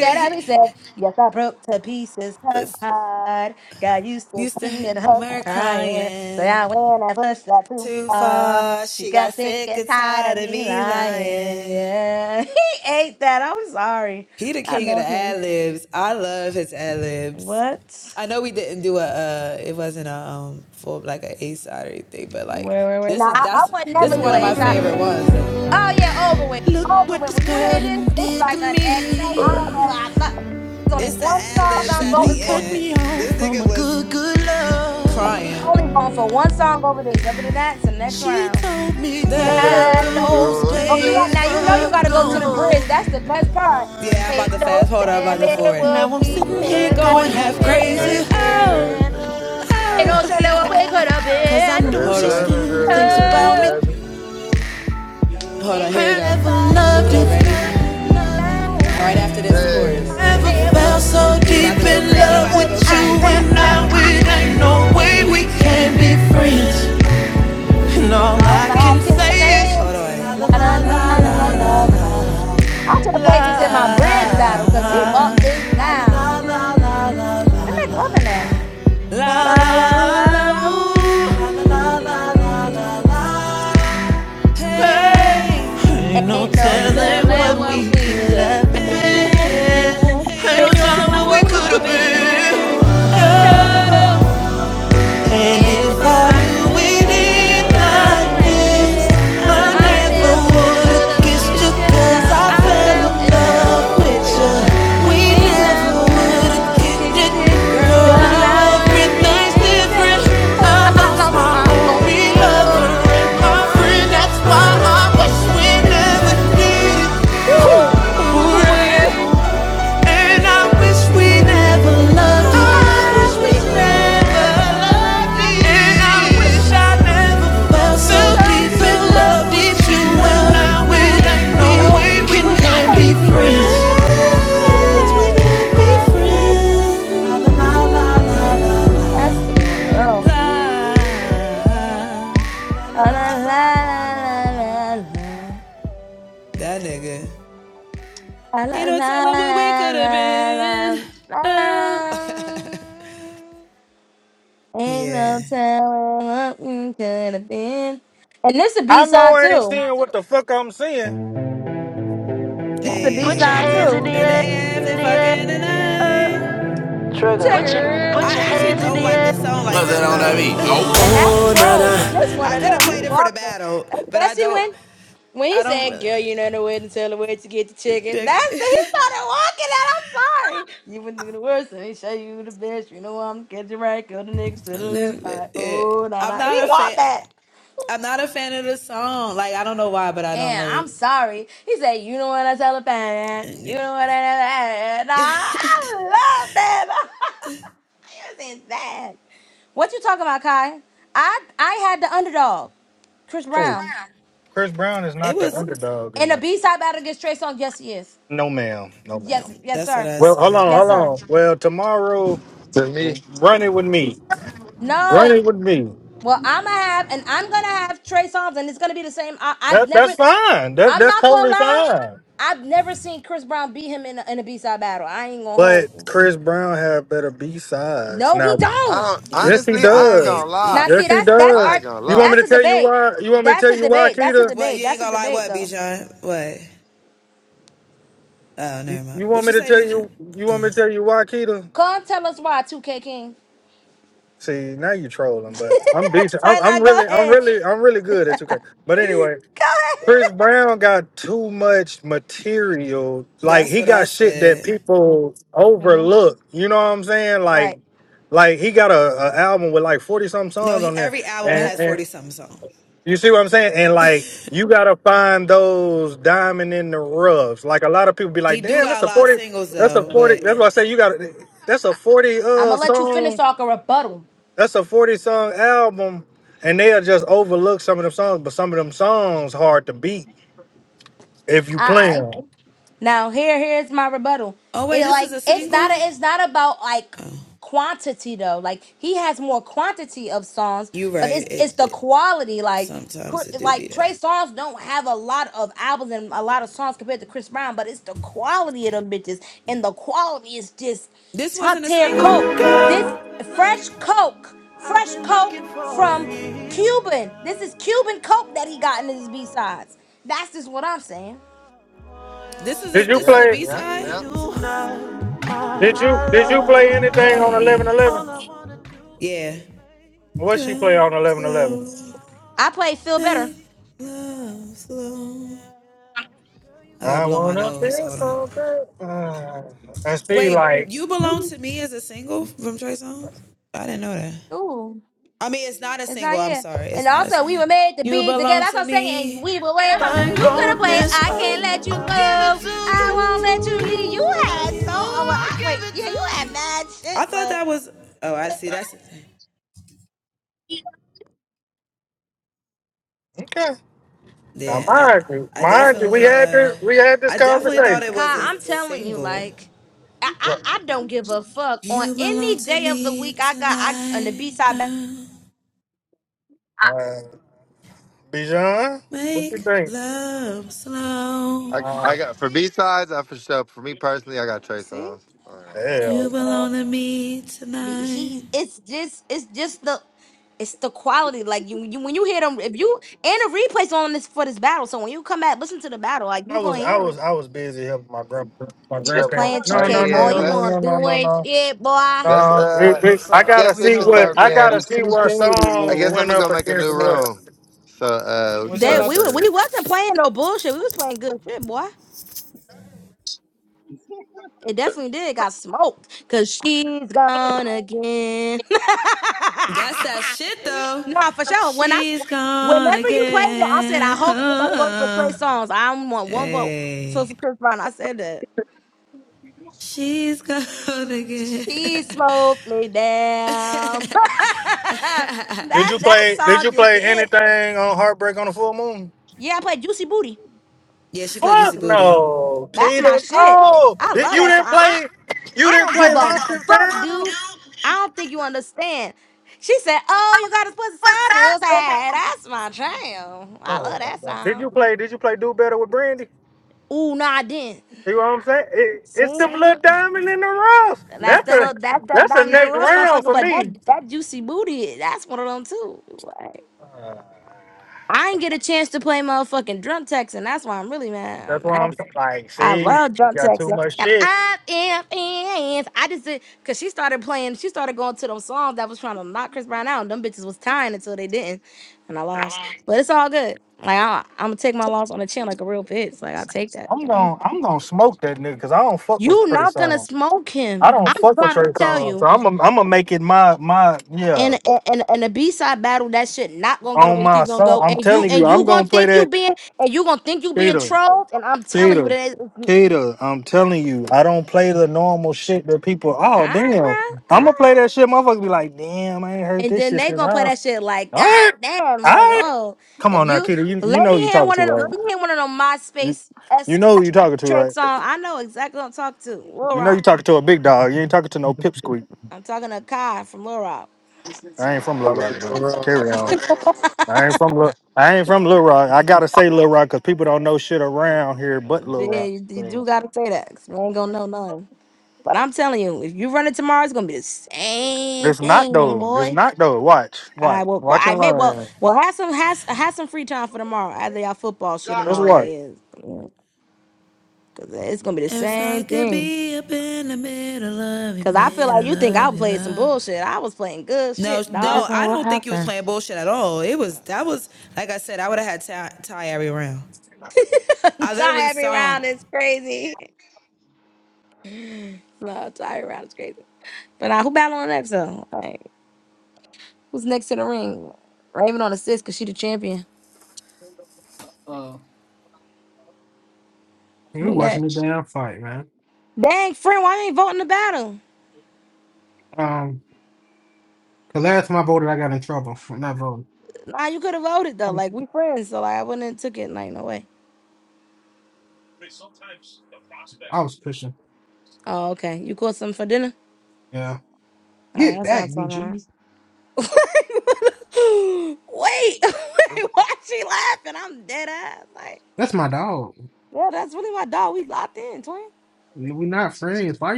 Speaker 3: That I be said, yes, I broke to pieces her heart. Got used to seeing her crying. So I went and pushed her too far. She got sick and tired of me lying. Yeah. *laughs* He ate that. I'm sorry. I love him. What? Wait, wait, wait. Now, I, I would never do it, ASI. Oh, yeah, over with.
Speaker 11: look
Speaker 3: Over
Speaker 11: what
Speaker 3: with.
Speaker 11: this
Speaker 3: When you
Speaker 11: girl
Speaker 3: hear this,
Speaker 11: done
Speaker 3: it's
Speaker 11: did to
Speaker 3: like an action. I don't know.
Speaker 11: me.
Speaker 3: I thought there's only
Speaker 11: It's the
Speaker 3: one song
Speaker 11: ad-libs She
Speaker 3: I'm
Speaker 11: at done
Speaker 3: voting
Speaker 11: the
Speaker 3: for.
Speaker 11: cut end. me off This from nigga a was good, good love.
Speaker 3: I'm
Speaker 11: Crying.
Speaker 3: only voting for one song over this. Other than that, it's the next
Speaker 11: He
Speaker 3: round.
Speaker 11: told
Speaker 3: Ain't
Speaker 4: That
Speaker 3: no,
Speaker 4: those
Speaker 3: no, you got now.
Speaker 4: days
Speaker 3: You know
Speaker 4: were
Speaker 3: you got to go to the bridge.
Speaker 4: gone.
Speaker 3: That's the best part.
Speaker 11: me. Yeah, I'm
Speaker 3: Ain't
Speaker 11: about to
Speaker 3: no
Speaker 11: fast forward. I'm about to
Speaker 3: telling
Speaker 11: forward.
Speaker 3: what
Speaker 11: Now I'm
Speaker 3: we
Speaker 11: sitting here
Speaker 3: could have
Speaker 11: going half
Speaker 4: Goodness,
Speaker 3: been.
Speaker 11: crazy.
Speaker 4: crazy,
Speaker 11: Oh,
Speaker 4: crazy,
Speaker 3: Ain't
Speaker 4: crazy.
Speaker 3: no
Speaker 11: oh.
Speaker 3: telling what we could have
Speaker 11: Cause I
Speaker 3: been.
Speaker 4: That
Speaker 11: know
Speaker 4: is
Speaker 11: Hold she on. still thinks
Speaker 4: better
Speaker 11: about
Speaker 4: than
Speaker 11: me.
Speaker 4: that
Speaker 3: No.
Speaker 4: is
Speaker 11: Hold
Speaker 3: And
Speaker 11: on, here
Speaker 3: if
Speaker 11: I never
Speaker 3: I
Speaker 11: loved you
Speaker 3: knew
Speaker 11: it.
Speaker 3: it
Speaker 11: ready?
Speaker 4: better.
Speaker 3: in like this, I
Speaker 11: Never
Speaker 3: am
Speaker 4: Hey,
Speaker 11: felt
Speaker 3: up,
Speaker 11: so deep
Speaker 3: up,
Speaker 11: in
Speaker 3: up,
Speaker 11: love
Speaker 3: up,
Speaker 11: with
Speaker 3: up,
Speaker 11: you
Speaker 3: up, up,
Speaker 11: and
Speaker 3: up,
Speaker 11: I. It ain't
Speaker 3: up.
Speaker 11: no way we can be friends. And all
Speaker 3: All
Speaker 11: I
Speaker 3: I
Speaker 11: can
Speaker 3: can
Speaker 11: say
Speaker 3: say
Speaker 11: is, la
Speaker 3: is
Speaker 11: la
Speaker 3: la da
Speaker 11: la
Speaker 3: da
Speaker 11: la
Speaker 3: da
Speaker 11: la la.
Speaker 3: da da da. I should have
Speaker 11: La
Speaker 3: played this in my
Speaker 11: la
Speaker 3: bridge battle because
Speaker 11: la
Speaker 3: he walked this
Speaker 11: la
Speaker 3: down.
Speaker 11: la la la la.
Speaker 3: Where McLovin at?
Speaker 11: Oh, la
Speaker 3: La
Speaker 11: la
Speaker 3: la la la. Ooh.
Speaker 11: la la la la.
Speaker 3: Eh,
Speaker 11: Ain't no
Speaker 3: Ain't no
Speaker 11: telling what
Speaker 3: telling
Speaker 11: we
Speaker 3: what we
Speaker 11: could
Speaker 3: could
Speaker 11: have
Speaker 3: have
Speaker 11: been.
Speaker 3: been. Ain't
Speaker 11: Ain't no
Speaker 3: no
Speaker 11: telling
Speaker 3: telling
Speaker 11: what we
Speaker 3: what we
Speaker 11: could have
Speaker 3: could have
Speaker 11: been.
Speaker 3: been.
Speaker 11: Oh.
Speaker 3: No.
Speaker 11: And
Speaker 3: And
Speaker 11: if
Speaker 3: if
Speaker 11: I
Speaker 3: I
Speaker 11: do
Speaker 3: knew
Speaker 11: it
Speaker 3: it
Speaker 11: in
Speaker 3: in like
Speaker 11: kindness,
Speaker 3: this,
Speaker 11: I
Speaker 3: I
Speaker 11: never
Speaker 3: never
Speaker 11: would
Speaker 3: would
Speaker 11: have
Speaker 3: have
Speaker 11: kissed you
Speaker 3: kissed you
Speaker 11: 'cause
Speaker 3: cause
Speaker 11: I
Speaker 3: I
Speaker 11: fell
Speaker 3: fell
Speaker 11: in
Speaker 3: in
Speaker 11: love
Speaker 3: love
Speaker 11: with you.
Speaker 3: with you.
Speaker 11: We
Speaker 3: We
Speaker 11: never
Speaker 3: never
Speaker 11: would have
Speaker 3: would have
Speaker 11: kicked
Speaker 3: kicked
Speaker 11: it,
Speaker 3: it.
Speaker 11: girl.
Speaker 3: Girl,
Speaker 11: Now
Speaker 3: now
Speaker 11: everything's
Speaker 3: everything's
Speaker 11: different.
Speaker 3: different.
Speaker 11: I
Speaker 3: I
Speaker 11: lost
Speaker 3: lost
Speaker 11: my
Speaker 3: my
Speaker 11: only
Speaker 3: only
Speaker 11: lover
Speaker 3: lover
Speaker 11: and
Speaker 3: and
Speaker 11: my
Speaker 3: my
Speaker 11: friend.
Speaker 3: friend.
Speaker 11: That's
Speaker 3: It's
Speaker 11: why
Speaker 3: like
Speaker 11: I
Speaker 3: I
Speaker 11: wish
Speaker 3: wish
Speaker 11: we
Speaker 3: we
Speaker 11: never
Speaker 3: never
Speaker 11: did it.
Speaker 3: did it.
Speaker 11: Ooh, ooh,
Speaker 3: Oh,
Speaker 11: yeah.
Speaker 3: yeah.
Speaker 11: And I wish we never loved you. I wish
Speaker 3: I
Speaker 11: we
Speaker 3: wish we
Speaker 11: never loved you. And I
Speaker 3: never loved
Speaker 11: wish
Speaker 3: you.
Speaker 11: I never felt so deep
Speaker 3: No,
Speaker 11: in
Speaker 3: no,
Speaker 11: love
Speaker 3: we do
Speaker 11: Well,
Speaker 3: go in.
Speaker 11: no
Speaker 3: No,
Speaker 11: we
Speaker 3: we
Speaker 11: can be
Speaker 3: can't be friends.
Speaker 11: friends. We
Speaker 3: We
Speaker 11: can't be
Speaker 3: can't be friends.
Speaker 11: friends. La, la, la, la, la.
Speaker 3: That's what they want to know. La la la la la la. La la la la la la. la. Ain't no telling what we could have been. And this a B
Speaker 21: I know
Speaker 3: side
Speaker 21: I ain't
Speaker 3: too.
Speaker 21: seeing what the fuck I'm seeing.
Speaker 3: This a B side too. Checker.
Speaker 9: What's that on that beat? Oh.
Speaker 3: And that's true, because this one of them, you walked it. Especially when when he said, girl, you know the way to tell the way to get the chicken. That's the, he started walking out. I'm sorry. You went through the worst, and he show you the best. You know I'm catching right, kill the niggas to the left. Like, oh, nah, nah. He walked that. And I'm sorry. He said, you know what I tell a fan. You know what I tell a fan. Nah, I love that. *laughs* It was insane. What you talking about, Kai? I I had the underdog, Chris
Speaker 21: Oh,
Speaker 3: Brown.
Speaker 21: Chris Brown is not the underdog in
Speaker 3: In a
Speaker 21: that.
Speaker 3: B side battle against Trey Songz. Yes, he is.
Speaker 21: No, ma'am. No,
Speaker 3: Yes,
Speaker 21: ma'am.
Speaker 3: yes, sir.
Speaker 21: Well, hold on,
Speaker 3: Yes,
Speaker 21: hold
Speaker 3: sir.
Speaker 21: on. Well, tomorrow,
Speaker 4: To me,
Speaker 21: run it with me. Run
Speaker 3: No.
Speaker 21: it with me.
Speaker 3: Well, I'ma have and I'm gonna have Trey Songz, and it's gonna be the same. I, I've
Speaker 21: That that's
Speaker 3: never.
Speaker 21: fine. That
Speaker 3: I'm
Speaker 21: that's
Speaker 3: not gonna
Speaker 21: totally
Speaker 3: lie.
Speaker 21: fine.
Speaker 3: I've never seen Chris Brown beat him in a, in a B side battle. I ain't gonna hold
Speaker 21: But
Speaker 3: you.
Speaker 21: Chris Brown had better B sides.
Speaker 3: No, he
Speaker 21: Now,
Speaker 4: I
Speaker 3: don't.
Speaker 4: don't,
Speaker 21: yes, he
Speaker 4: honestly, I ain't
Speaker 21: does.
Speaker 4: gonna lie.
Speaker 3: Now,
Speaker 21: Yes,
Speaker 3: see,
Speaker 21: he
Speaker 3: that's that's
Speaker 4: I
Speaker 21: does.
Speaker 3: our
Speaker 4: ain't gonna
Speaker 21: You want me
Speaker 4: lie.
Speaker 3: that's
Speaker 21: to
Speaker 3: a
Speaker 21: tell you
Speaker 3: debate.
Speaker 21: why? You want me to
Speaker 3: That's
Speaker 21: tell
Speaker 3: a
Speaker 21: you why,
Speaker 3: debate. That's a
Speaker 21: Keita?
Speaker 3: debate. That's a debate, though.
Speaker 21: You want me to tell you? You want me to tell you why, Keita?
Speaker 3: Come tell us why, 2K King.
Speaker 21: See, now you
Speaker 3: *laughs*
Speaker 21: trolling,
Speaker 3: so
Speaker 21: but I'm decent. I'm, I'm
Speaker 3: now go
Speaker 21: really, I'm
Speaker 3: ahead.
Speaker 21: really, I'm really good at 2K. But
Speaker 3: Go
Speaker 21: anyway,
Speaker 3: ahead.
Speaker 21: Chris Brown got too much material. Like he got shit that people
Speaker 3: Mhm.
Speaker 21: overlook. You know what I'm saying? Like,
Speaker 3: Right.
Speaker 21: like he got a, a album with like forty something songs on there, and,
Speaker 3: Right.
Speaker 21: and you see what I'm saying? And like, you gotta find those diamond in the roughs. Like a lot of people be like, "Damn, that's a forty. That's a forty. That's what I say. You got to That's a forty
Speaker 3: I'm
Speaker 21: uh
Speaker 3: gonna let you
Speaker 21: song."
Speaker 3: finish so I can rebuttal.
Speaker 21: That's a 40 song album, and they'll just overlook some of them songs, but some of them songs hard to beat if you
Speaker 3: All
Speaker 21: play
Speaker 3: right.
Speaker 21: them.
Speaker 3: Now here here's my rebuttal. It like it's not a, it's not about like quantity though. Like he has more quantity of songs, but it's it's the quality. Like Cr- like Trey Songz don't have a lot of albums and a lot of songs compared to Chris Brown, but it's the quality of them bitches, and the quality is just top tier coke. This fresh coke, fresh coke from Cuban. This is Cuban coke that he got in his B sides. That's just what I'm saying.
Speaker 21: Did you
Speaker 4: Yeah,
Speaker 21: play
Speaker 4: yeah, yeah.
Speaker 21: did you did you play anything on eleven eleven? What she play on eleven eleven?
Speaker 3: I play feel better.
Speaker 21: I wanna feel something. Uh, and Steve like,
Speaker 3: Ooh, it's not here. And also, we were made to be together. That's what I'm saying. And we were wait. You could have played I Can't Let You Go. I Won't Let You Leave. You had so. Oh, well, I, wait. Yeah, you had mad shit. Like,
Speaker 21: okay. Now mind you, mind you, we had this we had this conversation.
Speaker 3: Kai, I'm telling you, like, I, I,
Speaker 21: Look,
Speaker 3: I don't give a fuck. On any day of the week, I got I on the B side back.
Speaker 21: uh, Bijan, what you think?
Speaker 4: I, I
Speaker 21: Uh,
Speaker 4: got for B sides. I for sure. For me personally, I got Trey
Speaker 3: See?
Speaker 4: songs. I ain't gonna lie.
Speaker 21: hell no.
Speaker 3: Be- He, it's just, it's just the. It's the quality, like you, you when you hear them. If you and the replays on this for this battle, so when you come back, listen to the battle, like you
Speaker 21: I
Speaker 3: gonna
Speaker 21: was I
Speaker 3: hear it.
Speaker 21: was I was busy helping my grand my
Speaker 3: You was
Speaker 21: grandparents.
Speaker 3: playing
Speaker 4: Oh
Speaker 21: No no
Speaker 3: 2K,
Speaker 21: no
Speaker 3: boy.
Speaker 4: yeah,
Speaker 21: no
Speaker 3: You
Speaker 21: no
Speaker 3: weren't
Speaker 4: let's
Speaker 21: no no no
Speaker 3: doing
Speaker 21: no.
Speaker 3: shit, boy.
Speaker 4: let's
Speaker 21: No,
Speaker 4: uh.
Speaker 21: it, it,
Speaker 8: What's
Speaker 21: I
Speaker 4: I
Speaker 8: up?
Speaker 21: gotta
Speaker 8: What
Speaker 4: guess
Speaker 8: we
Speaker 4: we
Speaker 21: see
Speaker 4: should
Speaker 21: what
Speaker 8: doing?
Speaker 4: start
Speaker 21: I
Speaker 4: being
Speaker 21: gotta see where
Speaker 4: I
Speaker 21: songs
Speaker 4: guess I'm
Speaker 21: went
Speaker 4: gonna go
Speaker 21: up
Speaker 4: make a
Speaker 21: against
Speaker 4: new
Speaker 21: what.
Speaker 4: room. So uh we can
Speaker 8: What y'all
Speaker 3: That
Speaker 4: start
Speaker 8: about?
Speaker 3: we wa-
Speaker 8: To-
Speaker 3: we
Speaker 4: serving.
Speaker 3: wasn't playing no bullshit. We was playing good shit, boy. It definitely did got smoked. Cause she's gone again. *laughs* nah, for sure. When I s- whenever you played it, I said I hope everybody voted for Trey Songs. I don't want one vote. So for Chris Brown, I said that. She smoked me down. *laughs* that
Speaker 21: Did you
Speaker 3: that
Speaker 21: play? Did
Speaker 3: song
Speaker 21: you
Speaker 3: is
Speaker 21: play
Speaker 3: it.
Speaker 21: anything on Heartbreak on the Full Moon?
Speaker 3: Yeah, I played Juicy Booty.
Speaker 21: Fuck no,
Speaker 3: That's my
Speaker 21: Peter.
Speaker 3: shit.
Speaker 21: No,
Speaker 3: I
Speaker 21: did,
Speaker 3: love
Speaker 21: you
Speaker 3: that song.
Speaker 21: didn't
Speaker 3: I
Speaker 21: play. You
Speaker 3: I
Speaker 21: didn't
Speaker 3: don't give
Speaker 21: play
Speaker 3: a
Speaker 21: Lost and
Speaker 3: fuck,
Speaker 21: Found.
Speaker 3: dude. I don't think you understand. She said, "Oh, you got us pussy
Speaker 21: What's
Speaker 3: side I
Speaker 21: that?
Speaker 3: was like, "That's my jam. I
Speaker 21: Oh
Speaker 3: love
Speaker 21: my
Speaker 3: that
Speaker 21: god, did
Speaker 3: song."
Speaker 21: you play? Did you play Do Better with Brandy?
Speaker 3: Ooh, nah, I didn't.
Speaker 21: See what I'm saying? It, it's
Speaker 3: See,
Speaker 21: them little diamond in the rough.
Speaker 3: that's
Speaker 21: That's
Speaker 3: the
Speaker 21: a
Speaker 3: little that's that
Speaker 21: that's a
Speaker 3: diamond in the
Speaker 21: next
Speaker 3: rough,
Speaker 21: round
Speaker 3: motherfucker.
Speaker 21: for
Speaker 3: But that
Speaker 21: me.
Speaker 3: that juicy booty, that's one of them too. Like,
Speaker 21: Uh,
Speaker 3: I didn't get a chance to play motherfucking drum text, and that's why I'm really mad.
Speaker 21: that's
Speaker 3: I'm
Speaker 21: why
Speaker 3: mad.
Speaker 21: I'm s- like,
Speaker 3: I
Speaker 21: see,
Speaker 3: love
Speaker 21: we
Speaker 3: drunk
Speaker 21: got too
Speaker 3: texting.
Speaker 21: much
Speaker 3: And
Speaker 21: shit.
Speaker 3: I am fans. I just did because she started playing. She started going to them songs that was trying to knock Chris Brown out. And them bitches was tying until they didn't, and I lost. But it's all good. Like I, I'm gonna take my loss on the chin like a real bitch. Like I take that.
Speaker 21: I'm
Speaker 3: You know.
Speaker 21: gonna I'm gonna smoke that nigga because I don't fuck with
Speaker 3: You
Speaker 21: Trey
Speaker 3: not gonna
Speaker 21: Songz.
Speaker 3: smoke
Speaker 21: I
Speaker 3: him.
Speaker 21: don't
Speaker 3: I'm
Speaker 21: fuck with
Speaker 3: trying
Speaker 21: Trey
Speaker 3: to tell
Speaker 21: Songz, so
Speaker 3: you.
Speaker 21: I'm gonna I'm gonna make it my my yeah
Speaker 3: And and and the B side battle, that shit not gonna go the
Speaker 21: on
Speaker 3: way you
Speaker 21: my
Speaker 3: think gonna
Speaker 21: soul.
Speaker 3: go.
Speaker 21: I'm
Speaker 3: And you
Speaker 21: telling you,
Speaker 3: and you
Speaker 21: I'm gonna
Speaker 3: gonna
Speaker 21: play
Speaker 3: think you
Speaker 21: that.
Speaker 3: being and you gonna think you being
Speaker 21: Gator.
Speaker 3: trolled. And I'm telling you, what
Speaker 21: Kater,
Speaker 3: it is. All
Speaker 21: Kater, I'm telling you, I don't play the normal shit that people. Oh
Speaker 3: right,
Speaker 21: damn,
Speaker 3: bro. All
Speaker 21: I'm gonna
Speaker 3: right.
Speaker 21: play that shit. Motherfuckers be like, damn, I ain't heard
Speaker 3: And
Speaker 21: this
Speaker 3: then
Speaker 21: shit
Speaker 3: they
Speaker 21: since
Speaker 3: gonna play
Speaker 21: house.
Speaker 3: that shit like,
Speaker 21: All
Speaker 3: God
Speaker 21: right,
Speaker 3: damn,
Speaker 21: all
Speaker 3: like,
Speaker 21: right.
Speaker 3: whoa.
Speaker 21: Come
Speaker 3: If
Speaker 21: on now,
Speaker 3: you
Speaker 21: Kater. You you
Speaker 3: let
Speaker 21: know
Speaker 3: me
Speaker 21: who you
Speaker 3: hear
Speaker 21: talking
Speaker 3: one
Speaker 21: to
Speaker 3: of them, let
Speaker 21: right?
Speaker 3: me hear one of them
Speaker 21: You
Speaker 3: MySpace
Speaker 21: you
Speaker 3: esque
Speaker 21: know who you talking to right?
Speaker 3: tracks on. I know exactly what I'm talking to. Lil
Speaker 21: You know you
Speaker 3: Rock.
Speaker 21: talking to a big dog. You ain't talking to no pipsqueak.
Speaker 3: I'm talking to Kai from Lil Rock.
Speaker 21: I ain't from Little
Speaker 4: I'm in
Speaker 21: Rock, but carry on.
Speaker 4: the
Speaker 21: I ain't from Little. I ain't from Little Rock. I gotta say Little Rock because people don't know shit around here but Little
Speaker 3: Yeah,
Speaker 21: Rock.
Speaker 3: you, you do
Speaker 21: So,
Speaker 3: gotta say that. 'cause We ain't gonna know nothing. But I'm telling you, if you run it tomorrow, it's gonna be the same
Speaker 21: It's not
Speaker 3: thing,
Speaker 21: though. It's
Speaker 3: boy.
Speaker 21: not though. Watch,
Speaker 3: I
Speaker 21: watch,
Speaker 3: will. Well,
Speaker 21: watch
Speaker 3: I
Speaker 21: and
Speaker 3: may. Well,
Speaker 21: learn.
Speaker 3: well, have some has have some free time for tomorrow after y'all football shit and
Speaker 21: That's
Speaker 3: all that
Speaker 21: why.
Speaker 3: is, because it's gonna be the same thing. Cause I feel like you think I played some bullshit. I was playing good shit, dog.
Speaker 20: Raven, what happened?
Speaker 3: *laughs* tie every round is crazy. No, tie every round is crazy. But now who battling next though? Like, who's next in the ring? Raven on assist cause she the champion.
Speaker 8: Oh.
Speaker 3: Who next? Dang, friend, why you ain't voting the battle? Nah, you could have voted though. Like we friends, so like I wouldn't have took it. Like no way.
Speaker 5: Oh,
Speaker 3: Oh, okay. You caught something for dinner? Oh, that's what I'm talking about. *laughs* wait, *laughs* wait, why she laughing? I'm dead ass. like.
Speaker 5: that's my dog.
Speaker 3: Yeah, that's really my dog. We locked in, twin.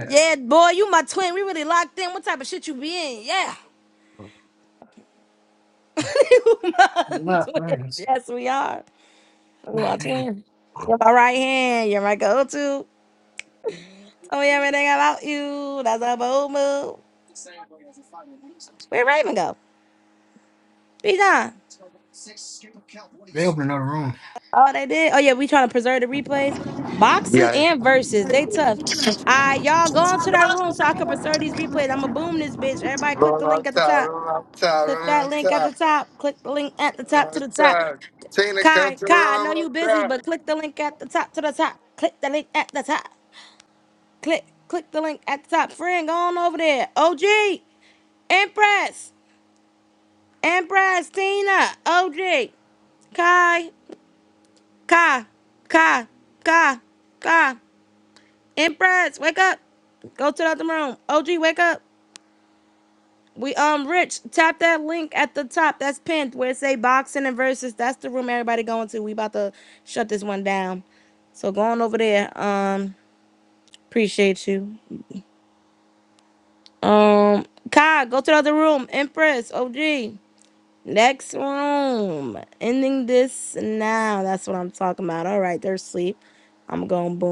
Speaker 3: Yeah, boy, you my twin. We really locked in. What type of shit you be in? Yeah. *laughs* You my twin. Yes, we are. You my twin. You're my right hand. You're my go-to. Tell me everything about you. That's a bold move. where Raven go? Be done.
Speaker 5: They opened another room.
Speaker 3: Oh, they did. Oh yeah, we trying to preserve the replays.
Speaker 4: room.
Speaker 3: Boxes
Speaker 4: Yeah.
Speaker 3: and verses. They tough. All right, y'all go into that room so I can preserve these replays. I'ma boom this bitch. Everybody click the
Speaker 4: Room on
Speaker 3: link at the
Speaker 4: top,
Speaker 3: top.
Speaker 4: room on top,
Speaker 3: Click
Speaker 4: room
Speaker 3: that
Speaker 4: on
Speaker 3: link at the
Speaker 4: top,
Speaker 3: top. Click the link at the
Speaker 4: room
Speaker 3: top
Speaker 4: on
Speaker 3: to the top.
Speaker 4: top. Tina, come
Speaker 3: Kai,
Speaker 4: to the
Speaker 3: Kai, I
Speaker 4: room
Speaker 3: know
Speaker 4: on
Speaker 3: you busy,
Speaker 4: top.
Speaker 3: but click the link at the top to the top. Click the link at the top. Click, click the link at the top. Friend, go on over there. OG, Empress, Empress, Tina, OG, Kai, Kai, Kai, Kai, Kai, Empress, wake up. Go to the other room. OG, wake up. We um Rich, tap that link at the top. That's pinned where it say boxing and versus. That's the room everybody going to. We about to shut this one down. So go on over there. Um, appreciate you. Um, Kai, go to the other room. Empress, OG. Next room. Ending this now. That's what I'm talking about. All right, they're asleep. I'm going boom.